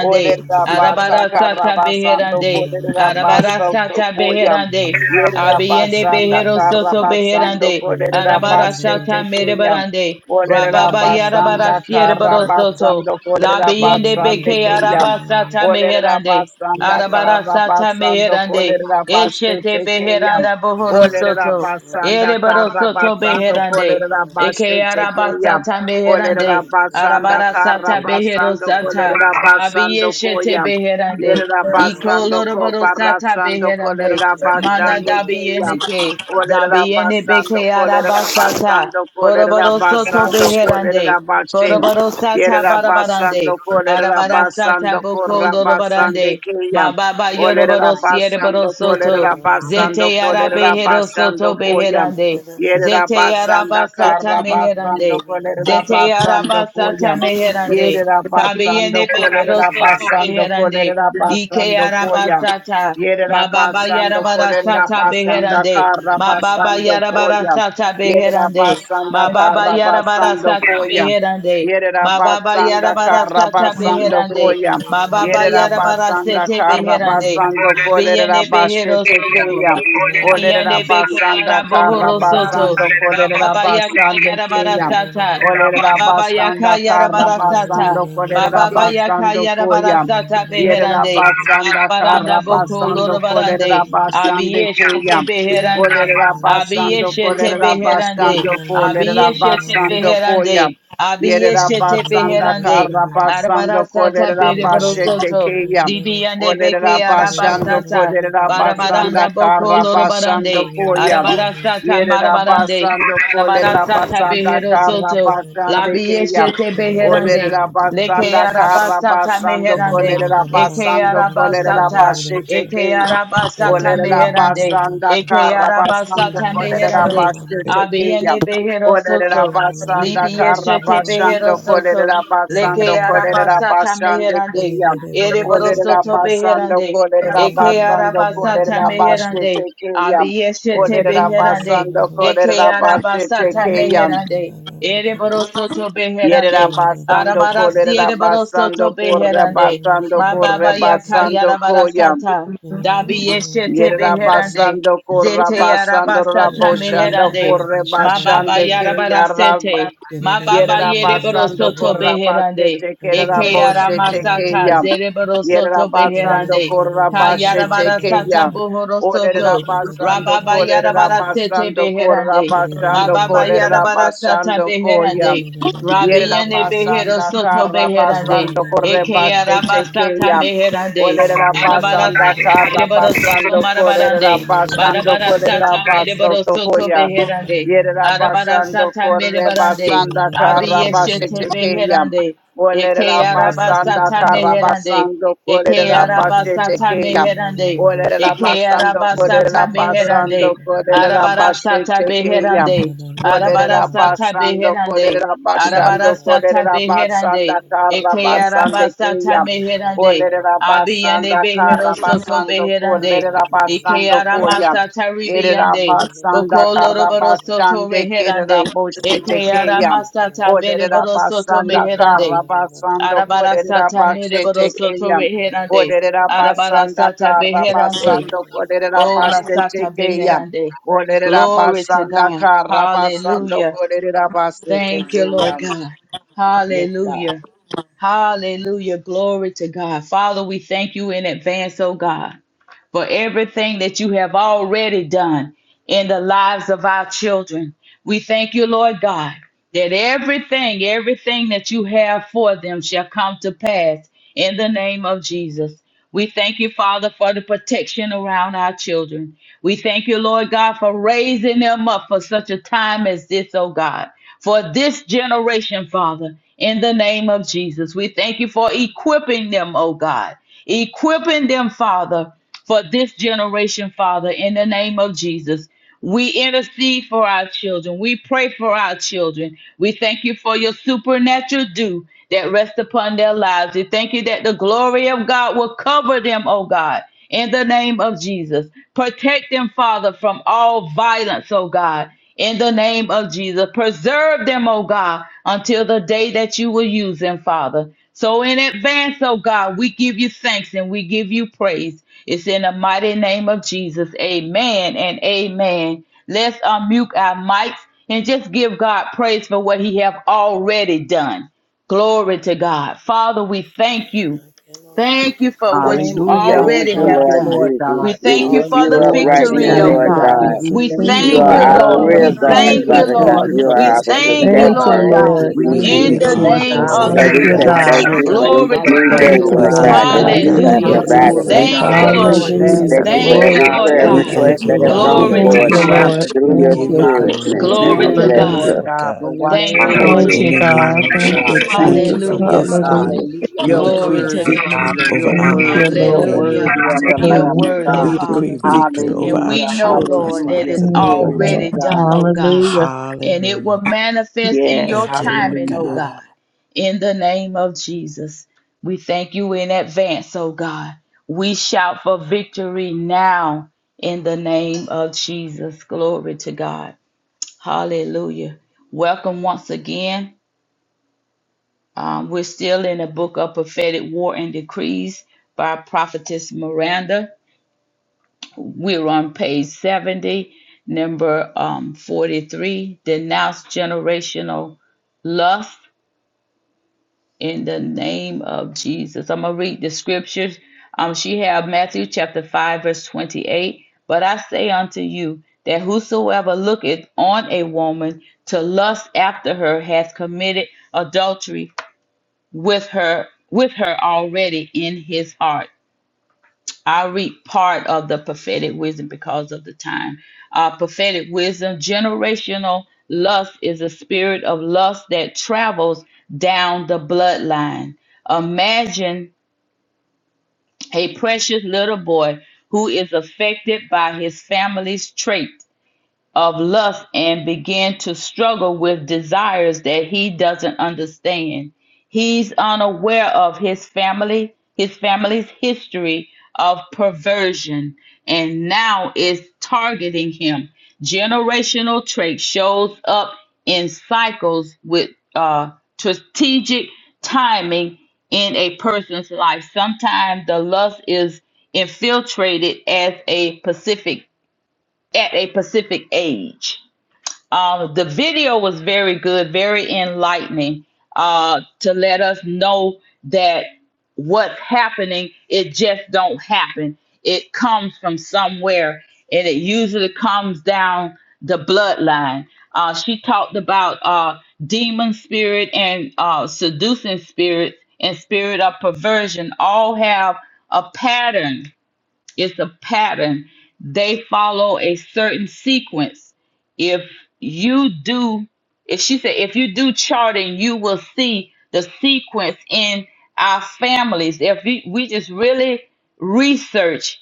A: O rabasa
B: Arabara sata
A: karabasando ko
B: beherande. Arabara
A: rabasando
B: sata
A: koya.
B: beherande. Abiende
A: Yerabasanda
B: behero soto
A: karabasando ko
B: beherande. Arabara
A: rabasete
B: sata
A: keya.
B: merebarande.
A: Olerera
B: Rababa yarabara
A: basanda kara
B: sierebaro soto.
A: basando kolerera
B: Labiende
A: basande
B: beke
A: keya.
B: arabasata
A: Olerera
B: meherande.
A: basanda
B: Arabara
A: kara
B: sata
A: basando
B: meherande.
A: kolerera basete
B: Eshete
A: keya.
B: beheranda
C: Thank
B: bohoro
C: you.
A: Olerera
B: soto.
A: basanda
B: Erebaro
A: kara
B: soto
A: basando
B: beherande.
A: kolerera
B: Eke
A: basete
B: araba
A: keya.
B: sata
A: Olerera
B: meherande.
A: basanda
B: Arabara
A: kara
B: sata behero
A: basando
B: sata.
A: kolerera basando
B: Abiyeshete
A: koya.
B: beherande.
A: Yerera
B: Iko
A: basando ko
B: lorobaro sata
A: barasando
B: beherande.
A: kolerera
B: Mana
A: basande keya.
B: dabiyene ke.
A: Olerera
B: Dabiyene
A: basando,
B: beke
A: olerera
B: araba sata.
A: basando, olerera
B: Borobaro soto
A: basando,
B: beherande.
A: olerera bashem.
B: Borobaro sata
A: Yerera
B: barabarande.
A: basando, olerera
B: Arabara
A: basando,
B: sata boko
A: korra basande
B: lorobarande. Ma
A: kiyam.
B: baba yoroboro
A: Olerera
B: siereboro
A: basando,
B: soto.
A: olerera
B: Zete
A: basando,
B: yara
A: olerera
B: behero soto
A: basando koyam.
B: beherande.
A: Yerera
B: Zete yara
A: basanda
B: basata
A: karra
B: meherande.
A: basando, olerera
B: Zete yara
A: basando
B: basata
A: koyam.
B: meherande.
A: Yerera
B: Kabiyene
A: basando,
B: behero
A: olerera
B: soto
A: basando,
B: beherande.
A: olerera
B: Ike
A: basando
B: yara
A: koyam.
B: basata. Ma
C: It is a
B: baba yara
A: Yerabasando
B: Sata
A: Kolerabasanda
B: beherande. Ma Baba
A: Karabasando
B: yara bara
A: Koya.
B: sata beherande.
A: Yerabasanda
B: Ma baba yara bara
A: Karabasando
B: sata
A: Koya.
B: beherande. Ma baba yara
A: Yerabasanda
B: bara sata
A: Karabasando
B: beherande.
A: Koya.
B: Mababa yarabara
A: Yerabasanda
B: sete beherande.
A: Karabasando
B: Biyene behero
A: Kolerabashete
B: soto.
A: Keya.
B: Biyene beke
A: Olerabasanda
B: yarabohoro soto.
A: Karabasando
B: Ma Baba yaka
A: Kolerabasande
B: yara bara
A: Keya.
B: sata. Ma Baba yaka
A: Olerabasanda
B: yara bara sata.
A: Karabasando
B: Baba Baya yaka
A: Kolerabasando
B: yarabara
A: Koya.
B: sata beherande.
A: Yerabasanda
B: Arabaranda boko
A: Karabasando
B: lorobarande.
A: Kolerabasande
B: Abiyeshete
A: Kayam.
B: beherande.
A: Olerabasando
B: Abiyeshete beherande.
A: Kolerabasando
B: Abiyeshete
A: Kolerabasando Koyam.
B: beherande. Abiyeshete
A: Yerabasanda
B: beherande. Arabara
A: Karabasando
B: sata
C: Get it,
B: bereboro
A: Kolerabashete
B: soto.
A: Kayam.
B: Libiyande beke
A: Olerabasando
B: arabasata.
A: Kolerabasanda
B: Barabaranda boko
A: Karabasando
B: lorobarande.
A: Koyam.
B: Arabara sata marabarande.
A: Yerabasando
B: Arabara sata
A: Kolerabasanda
B: behero soto.
A: Karabasande Kayam.
B: Labiyeshete beherande,
A: Olerera
B: leke
A: basanda kara
B: arabasata
A: basando
B: meherande,
A: kolerera
B: eke
A: basando kolerera
B: arabasata,
A: bashete
B: eke
A: king.
B: arabasata
A: Olerera
B: meherande,
A: basanda
B: eke
A: kara basando
B: arabasata
A: kolerera
B: meherande,
A: bashete king.
B: abiyene behero
A: Olerera
B: soto,
A: basanda kara
B: libiyeshete behero
A: basando
B: soto,
A: kolerera
B: leke
A: basando kolerera
B: arabasata
A: bashande
B: meherande,
A: king.
B: ereboro
A: Olerera
B: soto
A: basando
B: beherande,
A: kolerera
B: Eke
A: basando
B: arabasata
A: kolerera
B: meherande.
A: bashete king.
B: Abiyeshete
A: Olerera
B: beherande.
A: basando
B: Eke
A: kolerera
C: Get
A: bashete
B: arabasata
A: king.
B: meherande. Ereborosoto beherande.
A: Yerera basando
B: Arabarasi
A: kolera
B: ereborosoto
A: basando korra
B: beherande.
C: it,
A: basando
B: Mababa
A: korra
B: yaka
A: basando koyam.
B: yarabarasata. Dabiyeshete
A: Yerera
B: beherande.
A: basando korra
B: Zete
A: basando
B: arabasata
A: raboshando
B: meherande.
A: korre
B: Mababa
A: basande ke yarra.
B: yarabarasete. Mababa
A: Yerera basando
B: yereborosoto
A: korra
B: beherande.
A: basete kerera
B: Eke
A: boshete
B: aramasata
A: keyam.
B: zereborosoto
A: Yerera basando
B: beherande.
A: korra basete
B: Kayarabara sata
A: keyam.
B: bohoro
A: Olera
B: soto.
A: basando
B: Rababa
A: kolera
B: yarabara sete
A: basando korra
B: beherande.
A: basando
B: Mababa
A: kolera
B: yarabara sata
A: basando koyam.
B: beherande.
A: Yerera
B: Rabiyene behero
A: basanda
B: soto
A: kara
B: beherande.
A: basando Yerabasanda Karabasando
B: Eke yaraba
A: Korebashete
B: sata
A: Kayam.
B: meherande.
C: Russia.
B: Arabara
A: Olerabasanda
B: sata mereboro soto
A: Karabasando
B: marabarande.
A: Korebashando
B: Barabara sata
A: Korebaso
B: mereboro soto
A: Tokoya.
B: beherande. Arabara
A: Yerabasando
B: sata merebarande.
A: Korebasanda
B: Abiyeshete
A: Karabashete Kayam.
B: beherande. Eke yaraba
A: Olerabasanda
B: sata meherande.
A: Karabasando
B: Eke
A: Korebashete
B: arabasata
A: Kayam.
B: meherande. Eke
A: Olerabasando
B: arabasata meherande.
A: Korebasando
B: Arabarasata
A: Korebashete Kayam.
B: beherande.
A: Olerera
B: Arabarasata
A: basando,
B: beherande.
A: olerera basando,
B: Arabarasata
A: olerera basanda
B: beherande.
A: karra
B: Eke
A: basande
B: arabasata
A: kriya.
B: meherande.
A: Olerera
B: Abiyane
A: basanda karra
B: behero soto
A: basando,
B: beherande.
A: olerera
B: Eke
A: basando koya.
B: aramasata
A: Erera
B: ribiyande,
A: basanda
B: Boko
A: karra
B: loroboro soto
A: basande kerera
B: reherande.
C: Oh, my God, Lord,
A: boshete
B: Eke
A: kriya.
B: aramasata
A: Olerera
B: bereboro soto
A: basanda karra
B: meherande.
A: basando,
B: Arabara
A: olerera
B: sata
A: basete
B: mereboro soto
A: kriya.
B: reherande.
A: Olerera
B: Arabara
A: basanda
B: sata
A: karra
B: beherande.
A: basando, olerera
B: Oh, la
A: basete
B: sata
A: kriya.
B: beherande.
A: Olerera
B: Glory to
A: basanda
B: God.
A: kara basando
B: Hallelujah.
A: kolerera basete
B: Thank you, Lord
A: keyan.
B: God.
H: Yes,
B: Hallelujah. Hallelujah. Glory to God. Father, we thank you in advance, oh God, for everything that you have already done in the lives of our children. We thank you, Lord God, that everything, everything that you have for them shall come to pass in the name of Jesus. We thank you, Father, for the protection around our children. We thank you, Lord God, for raising them up for such a time as this, oh God for this generation, Father, in the name of Jesus. We thank you for equipping them, oh God. Equipping them, Father, for this generation, Father, in the name of Jesus. We intercede for our children. We pray for our children. We thank you for your supernatural dew that rests upon their lives. We thank you that the glory of God will cover them, oh God, in the name of Jesus. Protect them, Father, from all violence, oh God, in the name of Jesus. Preserve them, oh God, until the day that you will use them, Father. So in advance, oh God, we give you thanks and we give you praise. It's in the mighty name of Jesus. Amen and amen. Let's unmute our mics and just give God praise for what he have already done. Glory to God. Father, we thank you. Thank
C: thank you
B: you
C: for
B: for
C: what
B: what
C: you've
B: you
A: Hallelujah.
C: already
F: Thank
B: already
F: you,
C: done,
A: Thank
B: have
C: Lord
A: you,
F: Lord
B: done.
C: God.
A: Lord
F: Jesus.
A: God.
B: We
C: God,
F: We
B: thank
C: we
B: you
H: all
F: lift
C: thank
B: for
F: you
B: the
C: you
H: you've
F: up
C: for
A: Glory
H: done
C: our
F: right
A: to
H: and
A: your
B: victory,
F: now,
H: all
B: oh
C: children,
A: name,
F: Lord
H: you're
B: God.
C: Lord
A: God.
H: gonna
F: God.
C: God.
A: We
B: We
H: do,
A: thank
E: We
G: Thank
A: you,
F: You
E: do
G: you,
B: thank
A: Lord
B: you,
F: are
G: Lord
A: God,
F: our
B: Lord.
A: for
H: all
E: you,
G: God.
F: real
B: We
A: the
C: Uh,
H: you
G: Thank
F: God,
C: what
H: say,
A: victory.
B: thank
C: you're
G: you,
B: you,
A: We
H: if
G: Father.
F: Father
C: doing in
I: In
A: thank
H: we
F: God.
B: Lord.
C: the
A: you
G: Thank
F: You
H: lift
A: for
C: lives
H: you
B: We
C: of
F: are
C: the
H: up,
F: our
I: Jesus'
H: you'll
A: protecting,
B: thank
C: children
B: you,
I: name,
A: oh
H: draw
C: and
G: you,
C: the
A: God.
B: Lord
F: protector
H: all
F: in the
C: parents,
B: God.
H: men
G: Lord.
C: God.
A: We
F: name
I: we
F: of
G: Thank
H: unto
A: thank
I: give
B: In
H: you.
I: you
G: you,
A: you,
B: the
F: Jesus.
A: Lord
I: honor,
H: So,
B: name
A: God,
G: Jesus.
B: of
A: for
I: glory,
F: So
H: Father,
G: Thank
I: and
H: we
F: we
G: you,
C: God,
A: keeping
F: say
B: Jesus.
C: we
H: ask
A: our
I: praise,
H: you
G: God.
H: to
F: thank
I: Lord
C: praise
F: you
C: you,
H: draw,
I: God.
F: for
A: children
F: this
A: under
B: Glory
C: God.
A: the
C: We
B: to
F: new day,
C: bless
A: blood,
B: God.
G: Thank
C: your
H: hallelujah,
A: oh
G: you,
I: We
F: Lord
A: God.
C: name.
I: thank
G: Lord
F: God,
I: you,
F: that
H: by
G: God.
I: Lord
A: We
H: your
F: you
I: God,
A: give
I: that
G: Thank
F: have
C: You're
G: you,
A: you
I: you
H: power,
B: Hallelujah.
I: are
C: worthy,
H: by
F: provided
H: your
A: glory,
G: Jesus.
C: God.
F: us
B: Thank
H: might.
B: you,
A: God.
I: faithful
F: today.
I: in
A: We
B: Lord.
C: We
H: Oh,
C: honor
F: We
A: thank
I: Jesus'
C: you,
H: thank
G: Hallelujah.
F: thank
A: you,
H: you,
F: you
C: God.
F: for
I: name.
B: Thank
A: Lord
B: you,
H: Holy
F: every
G: Glory
A: God.
G: to
B: Lord
F: prayer
H: Ghost.
G: your
I: We
A: Thank
B: God.
A: you
G: name.
A: that
F: request
I: thank you,
F: that
A: they
F: has
I: Lord
C: Hallelujah
A: have
C: to
I: God. We
F: gone
C: your
B: Glory to
G: Thank
A: victory
F: forth
G: you,
C: name,
H: Hallelujah.
A: throughout
B: God.
G: Lord.
A: the
I: appreciate you.
F: through
I: We
A: day,
F: your
H: Do
G: Thank
A: oh
I: give
H: your
G: you,
I: you
C: God.
A: God.
F: spirit,
I: glory.
H: perfect
G: Jesus.
I: We
F: man.
H: work,
I: give
F: And
I: you
B: Glory
F: we
A: Thank
B: to
A: you,
F: bless
C: Hallelujah.
H: Usher.
B: God.
I: praise,
A: Lord
F: you.
G: Hallelujah.
I: Lord
A: God,
H: In
A: for
I: God.
H: the
B: Thank
A: watching
B: you,
H: name
F: Honor
H: of
B: Lord
A: over
G: Thank
F: you.
I: In
G: you,
A: me,
I: the
B: Jesus.
H: Jesus, we give
I: name
G: God.
A: keeping
H: you
I: of
A: me,
G: Thank
A: God.
G: you,
H: glory
I: Jesus,
H: and
I: thank
A: Thank
I: you
G: Jesus.
H: praise.
I: for
A: you,
B: Hallelujah.
A: Lord
I: this
E: Father.
A: God.
I: day.
G: Hallelujah.
H: Hallelujah,
I: We
A: You're
B: Glory
I: decree
H: hallelujah,
B: to
A: worthy,
B: God.
I: victory
H: hallelujah.
A: Father. You're
I: over our
G: Thank
A: worthy.
G: you,
I: lives and our
A: You're
G: Lord.
I: family
B: Hallelujah.
A: worthy
I: members'
A: of the
I: lives.
B: You're
G: Hallelujah.
A: Lamb of
B: worthy,
A: God.
I: We
G: Thank you,
I: decree
B: Father.
I: victory
G: Jesus.
I: over
B: And
I: our
B: we
A: Hallelujah.
B: know,
I: children's
B: Lord, that
A: Hallelujah.
I: lives
B: it's
I: in the
G: Thank
I: name
G: you,
A: Glory
I: of
A: to
I: Jesus.
B: already
G: Lord.
B: done,
A: God.
B: oh God.
G: Hallelujah.
B: And it
I: Hallelujah.
B: will manifest in
A: Yes.
B: your
I: Thank you, Lord
B: timing, oh
A: Hallelujah.
I: God.
B: God. In the name of Jesus, we thank you in advance, oh God. We shout for victory now in the name of Jesus. Glory to God. Hallelujah. Welcome once again. Um, we're still in the book of prophetic war and decrees by prophetess Miranda. We're on page 70, number um, 43. Denounce generational lust in the name of Jesus. I'm going to read the scriptures. Um, she have Matthew chapter 5, verse 28. But I say unto you that whosoever looketh on a woman to lust after her hath committed adultery with her with her already in his heart. I read part of the prophetic wisdom because of the time. Uh, prophetic wisdom, generational lust is a spirit of lust that travels down the bloodline. Imagine a precious little boy who is affected by his family's trait of lust and begin to struggle with desires that he doesn't understand. He's unaware of his family, his family's history of perversion, and now is targeting him. Generational trait shows up in cycles with uh, strategic timing in a person's life. Sometimes the lust is infiltrated as a Pacific at a Pacific age um, the video was very good, very enlightening uh, to let us know that what's happening, it just don't happen. It comes from somewhere, and it usually comes down the bloodline. Uh, she talked about uh, demon spirit and uh, seducing spirits and spirit of perversion all have a pattern it's a pattern. They follow a certain sequence. If you do, if she said, if you do charting, you will see the sequence in our families. If we, we just really research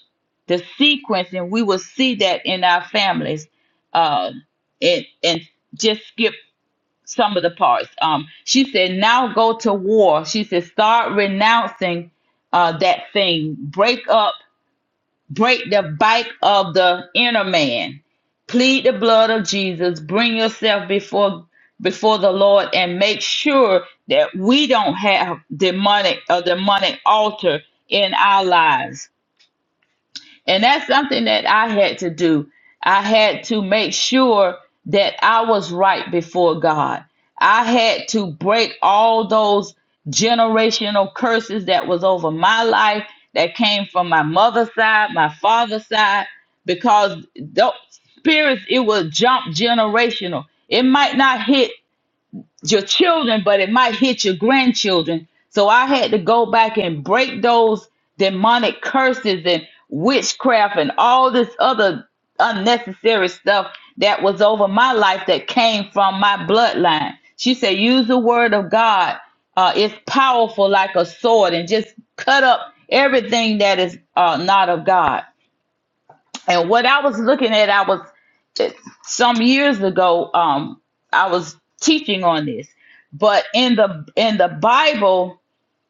B: the sequence, and we will see that in our families. Uh, and and just skip some of the parts. Um, she said, now go to war. She said, start renouncing uh, that thing. Break up break the bite of the inner man. Plead the blood of Jesus. Bring yourself before before the Lord and make sure that we don't have demonic a demonic altar in our lives and that's something that I had to do. I had to make sure that I was right before God. I had to break all those generational curses that was over my life that came from my mother's side, my father's side, because those spirits, it will jump generational. It might not hit your children, but it might hit your grandchildren. So I had to go back and break those demonic curses and witchcraft and all this other unnecessary stuff that was over my life that came from my bloodline. She said, use the word of God. Uh, it's powerful like a sword and just cut up everything that is uh, not of God. And what I was looking at, I was it- some years ago, um, I was teaching on this, but in the in the Bible,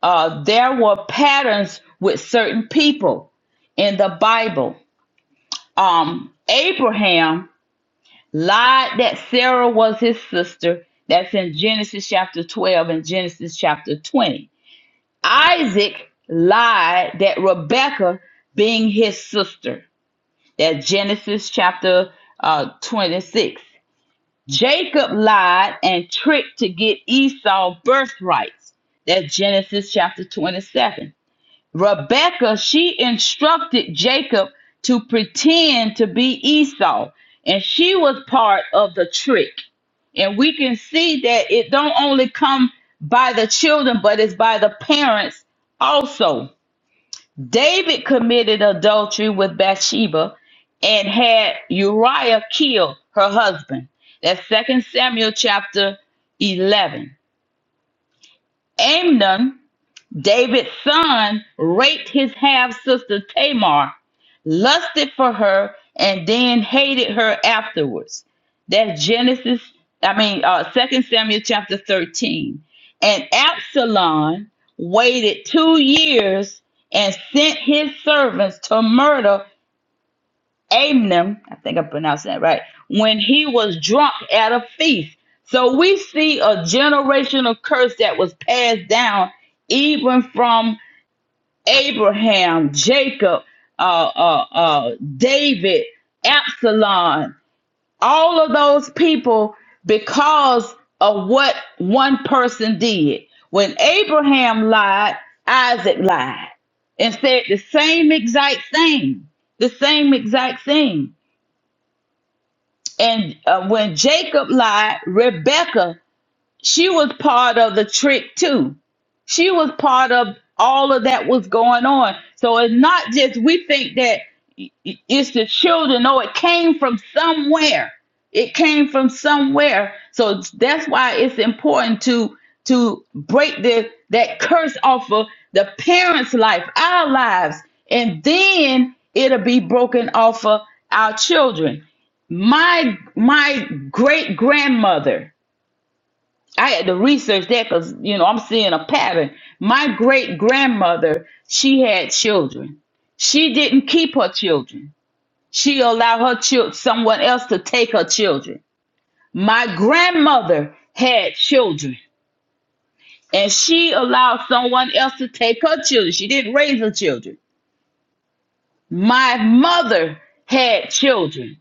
B: uh, there were patterns with certain people in the Bible. Um, Abraham lied that Sarah was his sister. That's in Genesis chapter 12 and Genesis chapter 20. Isaac lied that Rebecca being his sister. That Genesis chapter uh, 26. Jacob lied and tricked to get Esau birthrights. That's Genesis chapter 27. Rebecca, she instructed Jacob to pretend to be Esau, and she was part of the trick. And we can see that it don't only come by the children, but it's by the parents also. David committed adultery with Bathsheba and had Uriah kill her husband. That's Second Samuel chapter 11. Amnon David's son raped his half sister Tamar, lusted for her, and then hated her afterwards. That's Genesis, I mean, uh, 2 Samuel chapter 13. And Absalom waited two years and sent his servants to murder Amnon, I think I pronounced that right, when he was drunk at a feast. So we see a generational curse that was passed down even from Abraham, Jacob, uh, uh, uh, David, Absalom, all of those people because of what one person did. When Abraham lied, Isaac lied and said the same exact thing, the same exact thing. And uh, when Jacob lied, Rebecca she was part of the trick too. She was part of all of that was going on. So it's not just we think that i- i- it's the children. No, it came from somewhere. It came from somewhere. So that's why it's important to to break the that curse off of the parents' life, our lives, and then it'll be broken off of our children. My my great grandmother I had to research that because you know I'm seeing a pattern. My great grandmother, she had children. She didn't keep her children. She allowed her children, someone else to take her children. My grandmother had children, and she allowed someone else to take her children. She didn't raise her children. My mother had children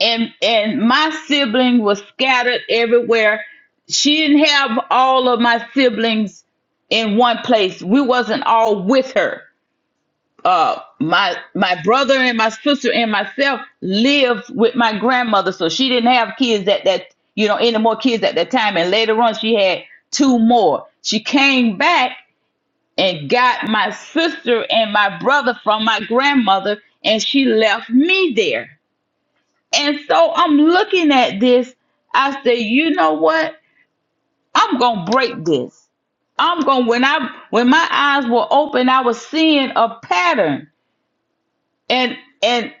B: and and my sibling was scattered everywhere. She didn't have all of my siblings in one place. We wasn't all with her. Uh, my my brother and my sister and myself lived with my grandmother, so she didn't have kids at that you know any more kids at that time. And later on, she had two more. She came back and got my sister and my brother from my grandmother, and she left me there and so I'm looking at this. I said, you know what? I'm gonna break this. I'm gonna when I when my eyes were open, I was seeing a pattern and and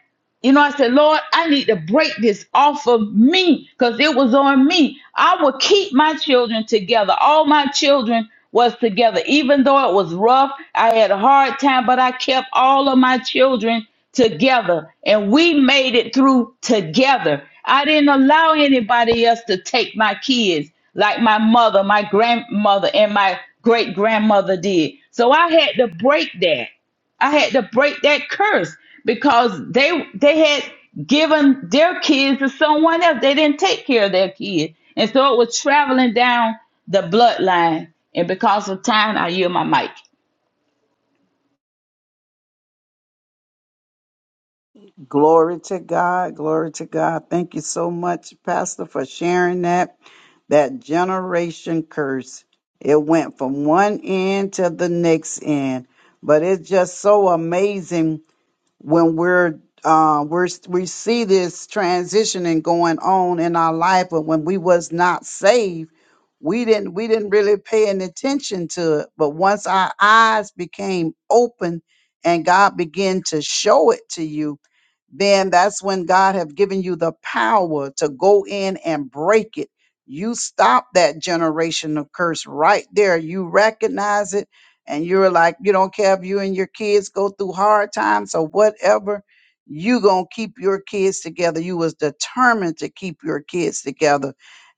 B: you know i said lord i need to break this off of me because it was on me i would keep my children together all my children was together even though it was rough i had a hard time but i kept all of my children together and we made it through together i didn't allow anybody else to take my kids like my mother my grandmother and my great grandmother did so i had to break that I had to break that curse because they they had given their kids to someone else. They didn't take care of their kids. And so it was traveling down the bloodline. And because of time, I yield my mic.
A: Glory to God. Glory to God. Thank you so much, Pastor, for sharing that. That generation curse. It went from one end to the next end. But it's just so amazing when we're uh, we're we see this transitioning going on in our life, but when we was not saved. we didn't we didn't really pay any attention to it but once our eyes became open and god began to show it to you then that's when God have given you the power to go in and break it. You stop that generational curse right there. You recognize it and you're like, you don't care if you and your kids go through hard times or whatever. You gonna keep your kids together. You was determined to keep your kids together.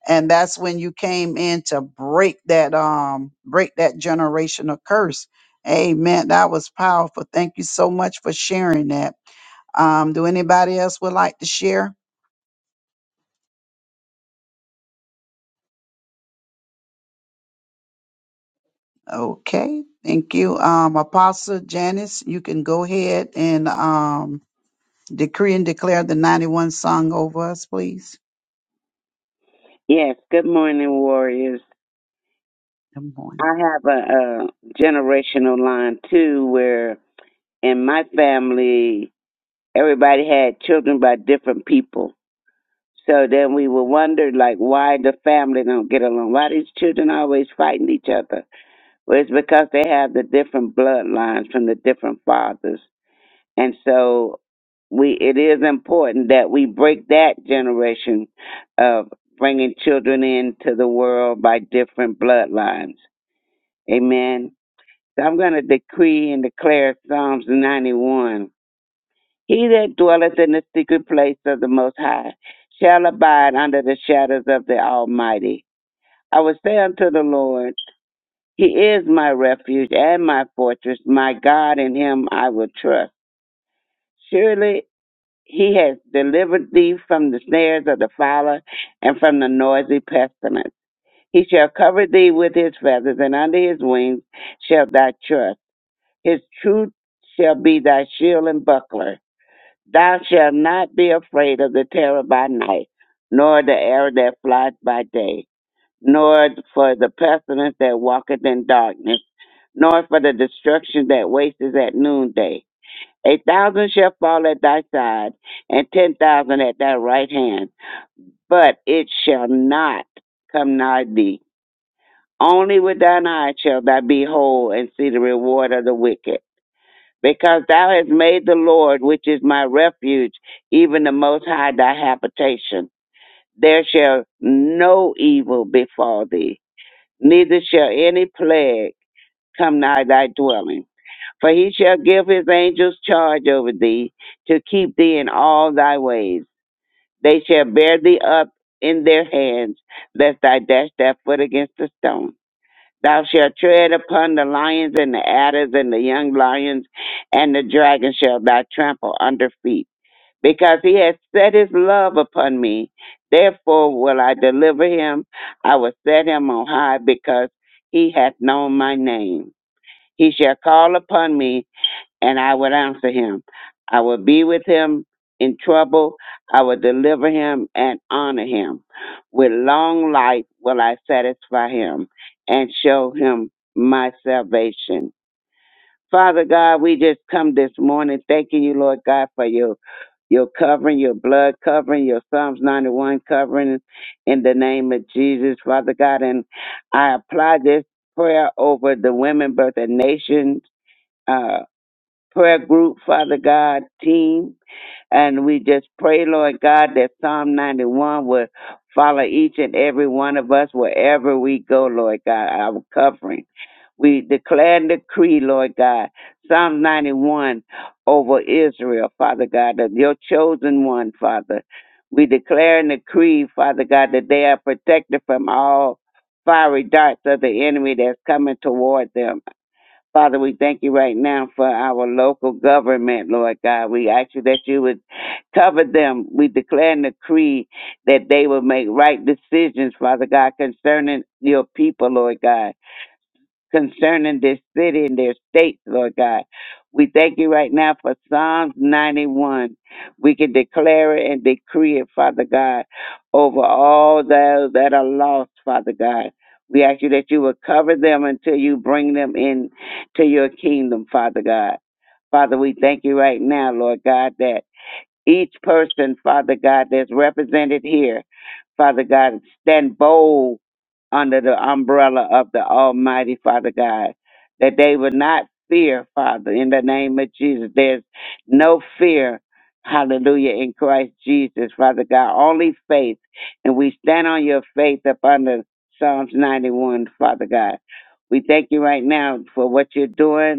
A: And that's when you came in to break that um break that generational curse. Amen. That was powerful. Thank you so much for sharing that. Um, do anybody else would like to share? Okay, thank you. Um, Apostle Janice, you can go ahead and um, decree and declare the 91 song over us, please.
F: Yes, good morning, warriors.
A: Good morning.
F: I have a, a generational line too, where in my family, everybody had children by different people. So then we would wonder, like, why the family don't get along? Why these children always fighting each other? Well, it's because they have the different bloodlines from the different fathers. And so we it is important that we break that generation of bringing children into the world by different bloodlines. Amen. So I'm going to decree and declare Psalms 91. He that dwelleth in the secret place of the Most High shall abide under the shadows of the Almighty. I will say unto the Lord, He is my refuge and my fortress, my God, in him I will trust. Surely he has delivered thee from the snares of the fowler and from the noisy pestilence. He shall cover thee with his feathers, and under his wings shalt thou trust. His truth shall be thy shield and buckler. Thou shalt not be afraid of the terror by night, nor the arrow that flies by day, nor for the pestilence that walketh in darkness nor for the destruction that wastes at noonday. A thousand shall fall at thy side, and ten thousand at thy right hand, but it shall not come nigh thee. Only with thine eyes shalt thou behold and see the reward of the wicked. Because thou hast made the Lord, which is my refuge, even the Most High thy habitation. There shall no evil befall thee, neither shall any plague come nigh thy dwelling. For he shall give his angels charge over thee to keep thee in all thy ways. They shall bear thee up in their hands, lest thou dash thy foot against a stone. Thou shalt tread upon the lions and the adders and the young lions, and the dragon shall thou trample under feet. Because he has set his love upon me, therefore will I deliver him. I will set him on high because he hath known my name. He shall call upon me and I would answer him. I would be with him in trouble. I would deliver him and honor him. With long life will I satisfy him and show him my salvation. Father God, we just come this morning thanking you, Lord God, for your, your covering, your blood covering, your Psalms 91 covering in the name of Jesus, Father God. And I apply this prayer over the Women Birth and Nations uh, prayer group, Father God, team. And we just pray, Lord God, that Psalm 91 will follow each and every one of us wherever we go, Lord God, our covering. We declare and decree, Lord God, Psalm 91 over Israel, Father God, that your chosen one, Father. We declare and decree, Father God, that they are protected from all fiery darts of the enemy that's coming toward them. Father, we thank you right now for our local government, Lord God. We ask you that you would cover them. We declare and decree that they will make right decisions, Father God, concerning your people, Lord God concerning this city and their states, Lord God. We thank you right now for Psalms 91. We can declare it and decree it, Father God, over all those that are lost, Father God. We ask you that you will cover them until you bring them in to your kingdom, Father God. Father, we thank you right now, Lord God, that each person, Father God, that's represented here, Father God, stand bold under the umbrella of the Almighty Father God, that they would not fear, Father, in the name of Jesus. There's no fear, hallelujah, in Christ Jesus, Father God, only faith. And we stand on your faith upon the Psalms 91, Father God. We thank you right now for what you're doing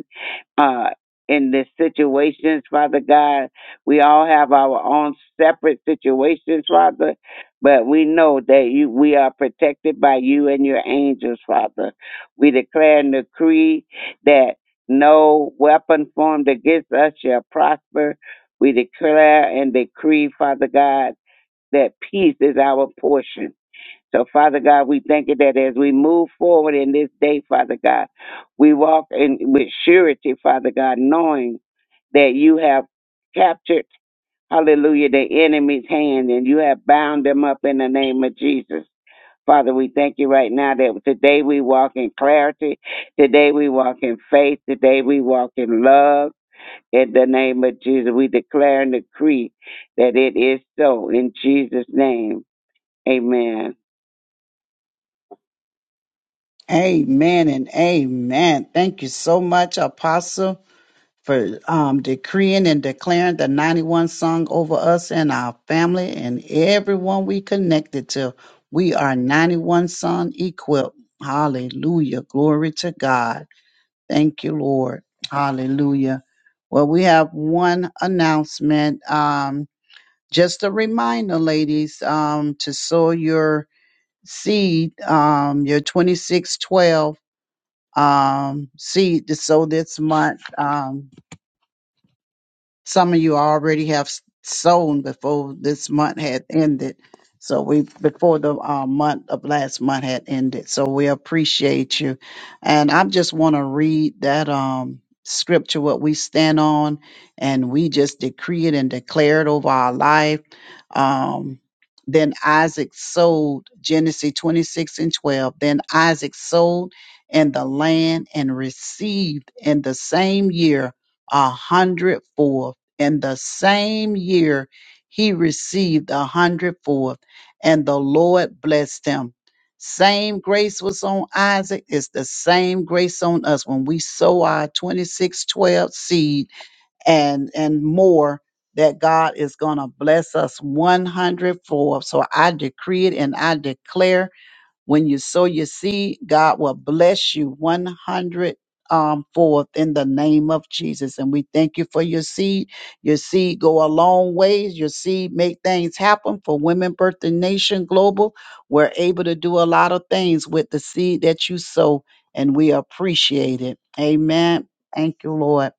F: uh, in the situations, Father God. We all have our own separate situations, Father, but we know that you, we are protected by you and your angels, Father. We declare and decree that no weapon formed against us shall prosper. We declare and decree, Father God, that peace is our portion so, Father God, we thank you that as we move forward in this day, Father God, we walk in with surety, Father God, knowing that you have captured, hallelujah, the enemy's hand and you have bound them up in the name of Jesus. Father, we thank you right now that today we walk in clarity. Today we walk in faith. Today we walk in love. In the name of Jesus, we declare and decree that it is so in Jesus' name. Amen.
A: Amen and amen. Thank you so much, Apostle, for um, decreeing and declaring the 91 song over us and our family and everyone we connected to. We are 91 song equipped. Hallelujah. Glory to God. Thank you, Lord. Hallelujah. Well, we have one announcement. Um, just a reminder, ladies, um, to sow your seed, um, your 2612 um, seed to sow this month. Um, some of you already have s- sown before this month had ended. So we before the uh, month of last month had ended. So we appreciate you, and I just want to read that um scripture what we stand on, and we just decree it and declare it over our life. Um, then Isaac sold Genesis twenty six and twelve. Then Isaac sold in the land and received in the same year a hundredfold. In the same year he received a hundredfold, and the Lord blessed him. Same grace was on Isaac, it's the same grace on us when we sow our 2612 seed and and more that God is going to bless us one hundredfold. So I decree it and I declare when you sow your seed, God will bless you 100 um, forth in the name of Jesus. And we thank you for your seed. Your seed go a long ways. Your seed make things happen for Women Birthing Nation Global. We're able to do a lot of things with the seed that you sow, and we appreciate it. Amen. Thank you, Lord.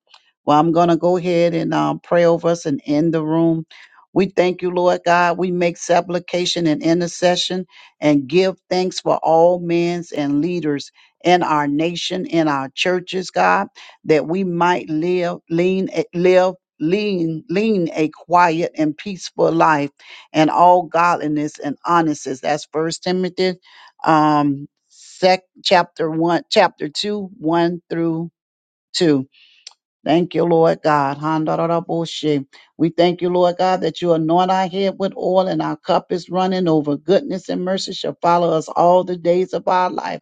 A: Well, I'm going to go ahead and um, pray over us and end the room. We thank you, Lord God. We make supplication and intercession and give thanks for all men's and leaders in our nation, in our churches, God, that we might live, lean, eh, live, lean, lean a quiet and peaceful life and all godliness and honesty. That's First Timothy, um, sec, chapter one, chapter two, one through two. Thank you, Lord God. Handaraboshe. We thank you, Lord God, that you anoint our head with oil and our cup is running over. Goodness and mercy shall follow us all the days of our life.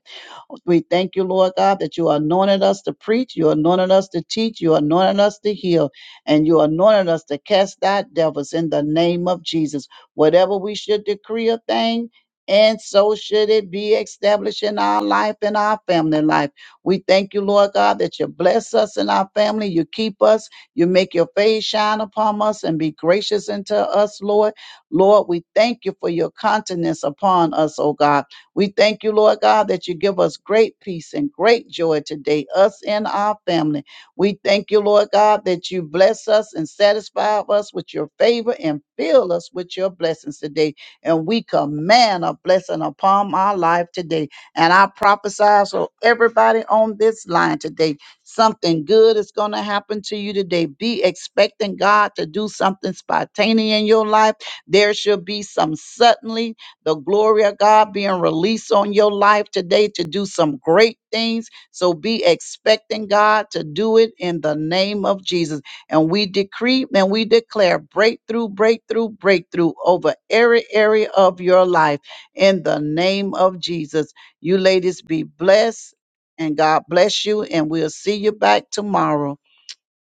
A: We thank you, Lord God, that you anointed us to preach, you anointed us to teach, you anointed us to heal, and you anointed us to cast out devils in the name of Jesus. Whatever we should decree a thing, and so should it be established in our life and our family life. We thank you, Lord God, that you bless us and our family. You keep us. You make your face shine upon us and be gracious unto us, Lord. Lord, we thank you for your countenance upon us, oh God. We thank you, Lord God, that you give us great peace and great joy today, us and our family. We thank you, Lord God, that you bless us and satisfy us with your favor and fill us with your blessings today. And we command a blessing upon our life today. And I prophesy so everybody on this line today, something good is going to happen to you today. Be expecting God to do something spontaneous in your life. There shall be some suddenly the glory of God being released on your life today to do some great things. So be expecting God to do it in the name of Jesus. And we decree and we declare breakthrough, breakthrough, breakthrough over every area of your life in the name of Jesus. You ladies be blessed and God bless you. And we'll see you back tomorrow.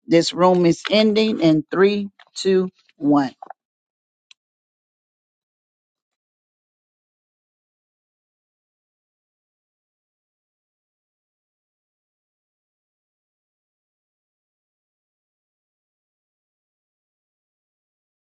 A: This room is ending in three, two, one.